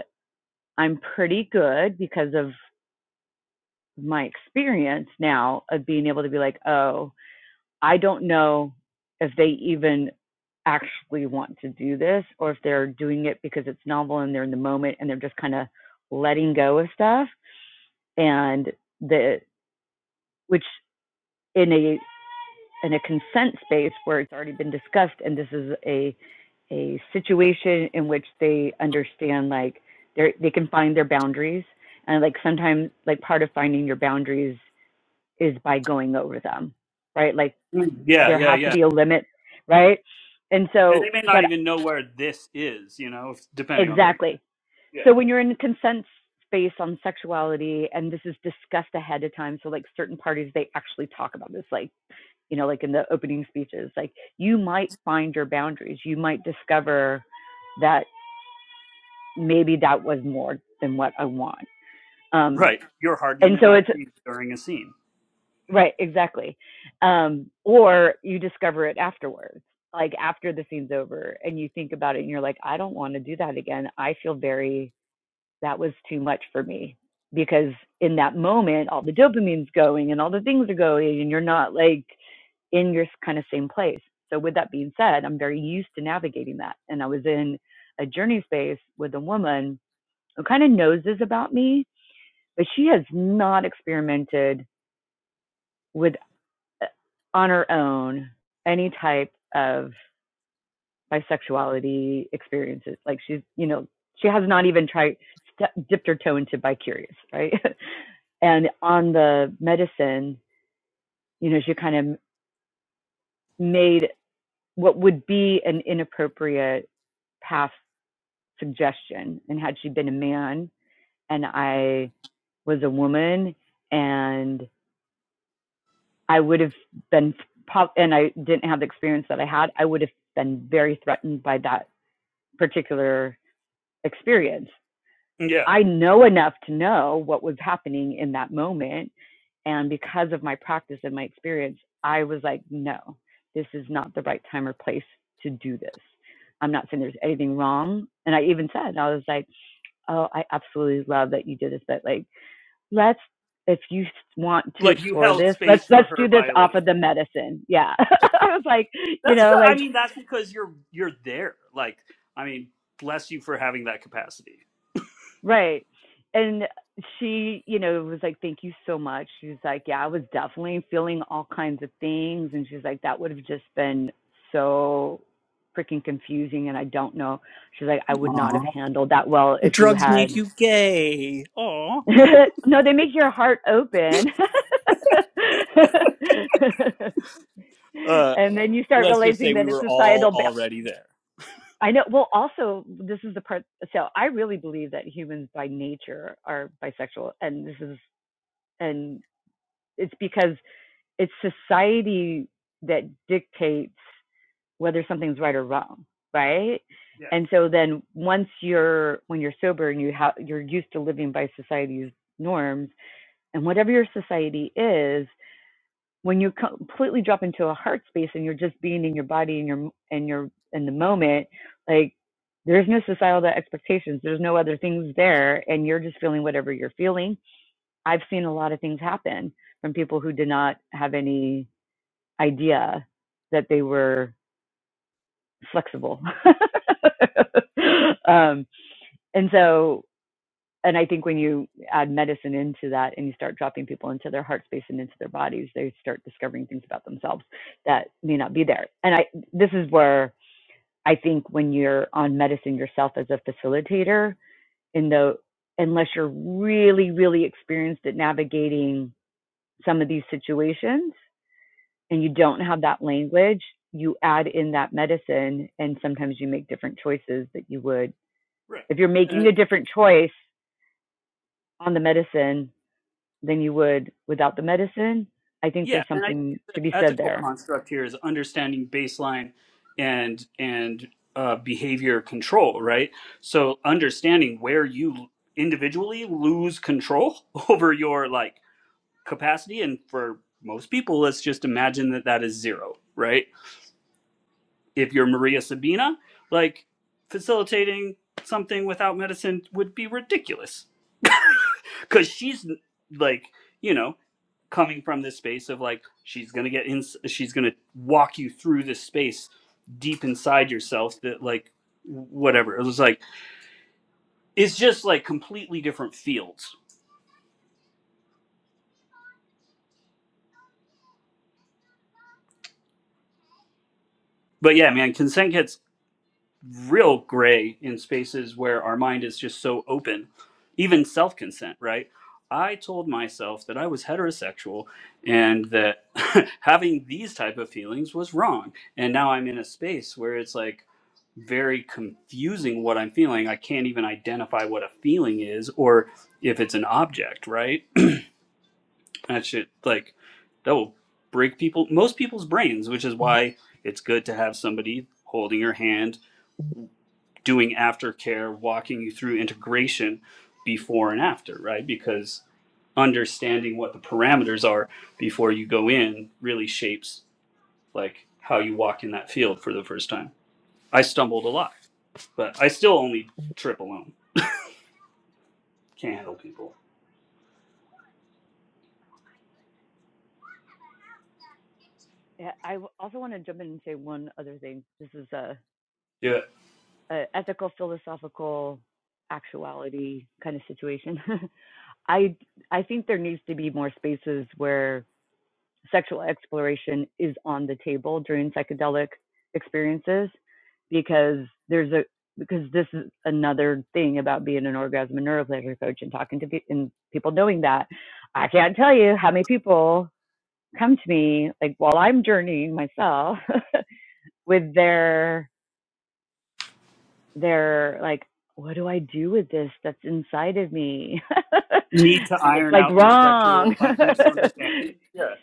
F: I'm pretty good because of my experience now of being able to be like, oh, I don't know if they even actually want to do this or if they're doing it because it's novel and they're in the moment and they're just kind of letting go of stuff and the which in a in a consent space where it's already been discussed and this is a a situation in which they understand like they they can find their boundaries and like sometimes like part of finding your boundaries is by going over them right like
G: Mm, Yeah,
F: there
G: yeah,
F: has to
G: yeah.
F: be a limit right and
G: And
F: so
G: they may not
F: but
G: even know where this is, you know, if, depending on what you
F: exactly
G: Yeah.
F: so when you're in consent space on sexuality and this is discussed ahead of time so like certain parties they actually talk about this like you know, like in the opening speeches, like you might find your boundaries. You might discover that maybe that was more than what I want. Um,
G: Right. Your hard
F: and
G: limit
F: so it's
G: might change during a scene.
F: right, exactly. Um, or you discover it afterwards, like after the scene's over, and you think about it and you're like, I don't want to do that again. I feel very that was too much for me because in that moment all the dopamine's going and all the things are going and you're not like in your kind of same place so with that being said i'm very used to navigating that and i was in a journey space with a woman who kind of knows this about me but she has not experimented with uh, on her own any type of bisexuality experiences. Like she's, you know, she has not even tried st- dipped her toe into bicurious, right? (laughs) and on the medicine, you know, she kind of made what would be an inappropriate past suggestion. And had she been a man and I was a woman and I would have been, and I didn't have the experience that I had, I would have been very threatened by that particular experience.
G: Yeah.
F: I know enough to know what was happening in that moment. And because of my practice and my experience, I was like, no, this is not the right time or place to do this. I'm not saying there's anything wrong. And I even said, I was like, oh, I absolutely love that you did this, but like, let's, if you want to
G: Like you
F: explore
G: held
F: this, let's
G: space for
F: let's
G: her
F: do this off of
G: violation.
F: the medicine. Yeah, (laughs) I was like, you
G: That's
F: know,
G: good.
F: like
G: I mean, that's because you're you're there. Like, I mean, bless you for having that capacity.
F: Right. And she, you know, was like, Thank you so much. She was like, Yeah, I was definitely feeling all kinds of things. And she's like, That would have just been so freaking confusing. And I don't know. She's like, I would not
G: Aw.
F: have handled that well
G: The
F: if you
G: drugs made
F: had.
G: you gay. Aw.
F: (laughs) no, they make your heart open. (laughs)
G: Uh,
F: and then you start
G: let's just
F: realizing
G: say we
F: that it's
G: were all
F: societal. Ba-
G: already there.
F: I know. Well, also, this is the part. So I really believe that humans by nature are bisexual. And this is and it's because it's society that dictates whether something's right or wrong, right?
G: Yeah,
F: And so then once you're when you're sober and you have you're used to living by society's norms and whatever your society is, when you completely drop into a heart space and you're just being in your body and your and your in the moment, like there's no societal expectations, there's no other things there, and you're just feeling whatever you're feeling I've seen a lot of things happen from people who did not have any idea that they were flexible. (laughs) um, and so, and I think when you add medicine into that and you start dropping people into their heart space and into their bodies, they start discovering things about themselves that may not be there. And I, this is where I think when you're on medicine yourself as a facilitator, in the, unless you're really, really experienced at navigating some of these situations and you don't have that language, you add in that medicine and sometimes you make different choices that you would.
G: right.
F: If you're making
G: Uh,
F: a different choice on the medicine than you would without the medicine, I think
G: yeah,
F: there's
G: and I
F: something
G: think the
F: to be said
G: ethical
F: there.
G: construct here is understanding baseline and and uh, behavior control, right? So understanding where you individually lose control (laughs) over your like capacity, and for most people, let's just imagine that that is zero, right? if you're Maria Sabina, like facilitating something without medicine would be ridiculous because she's like, you know, coming from this space of like she's gonna get in, she's gonna walk you through this space deep inside yourself that like whatever it was like it's just like completely different fields. But yeah, man, consent gets real gray in spaces where our mind is just so open, even self consent, right? I told myself that I was heterosexual and that (laughs) having these type of feelings was wrong. And now I'm in a space where it's like very confusing what I'm feeling. I can't even identify what a feeling is or if it's an object, right? (clears throat) That shit like that will break people most people's brains, which is why it's good to have somebody holding your hand doing aftercare, walking you through integration before and after, right? Because understanding what the parameters are before you go in really shapes like how you walk in that field for the first time. I stumbled a lot, but I still only trip alone. Can't handle people.
F: Yeah, I w- also want to jump in and say one other thing. This is a,
G: Yeah.
F: a ethical, philosophical, actuality kind of situation. (laughs) I I think there needs to be more spaces where sexual exploration is on the table during psychedelic experiences because there's a because this is another thing about being an orgasm and neuropleasure coach and talking to people and people knowing that I can't tell you how many people come to me like while I'm journeying myself (laughs) with their their like what do I do with this that's inside of me (laughs)
G: Need to
F: and it's
G: iron
F: like
G: out their
F: wrong
G: sexual un- misunderstanding.
F: (laughs)
G: Yeah.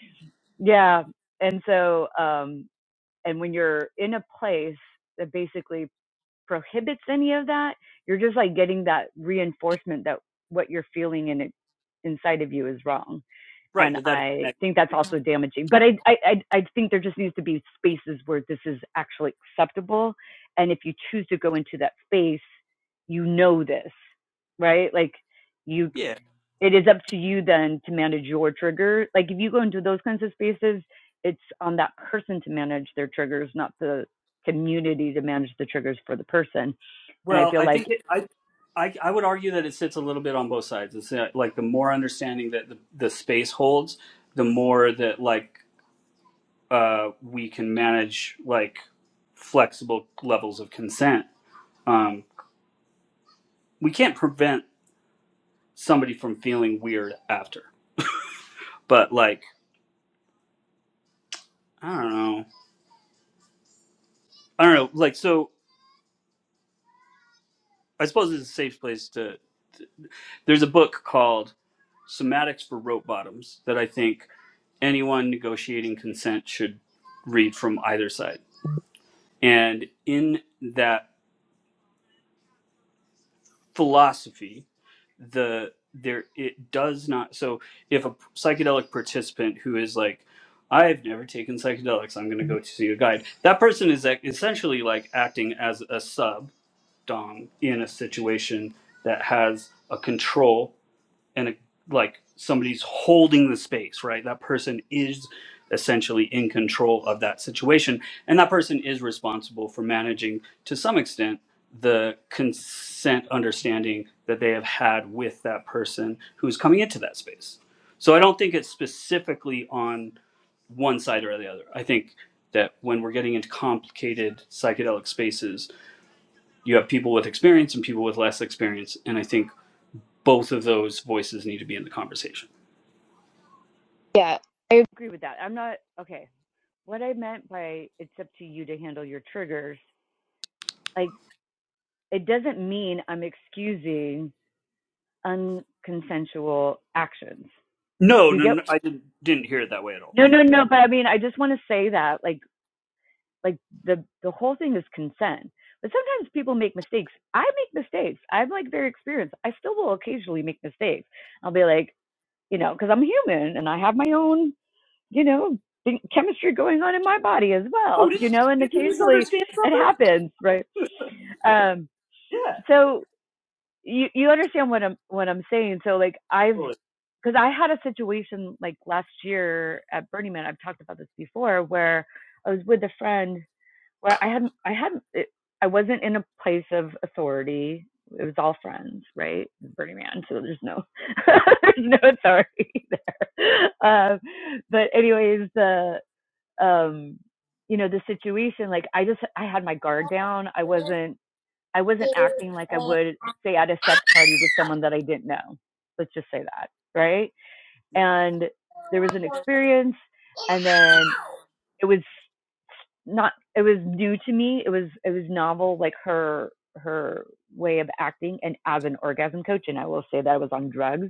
F: yeah and so um and when you're in a place that basically prohibits any of that you're just like getting that reinforcement that what you're feeling in it inside of you is wrong
G: Right.
F: and
G: That that is
F: i
G: next.
F: think that's also damaging but I, I i i think there just needs to be spaces where this is actually acceptable and if you choose to go into that space you know this right like you
G: Yeah.
F: it is up to you then to manage your trigger. Like if you go into those kinds of spaces, it's on that person to manage their triggers, not the community to manage the triggers for the person. And I
G: Well,
F: feel
G: I
F: like
G: think it, I, I I would argue that it sits a little bit on both sides. It's uh, like the more understanding that the, the space holds, the more that like uh, we can manage like flexible levels of consent. Um, we can't prevent somebody from feeling weird after, but like I don't know, I don't know. Like so, I suppose it's a safe place to. to There's a book called Somatics for Rope Bottoms that I think anyone negotiating consent should read from either side. And in that philosophy, the there it does not so if a psychedelic participant who is like I've never taken psychedelics. I'm going to go to see a guide. That person is ac- essentially like acting as a sub dom in a situation that has a control and it, like somebody's holding the space, right? That person is essentially in control of that situation, and that person is responsible for managing to some extent the consent understanding that they have had with that person who's coming into that space. So I don't think it's specifically on one side or the other. I think that when we're getting into complicated psychedelic spaces, you have people with experience and people with less experience, and I think both of those voices need to be in the conversation.
F: Yeah, I agree with that. I'm not okay. What I meant by it's up to you to handle your triggers, like it doesn't mean I'm excusing unconsensual actions.
G: No,
F: Do you
G: no,
F: get?
G: no I didn't, didn't hear it that way at all.
F: No, no, no. But I mean, I just want to say that, like, like the the whole thing is consent but sometimes people make mistakes i make mistakes i'm like very experienced i still will occasionally make mistakes i'll be like you know because i'm human and i have my own you know chemistry going on in my body as well
G: Oh,
F: (laughs)
G: did you,
F: you know and
G: did you
F: occasionally
G: misunderstand
F: it
G: something?
F: happens right um
G: Yeah.
F: so you you understand what i'm what i'm saying so like i've
G: Totally.
F: because I had a situation like last year at Burning Man. I've talked about this before, where I was with a friend where I had I had it, I wasn't in a place of authority. It was all friends, right? Burning Man, so there's no (laughs) there's no authority (laughs) there. Um, but anyways, the um, you know the situation, like I just I had my guard down. I wasn't I wasn't acting like I
G: Yeah.
F: would say at a sex party with someone that I didn't know. Let's just say that, right? And there was an experience, and then it was not it was new to me it was it was novel like her her way of acting and as an orgasm coach and i will say that i was on drugs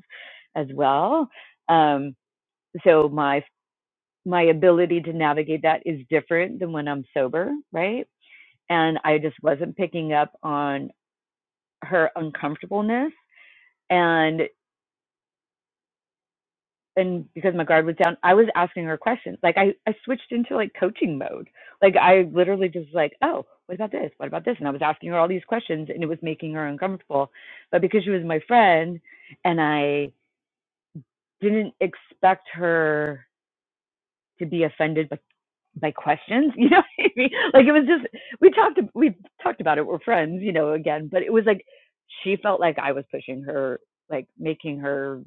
F: as well um so my my ability to navigate that is different than when i'm sober right and i just wasn't picking up on her uncomfortableness and. and because my guard was down, I was asking her questions. Like I, I switched into like coaching mode. Like I literally just like, oh, what about this? What about this? And I was asking her all these questions and it was making her uncomfortable. But because she was my friend and I didn't expect her to be offended by, by questions, (laughs) you know what I mean? Like it was just we talked we talked about it. We're friends, you know, again, but it was like she felt like I was pushing her, like making her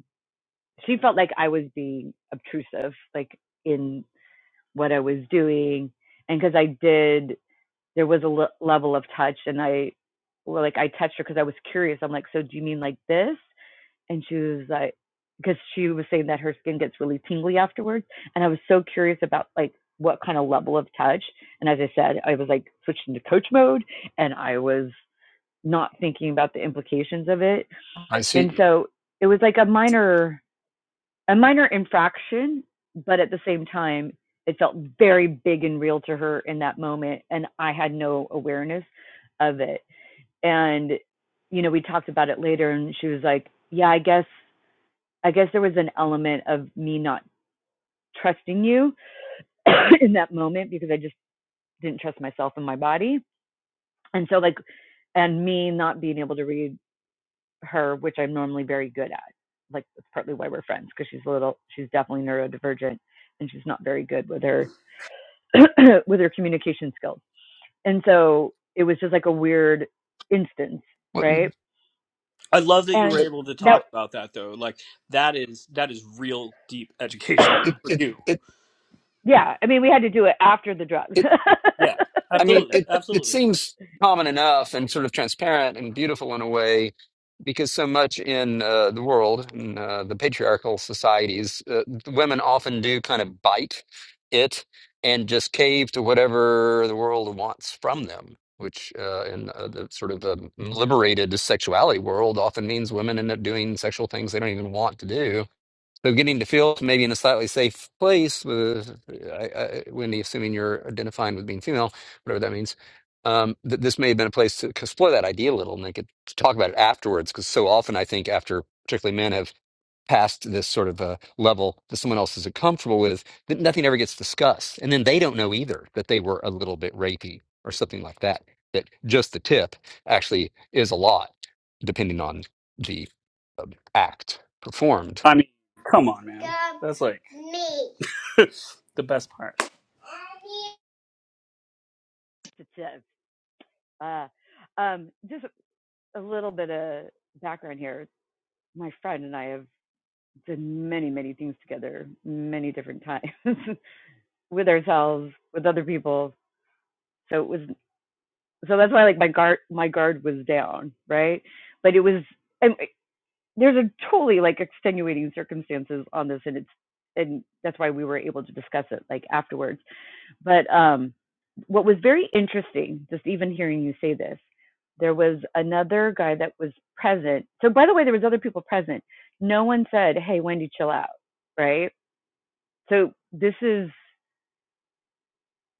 F: she felt like I was being obtrusive, like in what I was doing, and because I did, there was a le- level of touch, and I, well, like I touched her because I was curious. I'm like, so do you mean like this? And she was like, because she was saying that her skin gets really tingly afterwards, and I was so curious about like what kind of level of touch. And as I said, I was like switched into coach mode, and I was not thinking about the implications of it.
C: I
F: And
C: see.
F: so it was like a minor a minor infraction, but at the same time, it felt very big and real to her in that moment. And I had no awareness of it. And, you know, we talked about it later and she was like, yeah, I guess, I guess there was an element of me not trusting you (coughs) (clears throat) in that moment because I just didn't trust myself and my body. And so like, and me not being able to read her, which I'm normally very good at. Like that's partly why we're friends because she's a little, she's definitely neurodivergent, and she's not very good with her (clears throat) with her communication skills. And so it was just like a weird instance,
C: What it
F: right?
G: I love that you were
F: And
G: able to
F: that,
G: talk about that though. Like that is that is real deep education
F: (clears throat)
C: it
G: for
C: it
G: you.
C: it,
F: yeah, I mean, we had to do it after the drugs.
C: it
G: Yeah.
C: I mean,
G: Absolutely.
C: it
F: (laughs)
C: it
G: Absolutely.
C: seems common enough and sort of transparent and beautiful in a way, because so much in uh, the world, in uh, the patriarchal societies, uh, women often do kind of bite it and just cave to whatever the world wants from them. Which uh, in uh, the sort of um liberated sexuality world often means women end up doing sexual things they don't even want to do so getting to fields, maybe in a slightly safe place, with, I, I, Wendy, assuming you're identifying with being female, whatever that means, um, th- this may have been a place to explore that idea a little, and they could talk about it afterwards. Because so often, I think after particularly men have passed this sort of a level that someone else is comfortable with, that nothing ever gets discussed, and then they don't know either that they were a little bit rapey or something like that. That just the tip actually is a lot, depending on the um, act performed
G: I mean, come on, man. That's like (laughs) the best part.
F: uh, um, just a little bit of background here. My friend and I have done many, many things together, many different times. (laughs) with ourselves with other people so it was so that's why like my guard my guard was down right but it was and eh, there's a totally like extenuating circumstances on this and it's and that's why we were able to discuss it like afterwards but um what was very interesting just even hearing you say this there was another guy that was present so by the way there was other people present no one said hey wendy chill out right so this is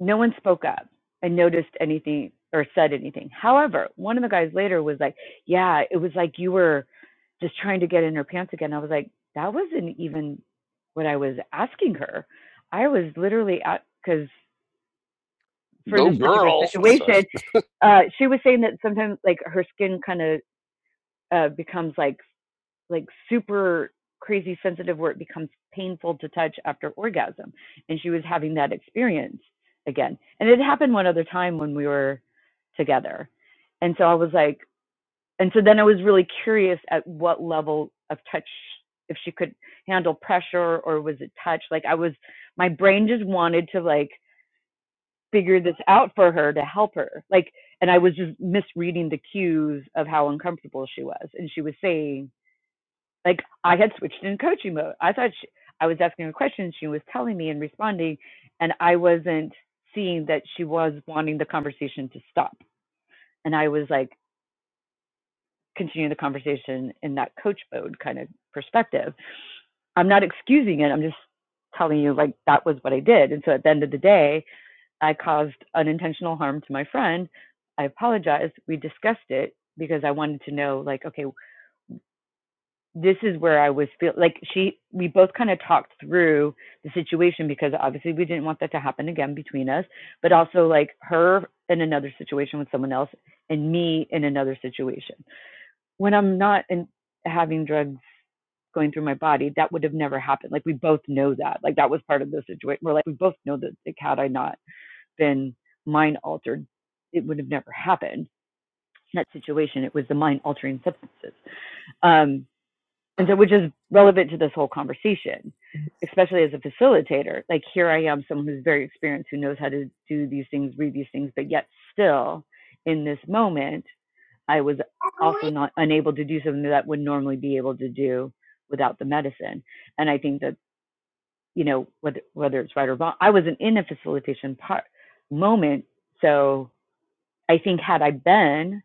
F: no one spoke up and noticed anything or said anything. However, one of the guys later was like, Yeah, it was like you were just trying to get in her pants again. I was like, That wasn't even what I was asking her. I was literally at, because for
C: Go
F: this particular
C: girl. Sorry.
F: situation, uh, she was saying that sometimes like her skin kind of uh, becomes like like super crazy sensitive where it becomes painful to touch after orgasm and she was having that experience again and it happened one other time when we were together and so i was like and so then i was really curious at what level of touch if she could handle pressure or was it touch like i was my brain just wanted to like figure this out for her to help her like and i was just misreading the cues of how uncomfortable she was and she was saying like I had switched in coaching mode. I thought she, I was asking her questions, she was telling me and responding, and I wasn't seeing that she was wanting the conversation to stop. And I was like continuing the conversation in that coach mode kind of perspective. I'm not excusing it. I'm just telling you like that was what I did. And so at the end of the day, I caused unintentional harm to my friend. I apologized. We discussed it because I wanted to know like okay, this is where I was feel like she we both kind of talked through the situation because obviously we didn't want that to happen again between us, but also like her in another situation with someone else and me in another situation. When I'm not in having drugs going through my body, that would have never happened. Like we both know that. Like that was part of the situation. We're like we both know that like had I not been mind altered, it would have never happened. In that situation, it was the mind altering substances. Um and so, which is relevant to this whole conversation, especially as a facilitator. Like, here I am, someone who's very experienced, who knows how to do these things, read these things, but yet still in this moment, I was also not unable to do something that I would normally be able to do without the medicine. And I think that, you know, whether, whether it's right or wrong, I wasn't in a facilitation part moment. So I think had I been,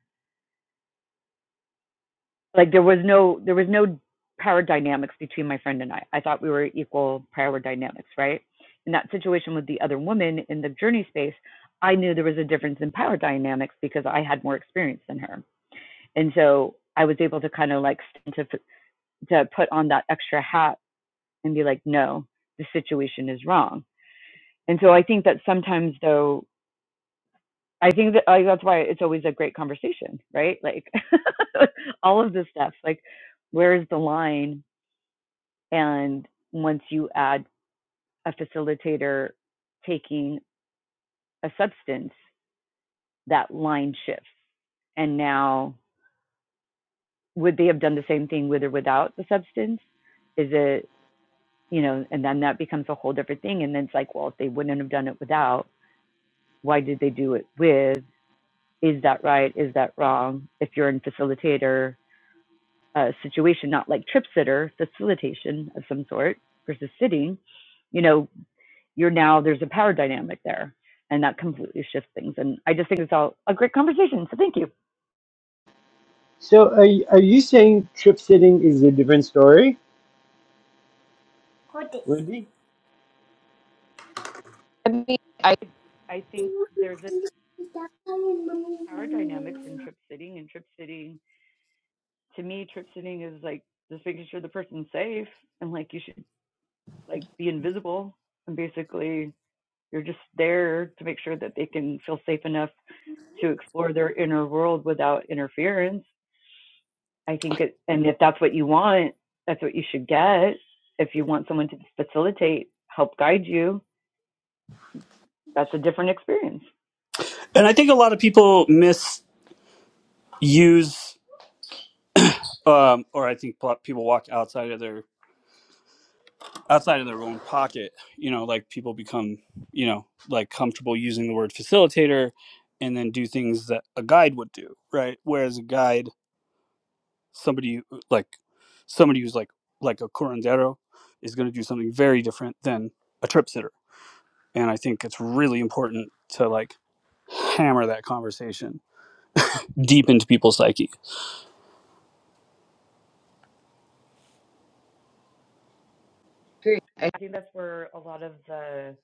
F: Like there was no there was no power dynamics between my friend and I. I thought we were equal power dynamics, right? In that situation with the other woman in the journey space, I knew there was a difference in power dynamics because I had more experience than her. And so I was able to kind of like to to put on that extra hat and be like, no, the situation is wrong. And so I think that sometimes though, I think that like, that's why it's always a great conversation, right? Like (laughs) all of this stuff, like where is the line And once you add a facilitator taking a substance, that line shifts. And now, would they have done the same thing with or without the substance? Is it, you know, and then that becomes a whole different thing. And then it's like, well, if they wouldn't have done it without, why did they do it with? Is that right? Is that wrong? If you're in facilitator uh, situation, not like trip sitter, facilitation of some sort versus sitting, you know, you're now there's a power dynamic there, and that completely shifts things. And I just think it's all a great conversation. So thank you.
B: So are, y- are you saying trip sitting is a different story, Wendy?
F: I mean, I I think there's a power dynamics in trip sitting and trip sitting to me trip sitting is like just making sure the person's safe and like you should like be invisible and basically you're just there to make sure that they can feel safe enough to explore their inner world without interference. I think it, and if that's what you want, that's what you should get. If you want someone to facilitate, help guide you, that's a different experience.
G: And I think a lot of people misuse, um, or I think pl- people walk outside of their outside of their own pocket. You know, like people become, you know, like comfortable using the word facilitator, and then do things that a guide would do, right? Whereas a guide, somebody who- like somebody who's like like a curandero, is going to do something very different than a trip sitter. And I think it's really important to like hammer that conversation deep into people's psyche.
F: Period. I think that's where a lot of the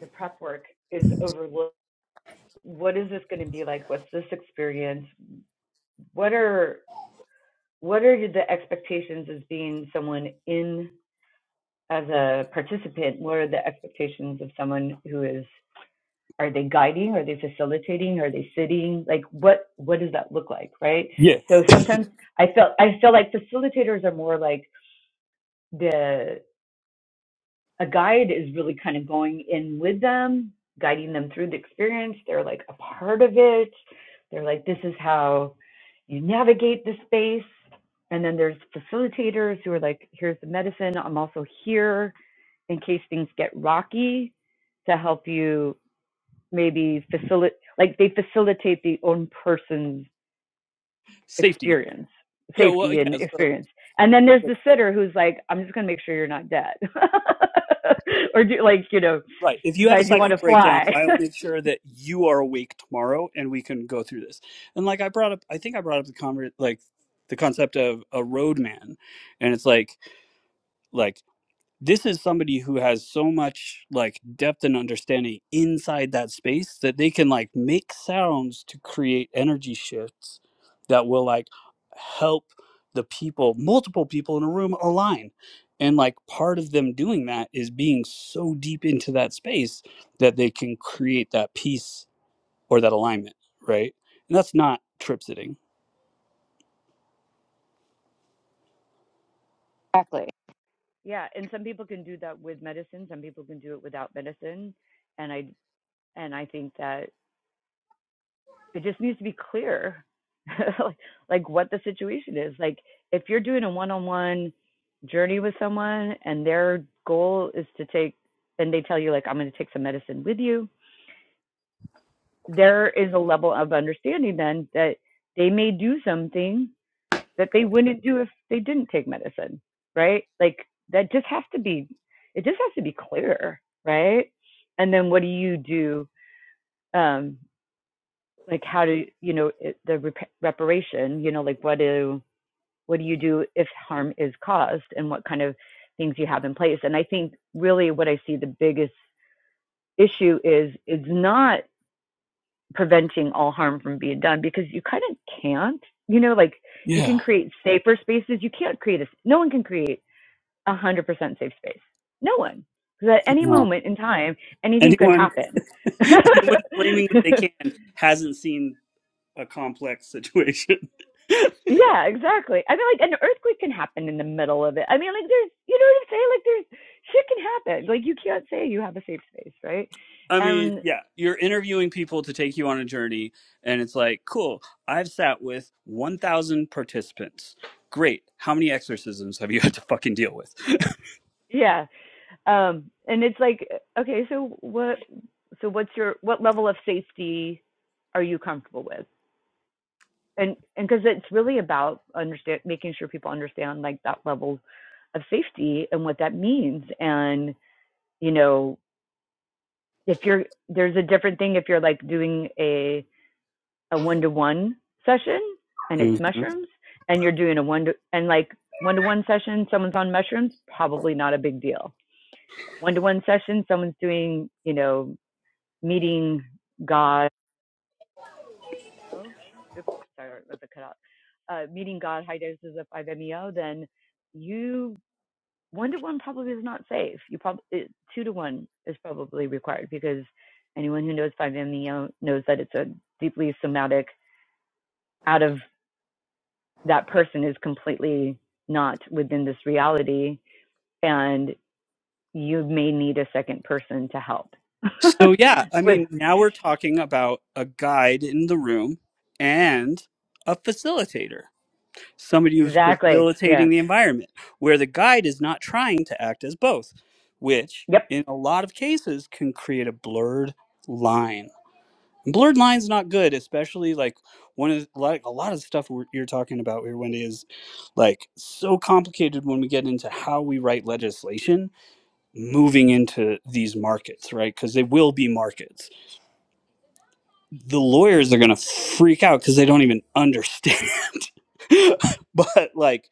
F: the prep work is overlooked. what is this going to be like what's this experience what are what are the expectations as being someone in as a participant what are the expectations of someone who is are they guiding are they facilitating are they sitting like what what does that look like right
G: Yeah.
F: so sometimes i felt i feel like facilitators are more like the. a guide is really kind of going in with them, guiding them through the experience. They're like a part of it. They're like, this is how you navigate the space. And then there's facilitators who are like, here's the medicine. I'm also here in case things get rocky to help you maybe facilitate, like they facilitate the own person's
G: (laughs) safety
F: experience,
G: Yeah, well,
F: safety and
G: yeah, so,
F: experience. And then there's
G: like,
F: the sitter who's like, I'm just going to make sure you're not dead. (laughs) or do like, you know,
G: right. If you have a
F: decide you want
G: psychic
F: to
G: breakdown,
F: fly.
G: I'll
F: (laughs)
G: make sure that you are awake tomorrow, and we can go through this. And like I brought up, I think I brought up the conver- like the concept of a roadman, and it's like like this is somebody who has so much like depth and understanding inside that space that they can like make sounds to create energy shifts that will like help the people multiple people in a room align and like part of them doing that is being so deep into that space that they can create that peace or that alignment right and that's not trip sitting
F: Exactly. yeah. And some people can do that with medicine. Some people can do it without medicine. And I, and I think that it just needs to be clear, (laughs) like what the situation is. Like if you're doing a one-on-one journey with someone and their goal is to take, and they tell you like, I'm going to take some medicine with you there is a level of understanding then that they may do something that they wouldn't do if they didn't take medicine, right? Like that just has to be, it just has to be clear, right? And then what do you do? Um, like how do you know the rep- reparation? You know, like what do what do you do if harm is caused, and what kind of things you have in place? And I think really what I see the biggest issue is it's not preventing all harm from being done because you kind of can't you know like you can
G: yeah
F: create safer spaces you can't create a no one can create a hundred percent safe space no one because at any
G: no.
F: moment in time anything could
G: anyone
F: happen (laughs)
G: (laughs)
F: yeah
G: anyone claiming that they can hasn't seen a complex situation.
F: exactly i mean like an earthquake can happen in the middle of it i mean like there's you know what i'm saying like there's shit can happen like you can't say you have a safe space right
G: (laughs) I mean,
F: and
G: yeah, you're interviewing people to take you on a journey, and it's like, cool, I've sat with 1,000 participants. Great. How many exorcisms have you had to fucking deal with?
F: yeah um and it's like okay so what so what's your what level of safety are you comfortable with and and because it's really about understand making sure people understand like that level of safety and what that means and you know if you're there's a different thing if you're like doing a a one to one session and it's
G: Mhm.
F: mushrooms and you're doing a one to and like one to one session someone's on mushrooms probably not a big deal one to one session someone's doing you know meeting God. Oops, sorry, it was a cut out. Uh, meeting God, high doses of 5-MeO, then you one to one probably is not safe. You probably two to one is probably required because anyone who knows 5-MeO knows that it's a deeply somatic. Out of that person is completely not within this reality, and you may need a second person to help. (laughs)
G: So, yeah, I
F: With
G: mean, now we're talking about a guide in the room and a facilitator. somebody who's
F: exactly, yeah,
G: facilitating the environment where the guide is not trying to act as both which
F: yep,
G: in a lot of cases can create a blurred line And blurred lines not good especially like one of the- like a lot of the stuff we're, you're talking about here wendy is like so complicated when we get into how we write legislation moving into these markets right because they will be markets the lawyers are going to freak out because they don't even understand (laughs) (laughs) but like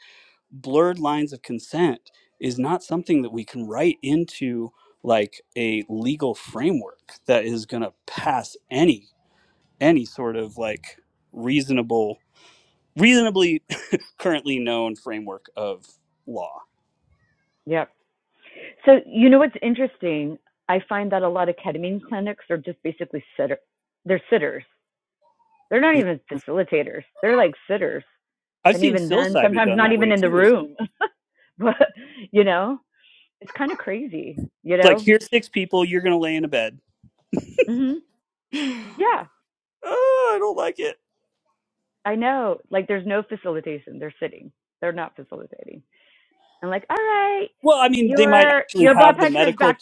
G: blurred lines of consent is not something that we can write into like a legal framework that is going to pass any any sort of like reasonable reasonably (coughs) (laughs) currently known framework of law
F: yep. So you know what's interesting? I find that a lot of ketamine clinics are just basically sitter. They're sitters. They're not
G: yeah
F: even facilitators. They're like sitters,
G: i've
F: and
G: seen
F: even then,
G: psilocybin
F: sometimes
G: done
F: not
G: that way
F: even in the
G: too it's
F: room. (laughs) but you know, it's kind of crazy. You
G: like
F: know?
G: here's six people you're going to lay in a bed
F: hmm
G: (sighs) oh,
F: Yeah,
G: i don't like it
F: I know. Like, there's no facilitation. They're sitting. They're not facilitating. And like, all right,
G: well i mean they might
F: your
G: actually
F: your blood
G: have the
F: pressure is
G: medical
F: back.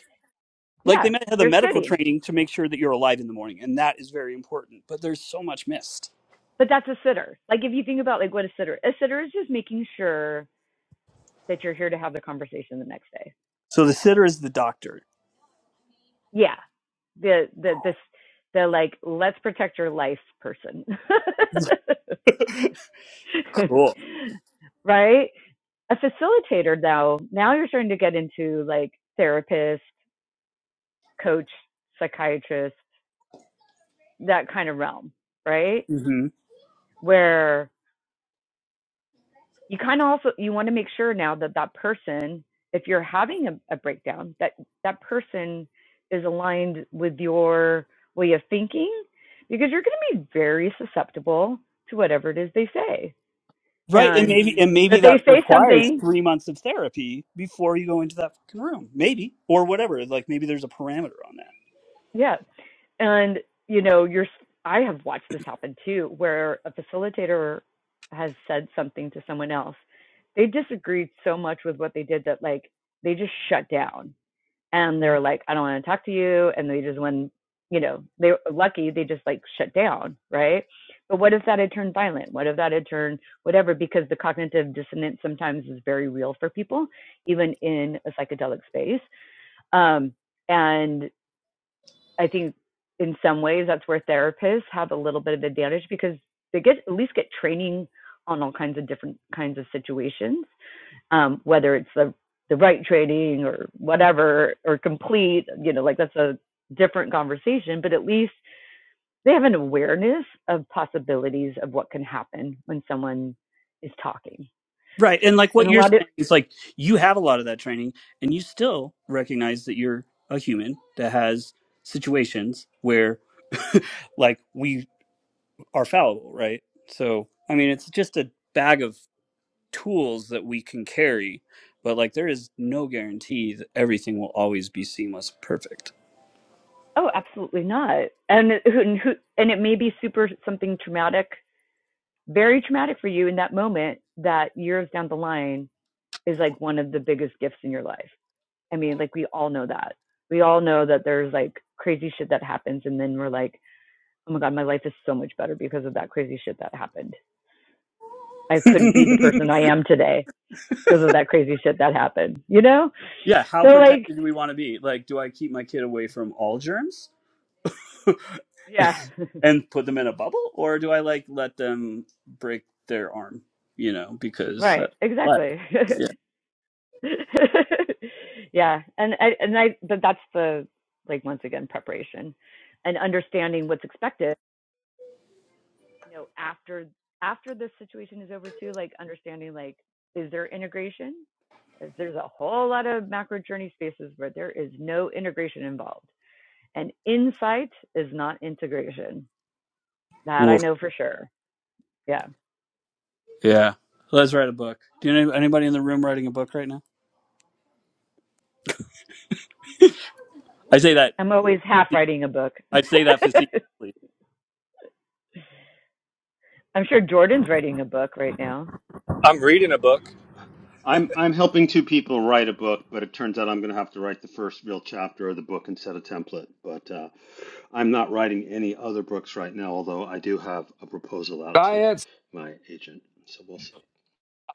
G: like
F: Yeah,
G: they might have the
F: they're
G: medical
F: sitting.
G: training to make sure that you're alive in the morning and that is very important but there's so much missed
F: But that's a sitter. Like if you think about like what a sitter, a sitter is just making sure that you're here to have the conversation the next day.
G: so the sitter is the doctor
F: Yeah. The the this the like let's protect your life person. (laughs)
G: cool
F: right? A facilitator though, now you're starting to get into like therapist, coach, psychiatrist, that kind of realm, right?
G: hmm
F: Where you kind of also you want to make sure now that that person if you're having a, a breakdown that that person is aligned with your way of thinking because you're going to be very susceptible to whatever it is they say
G: right and
F: and
G: maybe and maybe
F: if
G: that
F: they say
G: requires
F: something
G: three months of therapy before you go into that fucking room maybe or whatever like maybe there's a parameter on that
F: yeah and you know you're i have watched this happen too where a facilitator has said something to someone else they disagreed so much with what they did that like they just shut down and they're like, I don't want to talk to you. And they just, when, you know, they were lucky, they just like shut down, right? But what if that had turned violent? What if that had turned whatever? Because the cognitive dissonance sometimes is very real for people, even in a psychedelic space. Um, and I think in some ways that's where therapists have a little bit of advantage because they get at least get training on all kinds of different kinds of situations um, whether it's the the right trading or whatever or complete, you know, like that's a different conversation. But at least they have an awareness of possibilities of what can happen when someone is talking.
G: right and like
F: And
G: what
F: a
G: you're
F: lot of
G: saying is like you have a lot of that training and you still recognize that you're a human that has situations where (laughs) like we are fallible, right? So, I mean, it's just a bag of tools that we can carry, but like there is no guarantee that everything will always be seamless perfect.
F: oh, absolutely not. And and who and it may be super something traumatic, very traumatic for you in that moment. That years down the line is like one of the biggest gifts in your life. I mean, like we all know that. We all know that there's like crazy shit that happens, and then we're like, oh my god, my life is so much better because of that crazy shit that happened. I couldn't be the person I am today because of that crazy shit that happened. You know?
G: (laughs) yeah, how
F: So like,
G: protected do we want to be? Like, do I keep my kid away from all germs (laughs)
F: yeah. (laughs)
G: and put them in a bubble, or do I like let them break their arm, you know, because
F: Right,
G: that's life?
F: exactly.
G: Yeah.
F: (laughs) yeah, and I, and I but that's the like once again preparation and understanding what's expected. You know, after after this situation is over too, like understanding like is there integration? There's a whole lot of macro journey spaces where there is no integration involved and insight is not integration. That I
G: Woof.
F: know for sure. Yeah.
G: Yeah. Let's write a book. Do you know anybody in the room writing a book right now? I say that.
F: I'm always half writing a book.
G: I say that facetiously.
F: (laughs) I'm sure Jordan's writing a book right now.
H: I'm reading a book.
A: I'm I'm helping two people write a book, but it turns out I'm going to have to write the first real chapter of the book and set a template. But uh, I'm not writing any other books right now, although I do have a proposal out to
C: Diets.
A: my agent. So we'll see.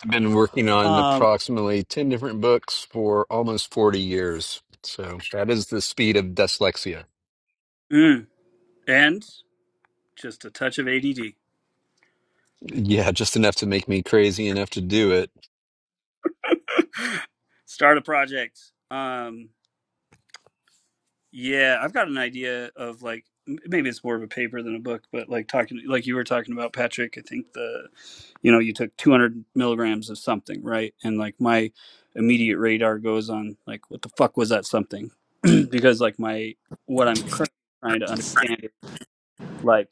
C: I've been working on
G: Um
C: approximately 10 different books for almost 40 years. So that is the speed of dyslexia.
G: Mm. And just a touch of ADD.
C: Yeah, just enough to make me crazy enough to do it.
G: (gasps) Start a project. Um, yeah, I've got an idea of like m- maybe it's more of a paper than a book, but like talking like you were talking about Patrick. I think the you know you took 200 milligrams of something, right? And like my immediate radar goes on like what the fuck was that something? (clears throat) because like my what I'm currently trying to understand is like.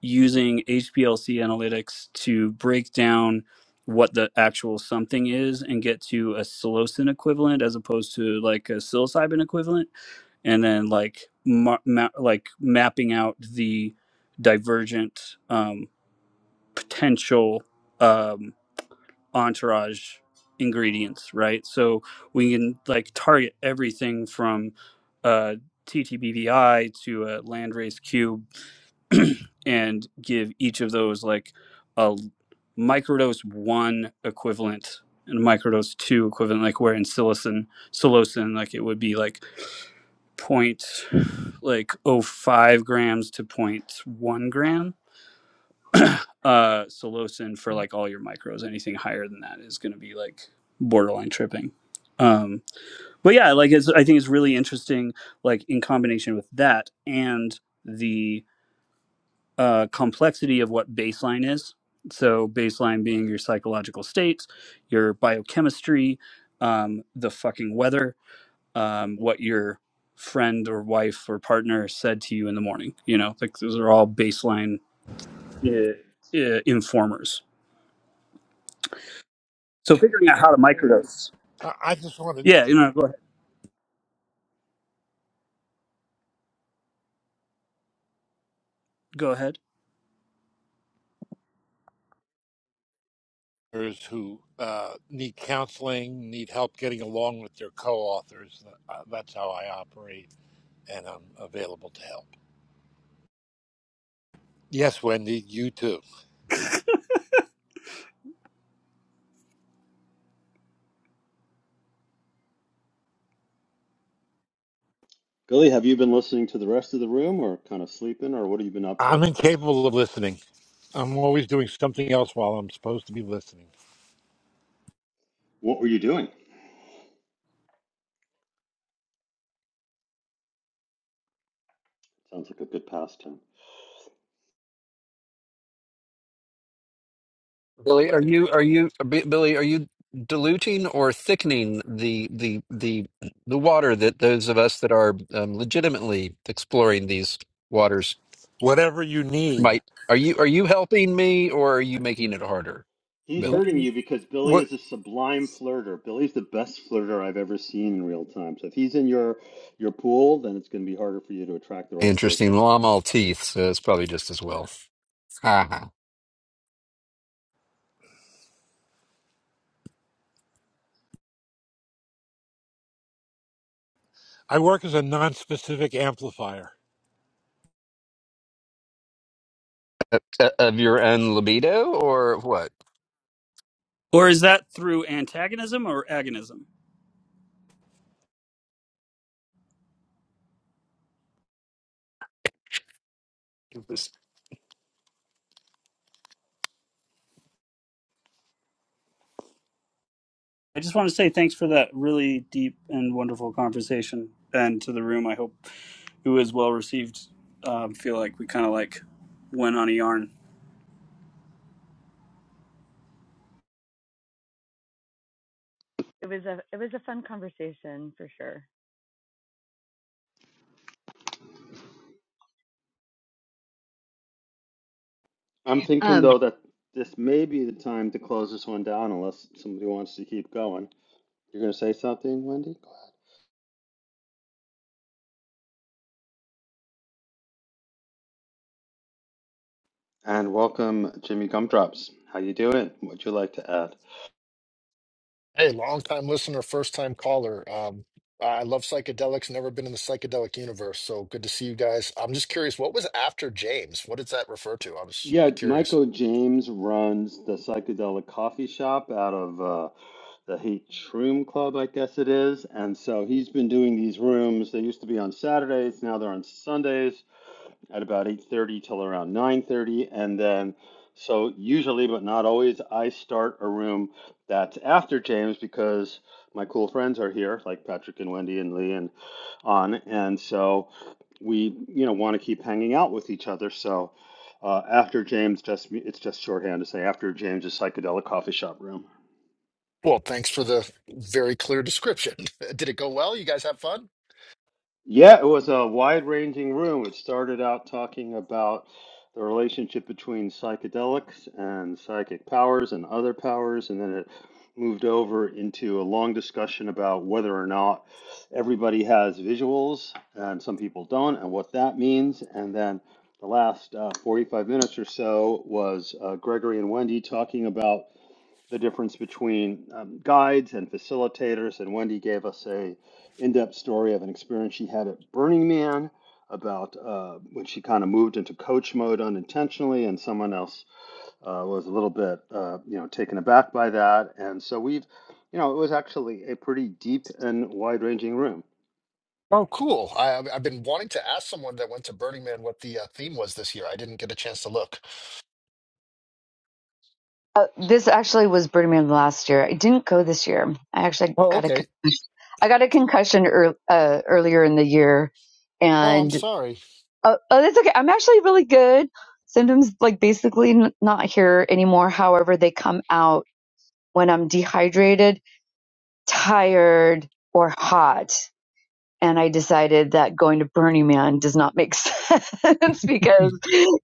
G: using HPLC analytics to break down what the actual something is and get to a psilocin equivalent as opposed to like a psilocybin equivalent, and then like ma- ma- like mapping out the divergent um, potential um, entourage ingredients, right? So we can like target everything from uh, TTBVI to a landrace cube and give each of those like a microdose one equivalent and microdose two equivalent, like where in psilocin, psilocin, like it would be like point like oh five grams to point one gram. Uh, psilocin for like all your micros, anything higher than that is going to be like borderline tripping. Um, but yeah, like it's, I think it's really interesting, like in combination with that and the uh, complexity of what baseline is. So, baseline being your psychological states, your biochemistry, um, the fucking weather, um, what your friend or wife or partner said to you in the morning. You know, like those are all baseline uh, uh, informers. So, figuring out how to microdose.
I: I I just wanted
G: Yeah, you know, go ahead. Go ahead.
I: others who uh, need counseling, need help getting along with their co-authors. Uh, That's how I operate, and I'm available to help. Yes, Wendy, you too.
A: Billy, have you been listening to the rest of the room or kind of sleeping or what have you been up to?
I: I'm incapable of listening. I'm always doing something else while I'm supposed to be listening.
A: What were you doing? Sounds like a good pastime.
C: Billy, are you are you B- Billy, are you diluting or thickening the the the the water that those of us that are um, legitimately exploring these waters
I: Whatever you need.
C: might are you are you helping me or are you making it harder,
A: He's
C: Billy?
A: hurting
I: Wh-
A: you because Billy
I: What
A: is a sublime flirter. Billy's the best flirter I've ever seen in real time. So if he's in your your pool, then it's going to be harder for you to attract the right
C: Interesting.
A: person.
C: Well, I'm all teeth, so it's probably just as well. Haha.
I: I work as a non-specific amplifier.
C: Uh, Of your own libido or what?
G: Or is that through antagonism or agonism? I just want to say thanks for that really deep and wonderful conversation, and to the room. I hope it was well received. Um, feel like we kind of like went on a yarn.
F: It was a it was a fun conversation for sure.
A: I'm thinking
F: Um,
A: though that this may be the time to close this one down unless somebody wants to keep going. You're going to say something, Wendy? Go ahead. And welcome Jimmy Gumdrops. How you doing? What'd you like to add?
J: Hey, long time listener, first time caller. Um, I love psychedelics, never been in the psychedelic universe, so good to see you guys. I'm just curious, what was after James? What does that refer to? I was
A: Yeah,
J: curious.
A: Michael James runs the psychedelic coffee shop out of uh, the Hate Shroom Club, I guess it is. And so he's been doing these rooms. They used to be on Saturdays, now they're on Sundays at about 8:30 till around 9:30 and then so usually but not always I start a room that's after James because my cool friends are here like Patrick and Wendy and Lee and on and so we you know want to keep hanging out with each other so uh, after James just it's just shorthand to say after James's psychedelic coffee shop room
J: Well, thanks for the very clear description. (laughs) Did it go well? You guys have fun?
A: Yeah, it was a wide-ranging room. It started out talking about the relationship between psychedelics and psychic powers and other powers, and then it moved over into a long discussion about whether or not everybody has visuals and some people don't, and what that means. And then the last uh, 45 minutes or so was uh, Gregory and Wendy talking about the difference between um, guides and facilitators. And Wendy gave us a in-depth story of an experience she had at Burning Man about uh, when she kind of moved into coach mode unintentionally, and someone else uh, was a little bit, uh, you know, taken aback by that. And so we've, you know, it was actually a pretty deep and wide-ranging room.
J: Oh, cool. I, I've I've been wanting to ask someone that went to Burning Man what the uh, theme was this year. I didn't get a chance to look.
F: uh, this actually was Birmingham last year. I didn't go this year. I actually
J: Oh,
F: got a
J: okay.
F: concussion. I got a concussion ear uh, earlier in the year,
J: Oh, I'm
F: and
J: sorry.
F: oh, oh, that's okay. I'm actually really good. Symptoms like basically n- not here anymore. However, they come out when I'm dehydrated tired or hot. And I decided that going to Burning Man does not make sense (laughs) because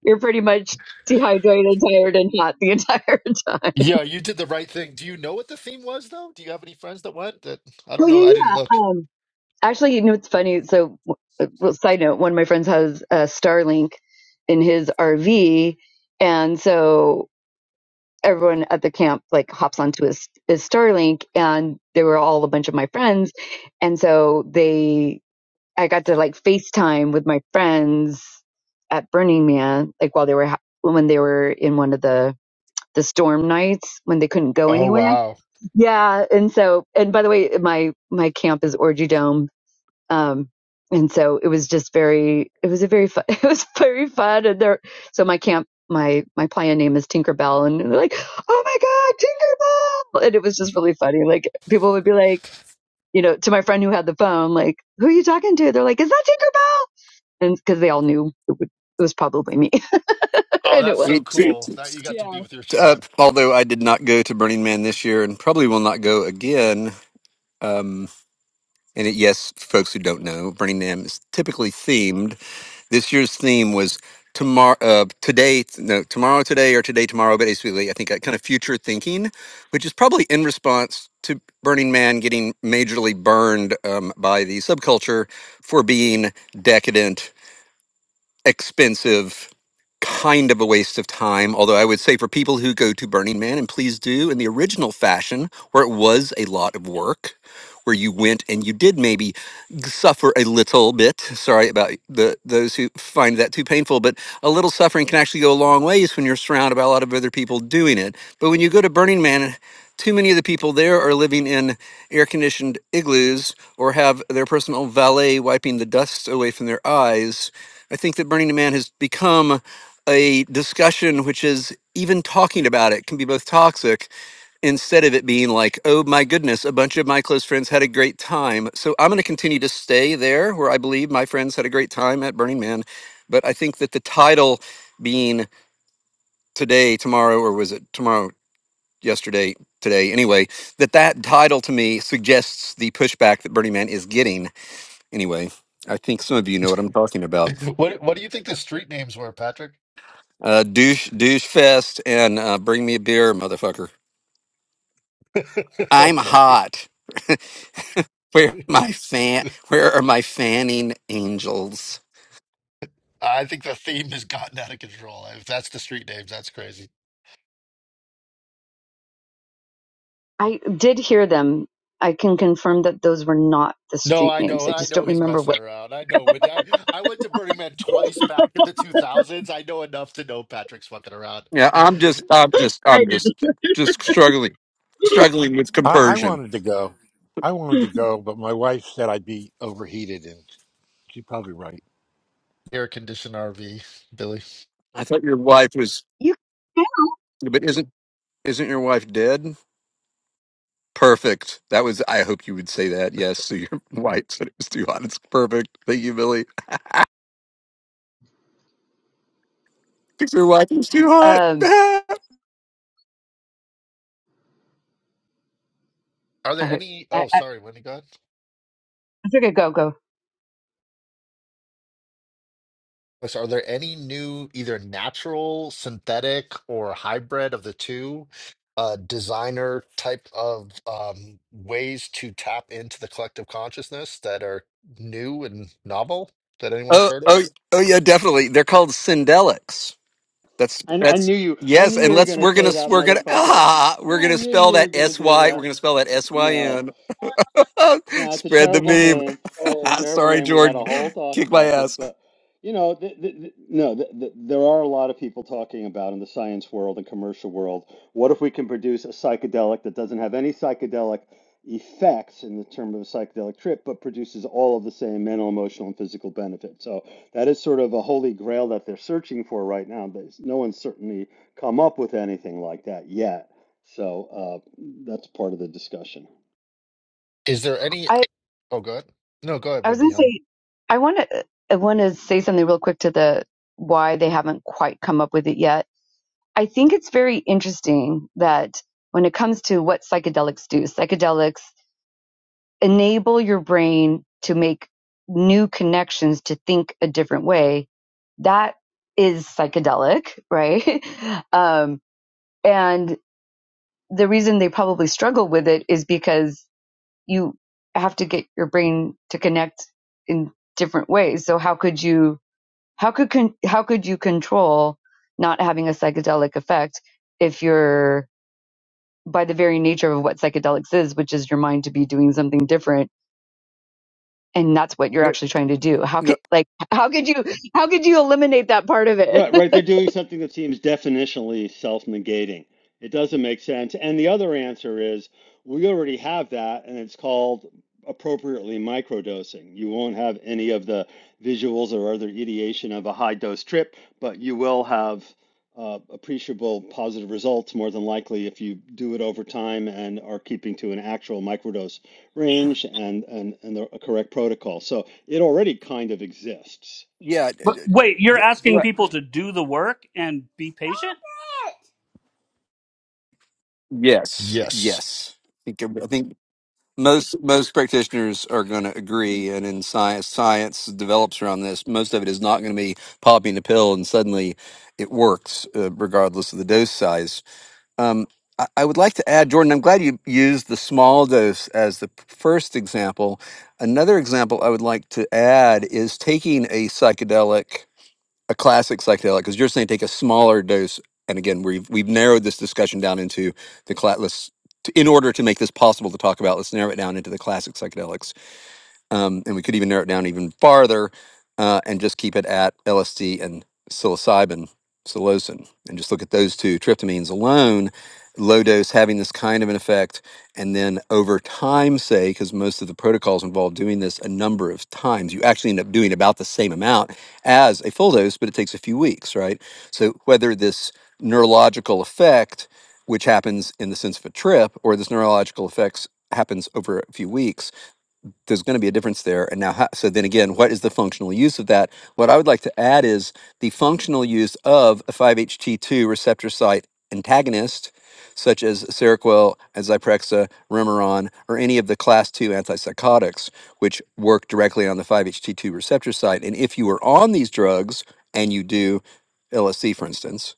F: you're pretty much dehydrated, tired, and hot the (laughs) entire time.
J: Yeah, you did the right thing. Do you know what the theme was, though? Do you have any friends that went? That I don't
F: Well,
J: know.
F: yeah,
J: I didn't
F: yeah.
J: look.
F: Um, actually, you know it's funny. So, well, side note: one of my friends has a Starlink in his RV, and so everyone at the camp like hops onto his his Starlink, and they were all a bunch of my friends, and so they I got to like FaceTime with my friends at Burning Man, like while they were ha- when they were in one of the the storm nights when they couldn't go
J: Oh,
F: anywhere.
J: wow.
F: Yeah, and so and by the way, my my camp is Orgy Dome, um, and so it was just very it was a very fun (laughs) it was very fun and there so my camp my my playa name is Tinkerbell and they're like oh my god Tinkerbell and it was just really funny like people would be like you know to my friend who had the phone like who are you talking to they're like is that Tinkerbell because they all knew it, would, it was probably me, (laughs)
J: Oh,
F: and it
J: that's
F: was.
J: so
C: Need to.
J: cool that you got to
F: Yeah.
J: be with your
C: Uh,
J: tribe.
C: although I did not go to Burning Man this year and probably will not go again. Um, and it, yes, folks who don't know, Burning Man is typically themed. This year's theme was tomorrow, uh, today, no, tomorrow, today, or today, tomorrow. Basically, I think that kind of future thinking, which is probably in response to Burning Man getting majorly burned um, by the subculture for being decadent, expensive kind of a waste of time. Although I would say for people who go to Burning Man, and please do in the original fashion, where it was a lot of work, where you went and you did maybe suffer a little bit. Sorry about the those who find that too painful, but a little suffering can actually go a long ways when you're surrounded by a lot of other people doing it. But when you go to Burning Man, too many of the people there are living in air conditioned igloos or have their personal valet wiping the dust away from their eyes. I think that Burning Man has become a discussion which is even talking about it can be both toxic instead of it being like, oh my goodness, a bunch of my close friends had a great time. So I'm going to continue to stay there where I believe my friends had a great time at Burning Man. But I think that the title being today, tomorrow, or was it tomorrow, yesterday, today, anyway, that that title to me suggests the pushback that Burning Man is getting. Anyway, I think some of you know what I'm talking
J: (laughs)
C: about.
J: What What do you think the street names were, Patrick?
C: Uh, douche, douche fest and uh, bring me a beer, motherfucker.
J: (laughs)
C: I'm
J: okay.
C: hot. (laughs) Where
J: (laughs)
C: are my fan? Where are my fanning angels?
J: I think the theme has gotten out of control. If that's the street names, that's crazy.
F: I did hear them. I can confirm that those were not the
J: No,
F: street
J: I
F: names.
J: know,
F: I
J: I
F: just
J: know
F: don't
J: he's
F: remember
J: messing
F: what
J: around. I know Wendy. I I went to Burning Man twice back in the two thousands. I know enough to know Patrick's fucking around.
C: Yeah, I'm just, I'm just, I'm just, just struggling, struggling with
I: I, I
C: compersion.
I: wanted to go. I wanted to go, but my wife said I'd be overheated, and she's probably right.
J: (laughs) Air conditioned RV, Billy.
C: I thought your wife was,
F: you. can.
C: but isn't isn't your wife dead? Perfect. That was. I hope you would say that. Yes. So your (laughs) wife said it was too hot. It's perfect. Thank you, Billy. Because your wife was too hot. (laughs)
F: Um,
C: oh,
J: Are there
F: I,
J: any?
F: I,
J: Oh,
F: I,
J: sorry, Wendy. ahead.
F: it's okay. Go, go.
J: So are there any new, either natural, synthetic, or hybrid of the two, uh, designer type of um, ways to tap into the collective consciousness that are new and novel that anyone's heard of?
C: oh, oh, yeah, definitely. They're called syndelics. That's
A: And I
C: that's
A: knew you, I
C: yes,
A: knew you
C: and
A: were
C: let's
A: going to
C: we're
A: say
C: gonna
A: that,
C: we're gonna (laughs)
A: motherfucker.
C: ah we're
A: I
C: gonna
A: knew
C: spell
A: you were
C: that
A: going to
C: S
A: do
C: Y we're
A: that.
C: gonna spell that S Y
A: No.
C: N. (laughs)
A: No, That's a
C: Spread the
A: terrible
C: meme. (laughs)
A: name. That's a terrible
C: Sorry,
A: name. We had
C: Jordan,
A: a whole talk
C: kick my
A: about this,
C: ass.
A: but you know, th th th no, th th there are a lot of people talking about in the science world and commercial world. What if we can produce a psychedelic that doesn't have any psychedelic effects in the term of a psychedelic trip, but produces all of the same mental, emotional, and physical benefits? So that is sort of a holy grail that they're searching for right now. But no one's certainly come up with anything like that yet. So uh, that's part of the discussion.
J: Is there any?
F: I,
J: Oh, go ahead. No, go ahead,
F: I was gonna
J: Wendy. Um,
F: say, I want to, I want to say something real quick to the why they haven't quite come up with it yet. I think it's very interesting that when it comes to what psychedelics do, psychedelics enable your brain to make new connections to think a different way that is psychedelic right (laughs) um, and the reason they probably struggle with it is because you have to get your brain to connect in different ways so how could you how could con- how could you control not having a psychedelic effect if you're by the very nature of what psychedelics is which is your mind to be doing something different and that's what you're
C: Okay,
F: actually trying to do how
C: No,
F: could like how could you how could you eliminate that part of
A: Right, right. They're
F: it
A: doing something that seems definitionally self-negating. It doesn't make sense. And the other answer is we already have that, and it's called appropriately microdosing. You won't have any of the visuals or other ideation of a high dose trip, but you will have uh, appreciable positive results more than likely if you do it over time and are keeping to an actual microdose range and and and the a correct protocol. So it already kind of exists.
C: yeah, d- d-
G: But wait, you're
C: d-
G: asking
C: what?
G: people to do the work and be patient?
C: Yes,
J: yes.
C: yes. I think I think most most practitioners are going to agree, and in science, science develops around this. Most of it is not going to be popping a pill and suddenly it works, uh, regardless of the dose size. Um, I, I would like to add, Jordan, I'm glad you used the small dose as the first example. Another example I would like to add is taking a psychedelic, a classic psychedelic, because you're saying take a smaller dose. And again, we've we've narrowed this discussion down into the class. In order to make this possible to talk about, let's narrow it down into the classic psychedelics um, and we could even narrow it down even farther uh, and just keep it at LSD and psilocybin, psilocin, and just look at those two tryptamines alone, low dose having this kind of an effect, and then over time, say, because most of the protocols involve doing this a number of times, you actually end up doing about the same amount as a full dose, but it takes a few weeks, right? So whether this neurological effect, which happens in the sense of a trip, or this neurological effects happens over a few weeks there's going to be a difference there. And now, how, so then again, what is the functional use of that? What I would like to add is the functional use of a 5-HT2 receptor site antagonist, such as Seroquel, Zyprexa, Remeron, or any of the class 2 antipsychotics, which work directly on the 5-HT2 receptor site. And if you are on these drugs, and you do LSD, for instance,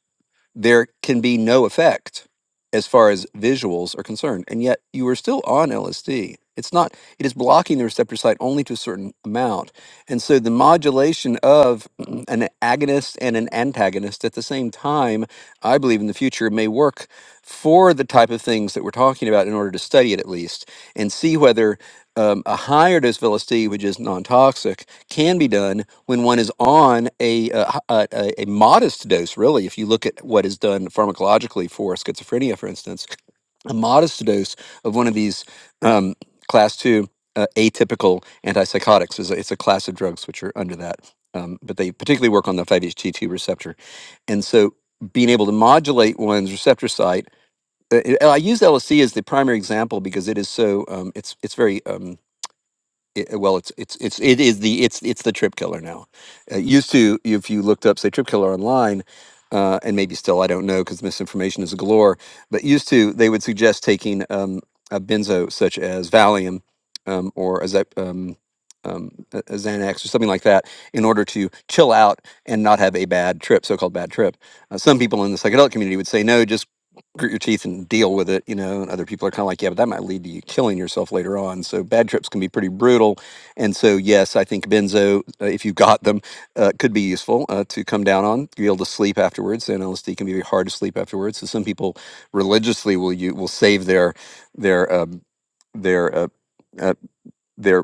C: there can be no effect as far as visuals are concerned. And yet you are still on LSD. It's not, it is blocking the receptor site only to a certain amount. And so the modulation of (clears throat) an agonist and an antagonist at the same time, I believe in the future may work for the type of things that we're talking about in order to study it at least and see whether um, a higher dose of LSD, which is non toxic, can be done when one is on a, uh, h- a a a modest dose, really, if you look at what is done pharmacologically for schizophrenia, for instance, a modest dose of one of these um, class two uh, atypical antipsychotics is a, it's a class of drugs which are under that, um, but they particularly work on the 5-HT2 receptor, and so being able to modulate one's receptor site. uh, I use LSD as the primary example because it is so um, it's it's very um, it, uh, well, it's it's it's it is the it's it's the trip killer now. It used to, if you looked up, say, trip killer online, uh, and maybe still, I don't know, because misinformation is galore. But used to, they would suggest taking um, a benzo such as Valium um, or a, Zep- um, um, a a Xanax or something like that in order to chill out and not have a bad trip, so-called bad trip. Uh, some people in the psychedelic community would say, no, just grit your teeth and deal with it, you know. And other people are kind of like, yeah, but that might lead to you killing yourself later on. So bad trips can be pretty brutal. And so, yes, I think benzo, uh, if you got them, uh, could be useful uh, to come down on. Be able to sleep afterwards. And LSD can be very hard to sleep afterwards. So some people religiously will you will save their their um, their uh, uh, their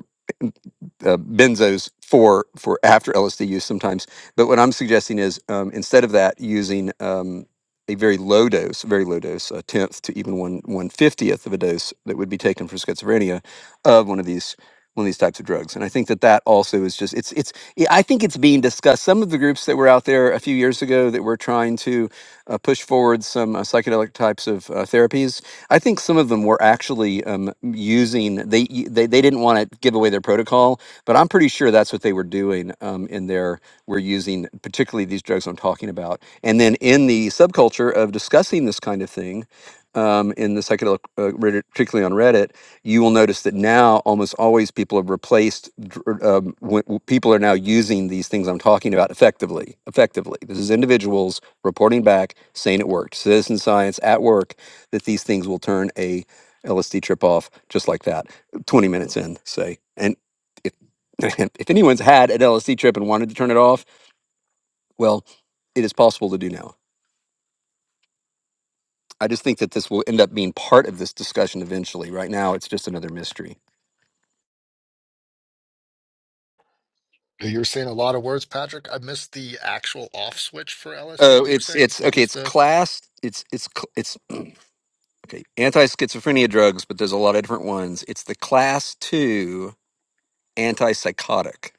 C: uh, benzos for for after LSD use sometimes. But what I'm suggesting is um, instead of that, using um, a very low dose, very low dose, a tenth to even one one fiftieth of a dose that would be taken for schizophrenia of one of these one of these types of drugs. And I think that that also is just it's it's yeah, I think it's being discussed. Some of the groups that were out there a few years ago that were trying to uh, push forward some uh, psychedelic types of uh, therapies. I think some of them were actually um, using they y- they they didn't want to give away their protocol, but I'm pretty sure that's what they were doing um, in there. We're using particularly these drugs I'm talking about. And then in the subculture of discussing this kind of thing, um, in the psychedelic, uh, Reddit- particularly on Reddit, you will notice that now almost always people have replaced. dr- Um, when, w- people are now using these things I'm talking about effectively. Effectively, this is individuals reporting back saying it worked. Citizen science at work that these things will turn a LSD trip off just like that. 20 minutes in, say, and (laughs) if anyone's had an LSD trip and wanted to turn it off, well, it is possible to do now. I just think that this will end up being part of this discussion eventually. Right now, it's just another mystery.
J: You were saying a lot of words, Patrick. I missed the actual off switch for LSD.
C: Oh,
J: You were
C: it's
J: saying
C: it's
J: what
C: okay.
J: was
C: It's
J: the?
C: class. It's it's cl- it's okay. Anti schizophrenia drugs, but there's a lot of different ones. It's the class two antipsychotic.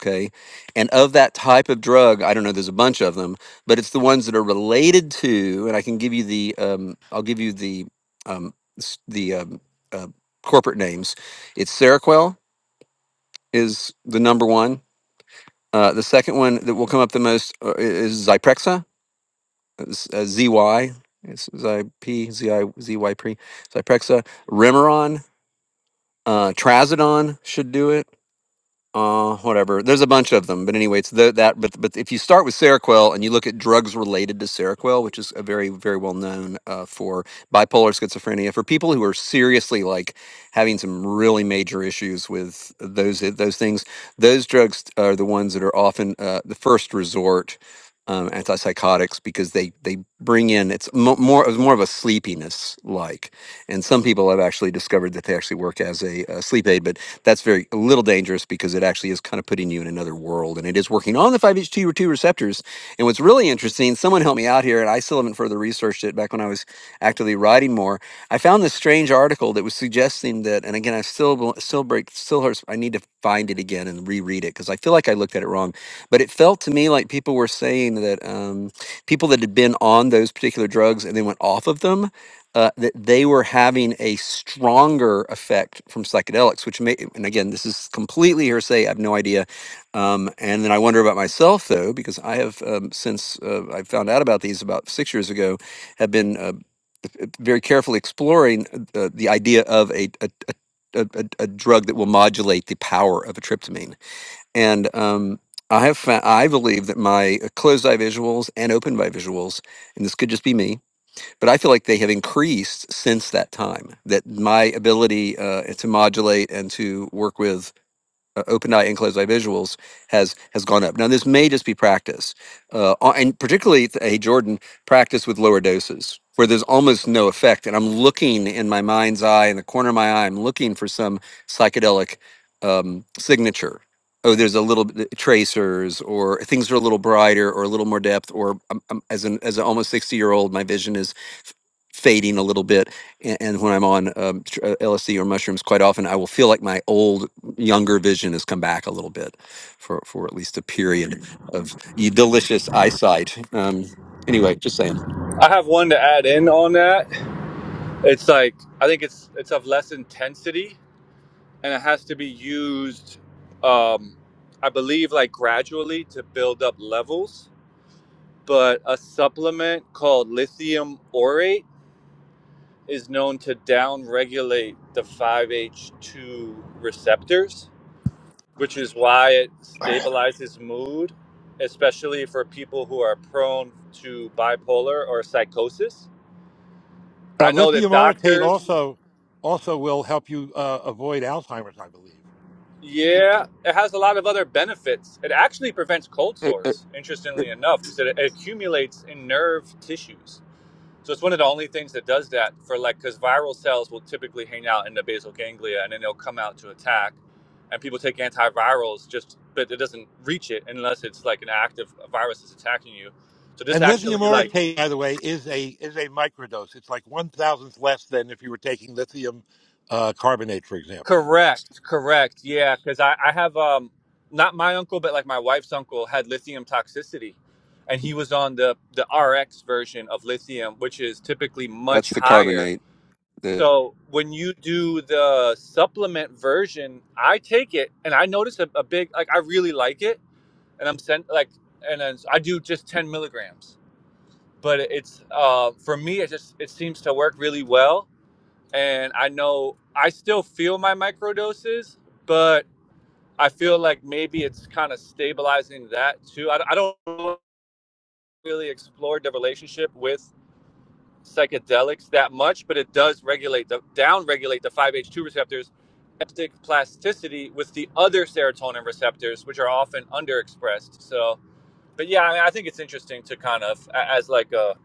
C: Okay. And of that type of drug, I don't know, there's a bunch of them, but it's the ones that are related to, and I can give you the, um, I'll give you the, um, s- the um, uh, corporate names. It's Seroquel is the number one. Uh, the second one that will come up the most uh, i- is Zyprexa, is, uh, ZY, it's ZIP, ZI, Zyprexa, Remeron, uh, Trazodone should do it. uh whatever there's a bunch of them but anyway it's the, that but but if you start with seroquel and you look at drugs related to seroquel which is a very very well known uh, for bipolar schizophrenia for people who are seriously like having some really major issues with those those things those drugs are the ones that are often uh, the first resort um, antipsychotics because they they bring in it's mo- more it's more of a sleepiness like and some people have actually discovered that they actually work as a, uh sleep aid but that's very a little dangerous because it actually is kind of putting you in another world, and it is working on the 5-HT2 receptors. And what's really interesting, someone helped me out here, and I still haven't further researched it. Back when I was actively writing more, I found this strange article that was suggesting that, and again, I still bel- still break still hurts. I need to find it again and reread it because I feel like I looked at it wrong. But it felt to me like people were saying that um, people that had been on those particular drugs and then went off of them uh, that they were having a stronger effect from psychedelics, which may, and again, this is completely hearsay. I have no idea. Um, and then I wonder about myself, though, because I have, um, since uh, I found out about these about six years ago, have been uh, very carefully exploring uh, the idea of a, a, a, a a drug that will modulate the power of atryptamine. And um, I have found, I believe that my closed eye visuals and open eye visuals, and this could just be me, but I feel like they have increased since that time. That my ability uh, to modulate and to work with uh, open eye and closed eye visuals has has gone up. Now this may just be practice, uh, a- and particularly hey Jordan, practice with lower doses where there's almost no effect, and I'm looking in my mind's eye in the corner of my eye, I'm looking for some psychedelic um, signature. Oh, there's a little bit uh, tracers, or things are a little brighter, or a little more depth, or um, um, as an as an almost sixty year old, my vision is fading a little bit and, and when i'm on um, tr- uh, lsd or mushrooms quite often i will feel like my old younger vision has come back a little bit for for at least a period of y- delicious eyesight um anyway just saying
H: I have one to add in on that. It's like I think it's it's of less intensity and it has to be used um I believe like gradually to build up levels, but a supplement called lithium orate is known to downregulate the 5H2 receptors, which is why it stabilizes mood, especially for people who are prone to bipolar or psychosis
I: Uh,
H: I know that
I: lithium orotate
H: doctors,
I: also also will help you uh, avoid Alzheimer's, I believe.
H: yeah, it has a lot of other benefits. It actually prevents cold
C: Uh, uh,
H: sores, interestingly enough, because it, accumulates in nerve tissues. So it's one of the only things that does that for like, because viral cells will typically hang out in the basal ganglia and then they'll come out to attack. And people take antivirals just, but it doesn't reach it unless it's like an active virus is attacking you. So this
I: And lithium
H: actually like
I: orotate, by the way, is a is a microdose. It's like one thousandth less than if you were taking lithium uh, carbonate, for example.
H: Correct, correct. Yeah, because I, I have um not my uncle, but like my wife's uncle had lithium toxicity, and he was on the the RX version of lithium, which is typically much
C: that's the
H: higher.
C: carbonate the
H: So when you do the supplement version, I take it and I notice a, a big like I really like it, and I'm sent like and then I do just ten milligrams, but it's uh for me it just it seems to work really well, and I know I still feel my microdoses, but I feel like maybe it's kind of stabilizing that too. I, I don't really explore the relationship with psychedelics that much, but it does regulate the down regulate the 5 h 2 receptors plasticity with the other serotonin receptors, which are often underexpressed. So, but yeah, I, mean, I think it's interesting to kind of as like a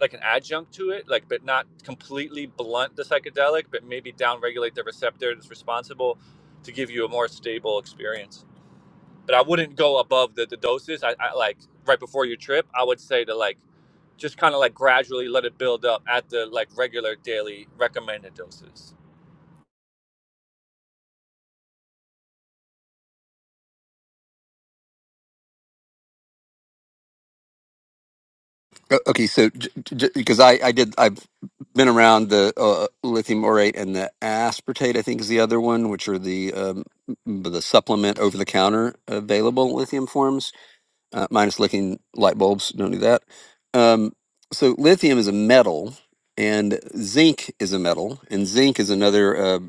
H: like an adjunct to it, like but not completely blunt the psychedelic, but maybe downregulate the receptor that's responsible to give you a more stable experience but I wouldn't go above the, the doses. I, I like right before your trip, I would say to like just kind of like gradually let it build up at the like regular daily recommended doses.
C: uh, okay so j- j- because i i did i've been around the uh, lithium orate and the aspartate i think is the other one which are the um m- the supplement over the counter available lithium forms uh, minus licking light bulbs. Don't do that. Um, so lithium is a metal, and zinc is a metal, and zinc is another uh,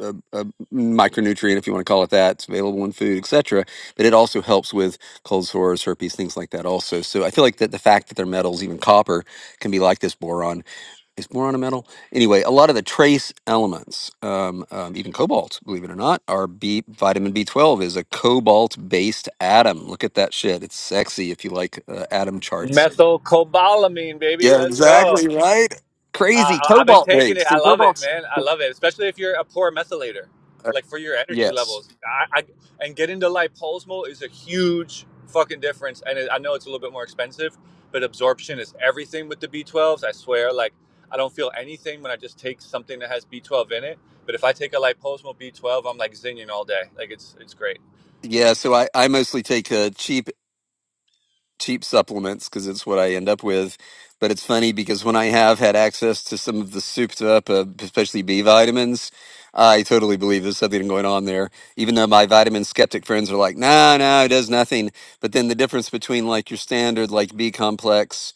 C: uh uh micronutrient, if you want to call it that. It's available in food, etc. But it also helps with cold sores, herpes, things like that. Also, so I feel like that the fact that they're metals, even copper, can be like this boron is boron a metal? Anyway, a lot of the trace elements, um, um, even cobalt, believe it or not, are B. Vitamin B12 is a cobalt-based atom. Look at that shit; it's sexy if you like uh, atom charts.
H: Methylcobalamin, baby,
C: Yeah,
H: let's go.
C: exactly right.
H: Uh,
C: Crazy
H: I- have been taking it.
C: cobalt-based
H: I
C: and
H: love it,
C: cobalt.
H: man. I love it, especially if you're a poor methylator,
C: Uh,
H: like for your energy
C: yes.
H: levels. I, I and getting to liposmal is a huge fucking difference. And it, I know it's a little bit more expensive, but absorption is everything with the B12s. I swear, like I don't feel anything when I just take something that has B12 in it. But if I take a liposmal B12, I'm like zinging all day. Like it's it's great.
C: Yeah, so I, I mostly take uh, cheap cheap supplements because it's what I end up with. But it's funny because when I have had access to some of the souped up, uh, especially B vitamins, I totally believe there's something going on there. Even though my vitamin skeptic friends are like, no, no, it does nothing. But then the difference between like your standard, like B complex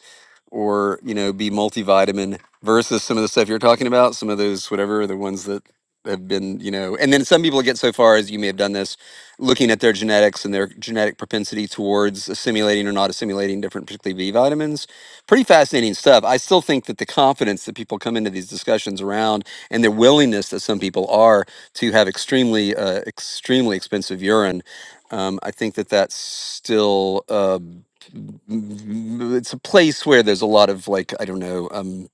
C: or, you know, B multivitamin versus some of the stuff you're talking about, some of those, whatever, the ones that have been, you know, and then some people get so far as you may have done this looking at their genetics and their genetic propensity towards assimilating or not assimilating different, particularly B vitamins. Pretty fascinating stuff. I still think that the confidence that people come into these discussions around and their willingness that some people are to have extremely, uh, extremely expensive urine, um, I think that that's still. Uh, m- m- it's a place where there's a lot of like I don't know. um,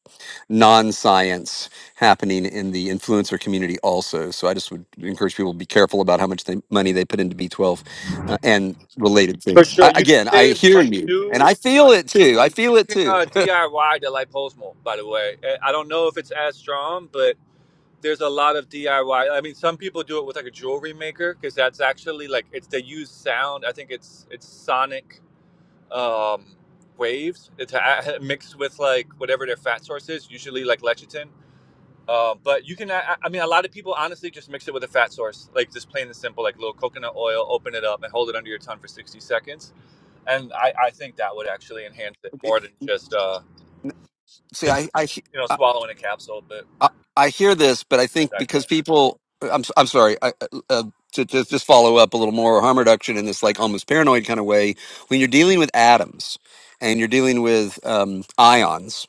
C: non-science happening in the influencer community also so i just would encourage people to be careful about how much they, money they put into b12 uh, and related
H: For
C: things
H: sure,
C: I,
H: you can
C: again i
H: save
C: hear
H: money
C: you and i
H: too.
C: feel it too i feel
H: You
C: it
H: can
C: too
H: uh, DIY the liposmal, by the way. I I don't know if it's as strong, but there's a lot of DIY. I Y. I mean, some people do it with like a jewelry maker because that's actually like it's they use sound. I think it's it's sonic um, waves. It's a, (laughs) mixed with like whatever their fat source is, usually like lecithin. Uh, but you can, I, I mean, a lot of people honestly just mix it with a fat source, like just plain and simple, like a little coconut oil. Open it up and hold it under your tongue for sixty seconds, and I, I think that would actually enhance it
C: (laughs) It-
H: more than just uh,
C: see
H: than just
C: i i he-
H: you know
C: i,
H: swallowing a capsule. But
C: I I hear this but i
H: I
C: think
H: digress.
C: because people i'm, s- I'm sorry I, uh, uh, to, to just follow up a little more harm reduction in this like almost paranoid kind of way when you're dealing with atoms and you're dealing with um, ions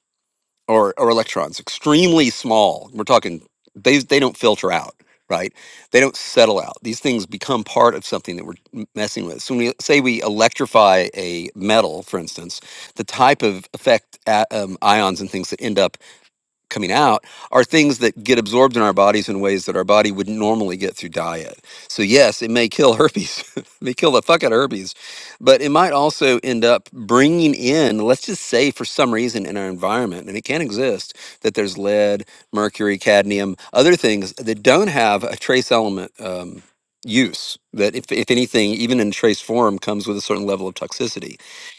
C: or or electrons, extremely small. We're talking they they don't filter out, right? They don't settle out. These things become part of something that we're m- messing with. So when we say we electrify a metal, for instance, the type of effect a- um, ions and things that end up coming out are things that get absorbed in our bodies in ways that our body would not normally get through diet. So yes, it may kill herpes, (laughs) it may kill the fuck out of herpes, but it might also end up bringing in, let's just say for some reason in our environment, and it can exist, that there's lead, mercury, cadmium, other things that don't have a trace element um, use that if, if anything, even in trace form comes with a certain level of toxicity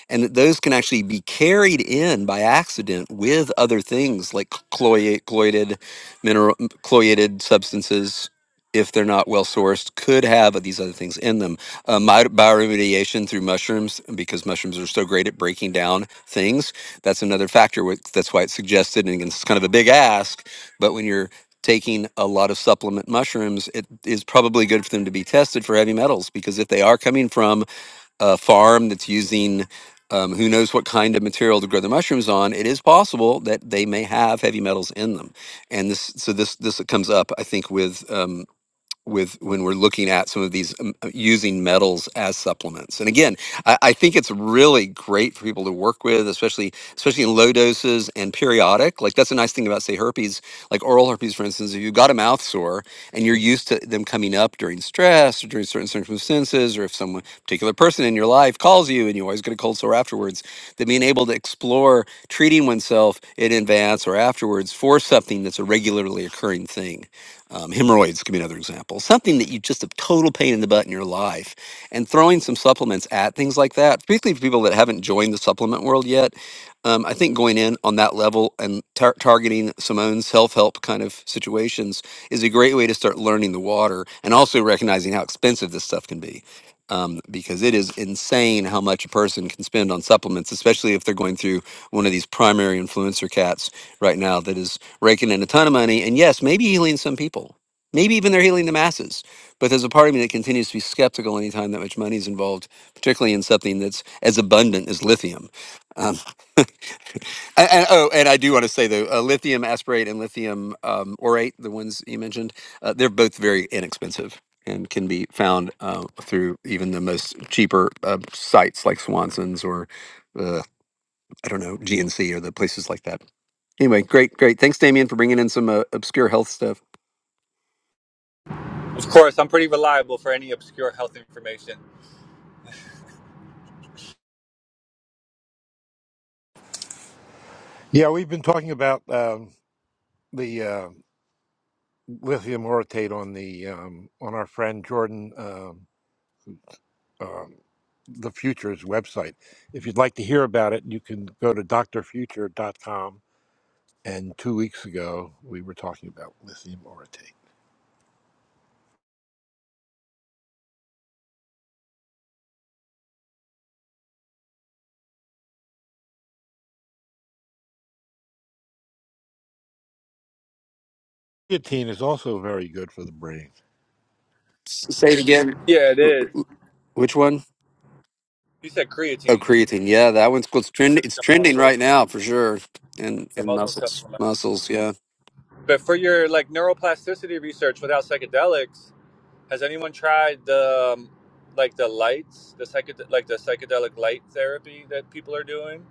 C: and that those can actually be carried in by accident with other things like cloyate, cloyed mineral, cloyated substances. If they're not well sourced, could have these other things in them. Uh, my bioremediation through mushrooms, because mushrooms are so great at breaking down things. That's another factor. wh- That's why it's suggested, and it's kind of a big ask. But when you're taking a lot of supplement mushrooms, it is probably good for them to be tested for heavy metals because if they are coming from a farm that's using um, who knows what kind of material to grow their mushrooms on, it is possible that they may have heavy metals in them. And this, so this, this comes up, I think, with um, with when we're looking at some of these um, uh, using metals as supplements. And again, I, I think it's really great for people to work with, especially especially in low doses and periodic. Like that's a nice thing about say herpes, like oral herpes, for instance. If you've got a mouth sore and you're used to them coming up during stress or during certain circumstances, or if someone particular person in your life calls you and you always get a cold sore afterwards, that being able to explore treating oneself in advance or afterwards for something that's a regularly occurring thing um, hemorrhoids could be another example. Something that you just a total pain in the butt in your life, and throwing some supplements at things like that, particularly for people that haven't joined the supplement world yet. Um, I think going in on that level and tar- targeting Simone's self-help kind of situations is a great way to start learning the water and also recognizing how expensive this stuff can be. Um, because it is insane how much a person can spend on supplements, especially if they're going through one of these primary influencer cats right now that is raking in a ton of money. And yes, maybe healing some people. Maybe even they're healing the masses. But there's a part of me that continues to be skeptical anytime that much money is involved, particularly in something that's as abundant as lithium. Um, and, and- oh, and I do want to say though, uh, lithium asparate and lithium um, orate, the ones you mentioned, uh, they're both very inexpensive and can be found uh, through even the most cheaper uh, sites like Swanson's or uh, I don't know GNC or the places like that. Anyway, great, great. Thanks, Damien, for bringing in some uh, obscure health stuff.
H: Of course, I'm pretty reliable for any obscure health information.
I: Yeah, we've been talking about um, the uh, lithium orotate on the um, on our friend Jordan. Um, um, the Futures website. If you'd like to hear about it, you can go to d r future dot com. And two weeks ago, we were talking about lithium orotate. Guillotine is also very good for the brain.
C: Say it again.
H: Yeah, it
C: Wh-
H: is.
C: wh- Which one?
H: You said
C: Oh,
H: creatine.
C: creatine. Yeah, that one's cool. It's
H: You're
C: trending.
H: like
C: It's
H: the
C: trending
H: muscle,
C: right now for sure. And
H: the
C: and
H: muscle
C: muscles,
H: supplement.
C: muscles. Yeah,
H: But for your like neuroplasticity research without psychedelics, has anyone tried the um, like the lights, the psychedel like the psychedelic light therapy that people are doing?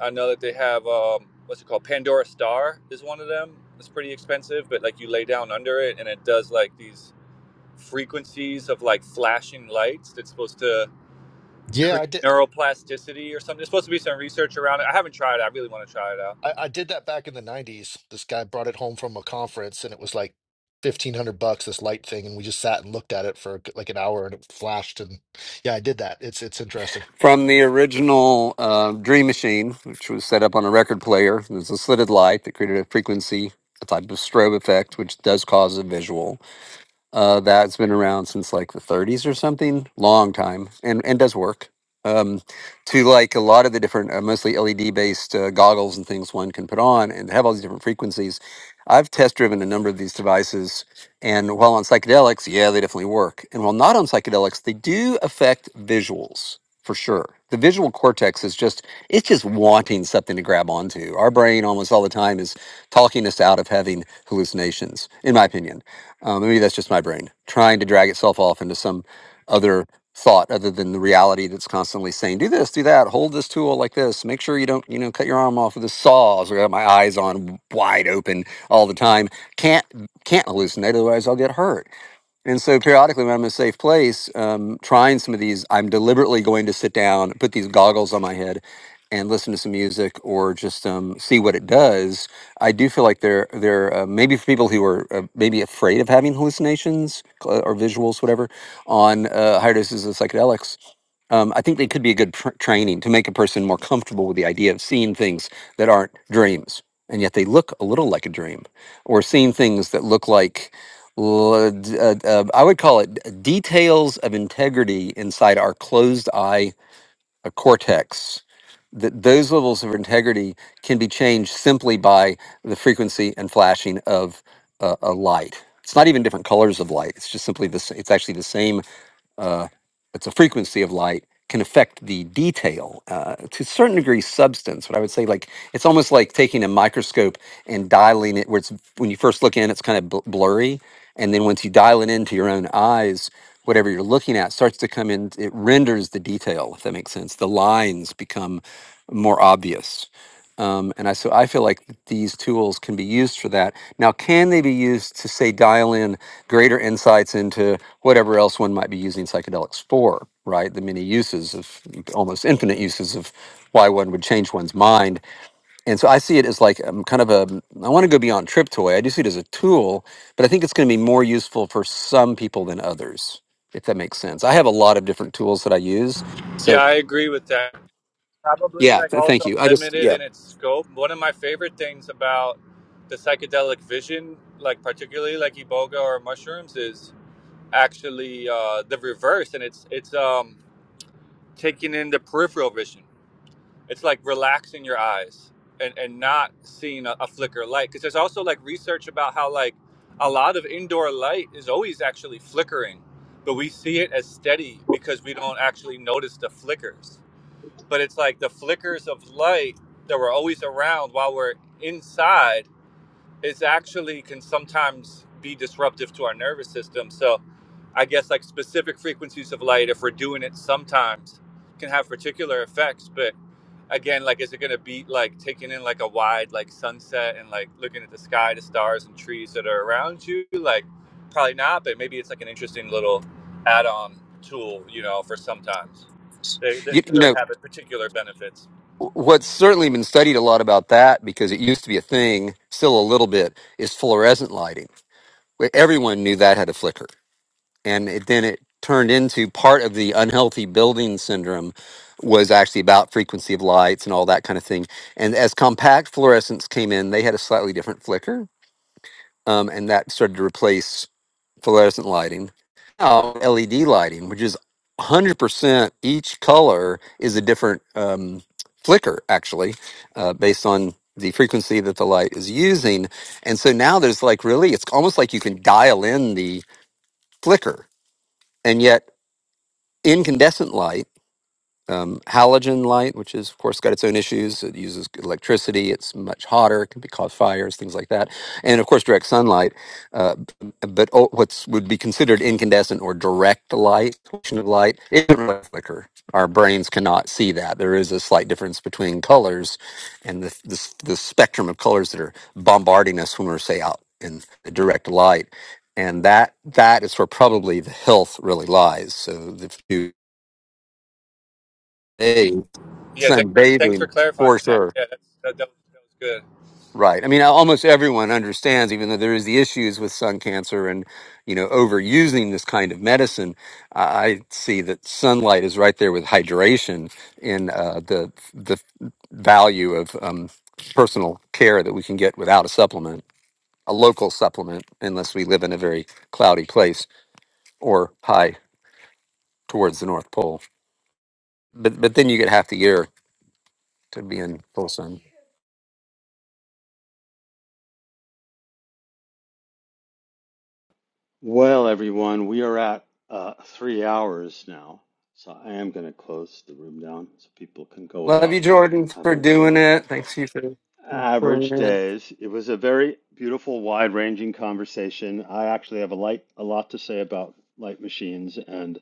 H: I know that they have um, what's it called? Pandora Star is one of them. It's pretty expensive, but like you lay down under it and it does like these frequencies of like flashing lights that's supposed to
J: Yeah, I
H: create
J: did.
H: neuroplasticity or something. There's supposed to be some research around it. I haven't tried it. I really want to try it out.
J: I, I did that back in the 90s. This guy brought it home from a conference and it was like 1500 bucks this light thing and we just sat and looked at it for like an hour and it flashed and yeah, I did that. It's it's interesting.
C: from the original uh, Dream Machine, which was set up on a record player. It was a slitted light that created a frequency, a type of strobe effect, which does cause a visual. Uh, that's been around since like the 30s or something, long time, and and does work. Um, to like a lot of the different, uh, mostly LED based uh, goggles and things one can put on, and have all these different frequencies. I've test driven a number of these devices, and while on psychedelics, yeah, they definitely work. And while not on psychedelics, they do affect visuals for sure. The visual cortex is just it's just wanting something to grab onto. Our brain almost all the time is talking us out of having hallucinations, in my opinion. Um, maybe that's just my brain trying to drag itself off into some other thought other than the reality that's constantly saying, do this, do that, hold this tool like this, make sure you don't, you know, cut your arm off with the saws." I got my eyes on wide open all the time. Can't, can't hallucinate. Otherwise I'll get hurt and so periodically, when I'm in a safe place, um, trying some of these, I'm deliberately going to sit down, put these goggles on my head, and listen to some music or just um, see what it does. I do feel like they're they're uh, maybe for people who are uh, maybe afraid of having hallucinations cl- or visuals, whatever, on uh, higher doses of psychedelics um, I think they could be a good pr- training to make a person more comfortable with the idea of seeing things that aren't dreams, and yet they look a little like a dream, or seeing things that look like l- d- uh, uh, I would call it d- details of integrity inside our closed eye uh, cortex. That those levels of integrity can be changed simply by the frequency and flashing of uh, a light. It's not even different colors of light. It's just simply the. s- It's actually the same uh, it's a frequency of light can affect the detail uh, to a certain degree substance but i would say like it's almost like taking a microscope and dialing it where it's when you first look in it's kind of bl- blurry and then once you dial it into your own eyes whatever you're looking at starts to come in it renders the detail if that makes sense the lines become more obvious um, and I so I feel like these tools can be used for that. Now, can they be used to say dial in greater insights into whatever else one might be using psychedelics for? Right, the many uses of almost infinite uses of why one would change one's mind. And so I see it as like um, kind of a I want to go beyond triptoy. I do see it as a tool, but I think it's going to be more useful for some people than others, if that makes sense. I have a lot of different tools that I use.
H: Yeah,
C: So
H: I agree with that. Probably
C: yeah,
H: like
C: th- thank
H: also
C: you. I just
H: limited
C: yeah,
H: in its scope. One of my favorite things about the psychedelic vision, like particularly like iboga or mushrooms, is actually uh, the reverse, and it's it's um, taking in the peripheral vision. It's like relaxing your eyes and, and not seeing a, a flicker of light. Because there's also like research about how like a lot of indoor light is always actually flickering, but we see it as steady because we don't actually notice the flickers. But it's like the flickers of light that were always around while we're inside is actually can sometimes be disruptive to our nervous system. So I guess like specific frequencies of light, if we're doing it sometimes, can have particular effects. But again, like is it gonna be like taking in like a wide like sunset and like looking at the sky, the stars and trees that are around you? Like probably not, but maybe it's like an interesting little add on tool, you know, for sometimes. They, they
C: you, you know
H: could have a particular benefits.
C: What's certainly been studied a lot about that because it used to be a thing, still a little bit, is fluorescent lighting. Where Everyone knew that had a flicker, and it, then it turned into part of the unhealthy building syndrome was actually about frequency of lights and all that kind of thing. And as compact fluorescents came in, they had a slightly different flicker, um, and that started to replace fluorescent lighting. Now LED lighting, which is 100% each color is a different um, flicker, actually, uh, based on the frequency that the light is using. And so now there's like really, it's almost like you can dial in the flicker. And yet, incandescent light um, halogen light, which is, of course, got its own issues. It uses electricity. It's much hotter. It can be cause fires, things like that. And of course, direct sunlight. Uh, b- but o- what's would be considered incandescent or direct light, reflection of light, it doesn't really flicker. Our brains cannot see that. There is a slight difference between colors and the, the, the spectrum of colors that are bombarding us when we're, say, out in the direct light. And that that is where probably the health really lies. So the few
H: Yeah, th-
C: sun
H: thanks for
C: bathing for
H: clarifying that.
C: sure
H: Yeah, that's, that, that, was, that was good.
C: right i mean almost everyone understands even though there is the issues with sun cancer and you know overusing this kind of medicine i I see that sunlight is right there with hydration in uh, the the value of um, personal care that we can get without a supplement a local supplement unless we live in a very cloudy place or high towards the north pole but but then you get half the year to be in full sun
A: Well, everyone, we are at uh, three hours now, so I am going to close the room down so people can go
C: love you
A: about
C: jordan for
A: having
C: doing
A: their
C: it thanks you for
A: Average days. It was a very beautiful, wide-ranging conversation. I actually have a light, a lot to say about light machines and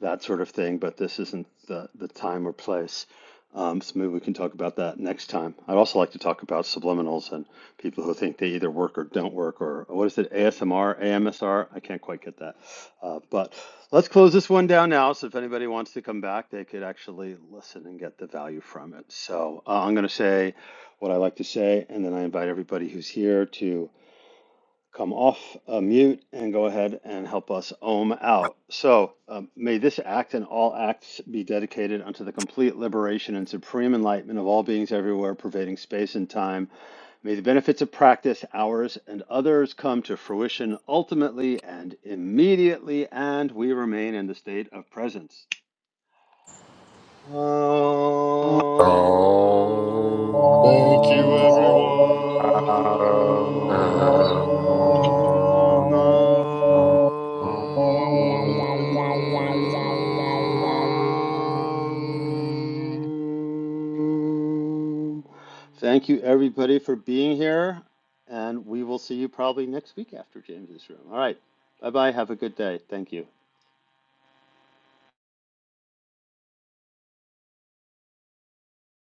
A: that sort of thing, but this isn't the, the time or place. Um, so maybe we can talk about that next time. I'd also like to talk about subliminals and people who think they either work or don't work, or what is it, ASMR, AMSR? I can't quite get that. Uh, but let's close this one down now. So if anybody wants to come back, they could actually listen and get the value from it. So uh, I'm going to say what I like to say, and then I invite everybody who's here to come off uh, mute and go ahead and help us ohm out. So, um, may this act and all acts be dedicated unto the complete liberation and supreme enlightenment of all beings everywhere, pervading space and time. May the benefits of practice, ours and others, come to fruition ultimately and immediately, and we remain in the state of presence. Om
F: (laughs)
I: Um,
J: Thank you everyone.
H: Oh.
C: Uh,
A: Nam.
I: um,
J: (laughs)
A: Thank you, everybody, for being here. And we will see you probably next week after James's room. All right. Bye bye. Have a good day. Thank you.